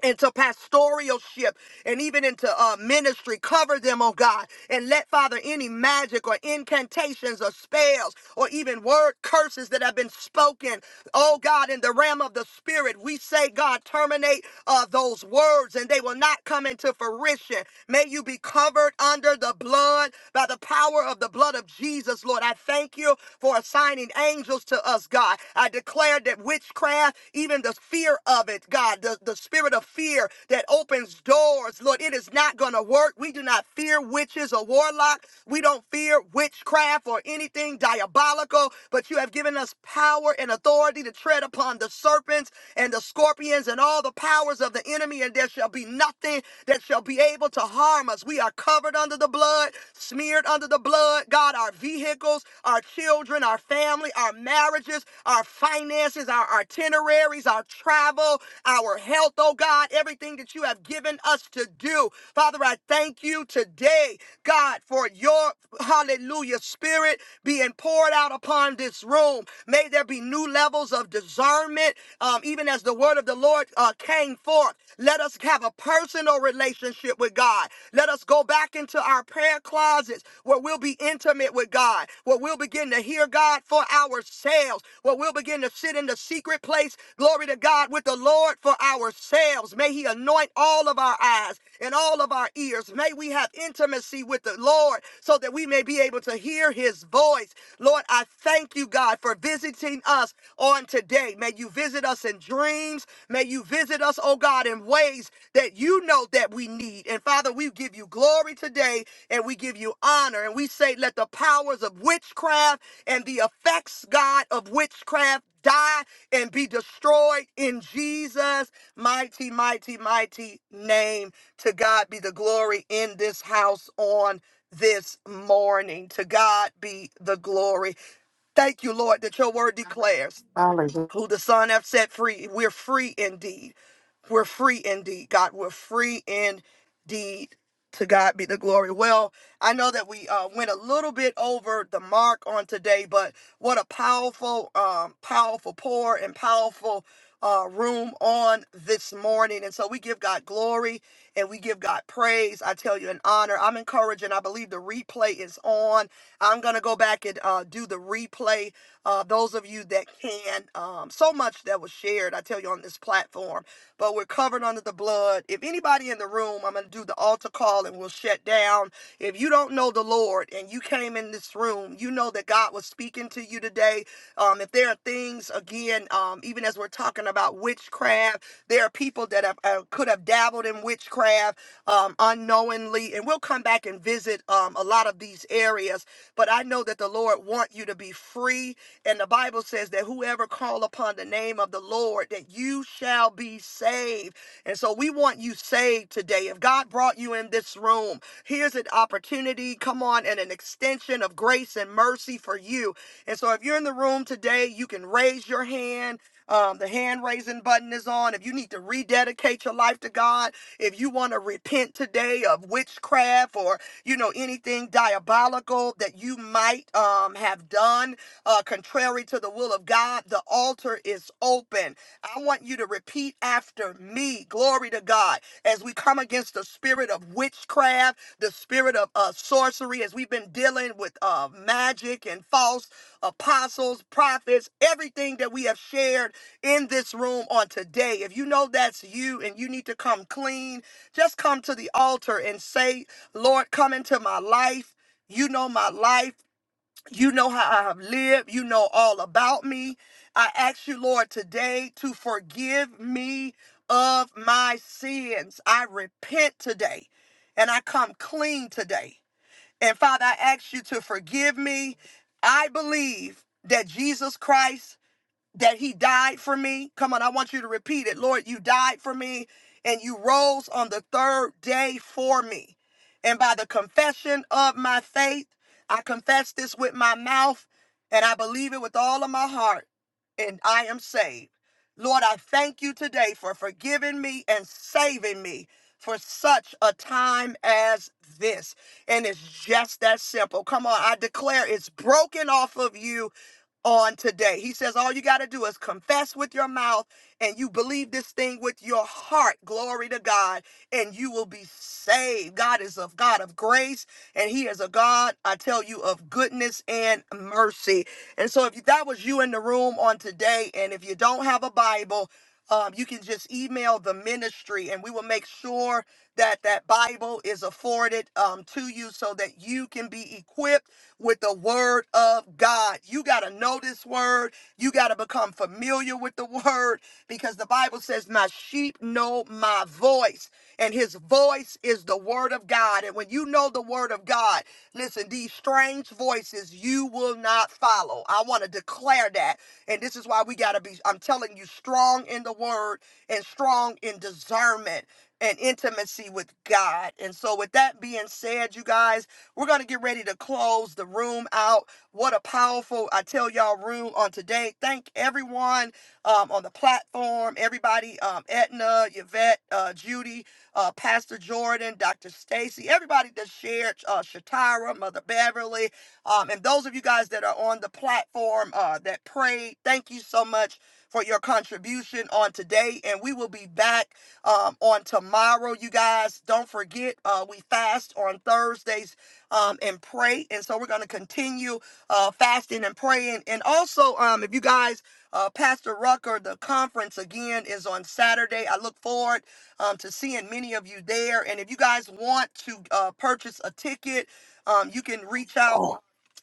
[SPEAKER 1] into pastoralship and even into uh, ministry. Cover them, oh God, and let, Father, any magic or incantations or spells or even word curses that have been spoken, oh God, in the realm of the spirit, we say, God, terminate uh, those words and they will not come into fruition. May you be covered under the blood by the power of the blood of Jesus, Lord. I thank you for assigning angels to us, God. I. I declare that witchcraft, even the fear of it, God, the, the spirit of fear that opens doors, Lord, it is not going to work. We do not fear witches or warlocks. We don't fear witchcraft or anything diabolical, but you have given us power and authority to tread upon the serpents and the scorpions and all the powers of the enemy, and there shall be nothing that shall be able to harm us. We are covered under the blood, smeared under the blood, God, our vehicles, our children, our family, our marriages, our finances, our itineraries, our travel, our health, oh God, everything that you have given us to do. Father, I thank you today, God, for your hallelujah spirit being poured out upon this room. May there be new levels of discernment, um, even as the word of the Lord uh, came forth. Let us have a personal relationship relationship with God. Let us go back into our prayer closets where we'll be intimate with God, where we'll begin to hear God for ourselves, where we'll begin to sit in the secret place, glory to God, with the Lord for ourselves. May He anoint all of our eyes and all of our ears. May we have intimacy with the Lord so that we may be able to hear His voice. Lord, I thank you, God, for visiting us on today. May you visit us in dreams dreams. May you visit us, oh God, in ways that you know that we need. And Father, we give you glory today and we give you honor. And we say, let the powers of witchcraft and the effects, God, of witchcraft die and be destroyed in Jesus' mighty, mighty, mighty name. To God be the glory in this house on this morning. To God be the glory. Thank you, Lord, that your word declares who the Son hath set free. We're free indeed. We're free indeed, God. We're free indeed. To God be the glory. Well, I know that we uh, went a little bit over the mark on today, but what a powerful, um, powerful pour and powerful uh, room on this morning. And so we give God glory and we give God praise. I tell you, an honor. I'm encouraging. I believe the replay is on. I'm going to go back and uh, do the replay. Uh, those of you that can, um, so much that was shared, I tell you, on this platform. But we're covered on covered under the blood. If anybody in the room, I'm going to do the altar call and we'll shut down. If you don't know the Lord and you came in this room, you know that God was speaking to you today. Um, if there are things, again, um, even as we're talking about witchcraft, there are people that have, uh, could have dabbled in witchcraft um, unknowingly. And we'll come back and visit um, a lot of these areas. But I know that the Lord wants you to be free. And the Bible says that whoever call upon the name name of the Lord that you shall be saved. And so we want you saved today. If God brought you in this room, here's an opportunity, come on, and an extension of grace and mercy for you. And so if you're in the room today, you can raise your hand. Um, the hand raising button is on. If you need to rededicate your life to God, if you want to repent today of witchcraft or you know anything diabolical that you might um, have done uh, contrary to the will of God, the altar is open. I want you to repeat after me, glory to God, as we come against the spirit of witchcraft, the spirit of uh, sorcery, as we've been dealing with uh, magic and false apostles, prophets, everything that we have shared in this room on today. If you know that's you and you need to come clean, just come to the altar and say, Lord, come into my life. You know my life. You know how I have lived. You know all about me. I ask you, Lord, today to forgive me of my sins. I repent today and I come clean today. And Father, I ask you to forgive me. I believe that Jesus Christ that he died for me. Come on, I want you to repeat it. Lord, you died for me and you rose on the third day for me. And by the confession of my faith, I confess this with my mouth and I believe it with all of my heart, and I am saved. Lord, I thank you today for forgiving me and saving me for such a time as this. And it's just that simple. Come on, I declare it's broken off of you on today. He says, All you got to do is confess with your mouth and you believe this thing with your heart. Glory to God. And you will be saved. God is a God of grace and he is a God, I tell you, of goodness and mercy. And so if that was you in the room on today, and if you don't have a Bible, um, you can just email the ministry and we will make sure that that Bible is afforded um, to you so that you can be equipped with the Word of God. You got to know this Word. You got to become familiar with the Word because the Bible says, My sheep know my voice, and His voice is the Word of God of God and when you know the word of God, listen, these strange voices you will not follow. I want to declare that. And this is why we got to be, I'm telling you, strong in the word and strong in discernment and intimacy with God. And so, with that being said, you guys, we're going to get ready to close the room out. What a powerful, I tell y'all, room on today. Thank everyone um, on the platform, everybody, um, Etna, Yvette, uh, Judy, uh, Pat, Pastor Jordan, Dr. Stacy, everybody that shared, uh, Shatara, Mother Beverly, um, and those of you guys that are on the platform uh, that prayed, thank you so much for your contribution on today. And we will be back um, on tomorrow, you guys. Don't forget, uh, we fast on Thursdays um, and pray. And so we're going to continue uh, fasting and praying. And also, um, if you guys, uh, Pastor Rucker, the conference again is on Saturday. I look forward um, to seeing many of you there. And if you guys want to uh, purchase a ticket, um, you can reach out.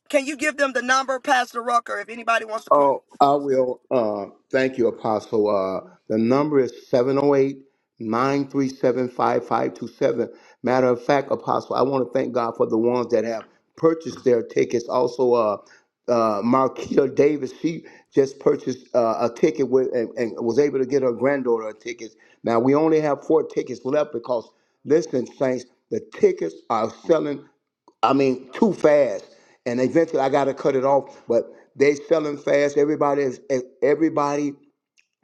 [SPEAKER 1] Can you give them the number, Pastor Rucker, if anybody wants to? pr-
[SPEAKER 12] Oh, I will. Uh, thank you, Apostle. Uh, the number is 708 937 5527. Matter of fact, Apostle, I want to thank God for the ones that have purchased their tickets. Also, uh, uh, Marquita Davis, she just purchased uh, a ticket with, and, and was able to get her granddaughter a ticket. Now, we only have four tickets left because, listen, Saints, the tickets are selling. I mean, too fast. And eventually I got to cut it off. But they selling fast. Everybody is, e, everybody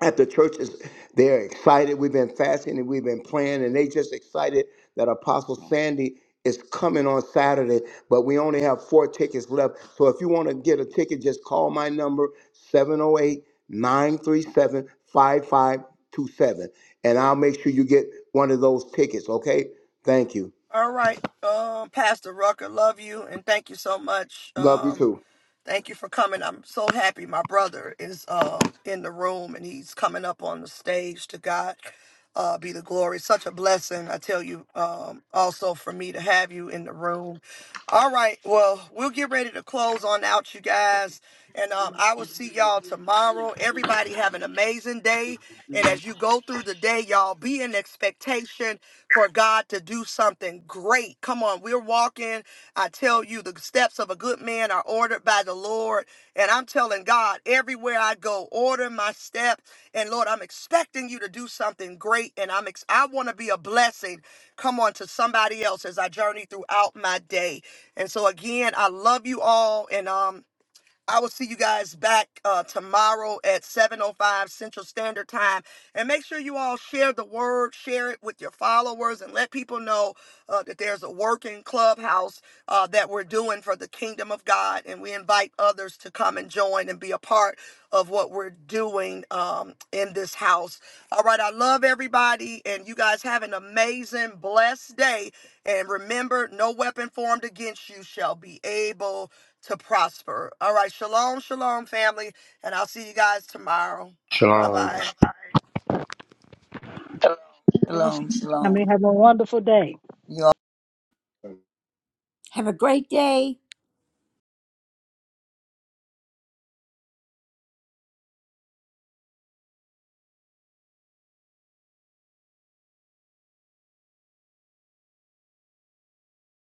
[SPEAKER 12] at the church is, they're excited. We've been fasting and we've been praying and they just excited that Apostle Sandy is coming on Saturday, but we only have four tickets left. So if you want to get a ticket, just call my number seven zero eight nine three seven five five two seven, and I'll make sure you get one of those tickets, okay? Thank you.
[SPEAKER 1] All right, um, Pastor Rucker, love you and thank you so much.
[SPEAKER 12] Love you
[SPEAKER 1] Um,
[SPEAKER 12] too.
[SPEAKER 1] Thank you for coming. I'm so happy my brother is um in the room and he's coming up on the stage to God. Uh, be the glory. Such a blessing, I tell you, um, also for me to have you in the room. All right, well, we'll get ready to close on out, you guys. And um, I will see y'all tomorrow. Everybody have an amazing day. And as you go through the day, y'all be in expectation expectation for God to do something great. Come on, we're walking. I tell you, the steps of a good man are ordered by the Lord. And I'm telling God, everywhere I go, order my step. And Lord, I'm expecting you to do something great. And I'm ex- I want to be a blessing. Come on to somebody else as I journey throughout my day. And so again, I love you all. And um I will see you guys back uh, tomorrow at 7.05 Central Standard Time. And make sure you all share the word, share it with your followers, and let people know uh, that there's a working clubhouse uh, that we're doing for the kingdom of God. And we invite others to come and join and be a part of what we're doing um, in this house. All right, I love everybody, and you guys have an amazing, blessed day. And remember, no weapon formed against you shall be able to prosper. All right. Shalom, shalom, family. And I'll see you guys tomorrow. Bye
[SPEAKER 12] Shalom.
[SPEAKER 1] bye.
[SPEAKER 7] Shalom,
[SPEAKER 10] I
[SPEAKER 7] shalom.
[SPEAKER 10] may have a wonderful day.
[SPEAKER 7] You
[SPEAKER 3] Have a great day.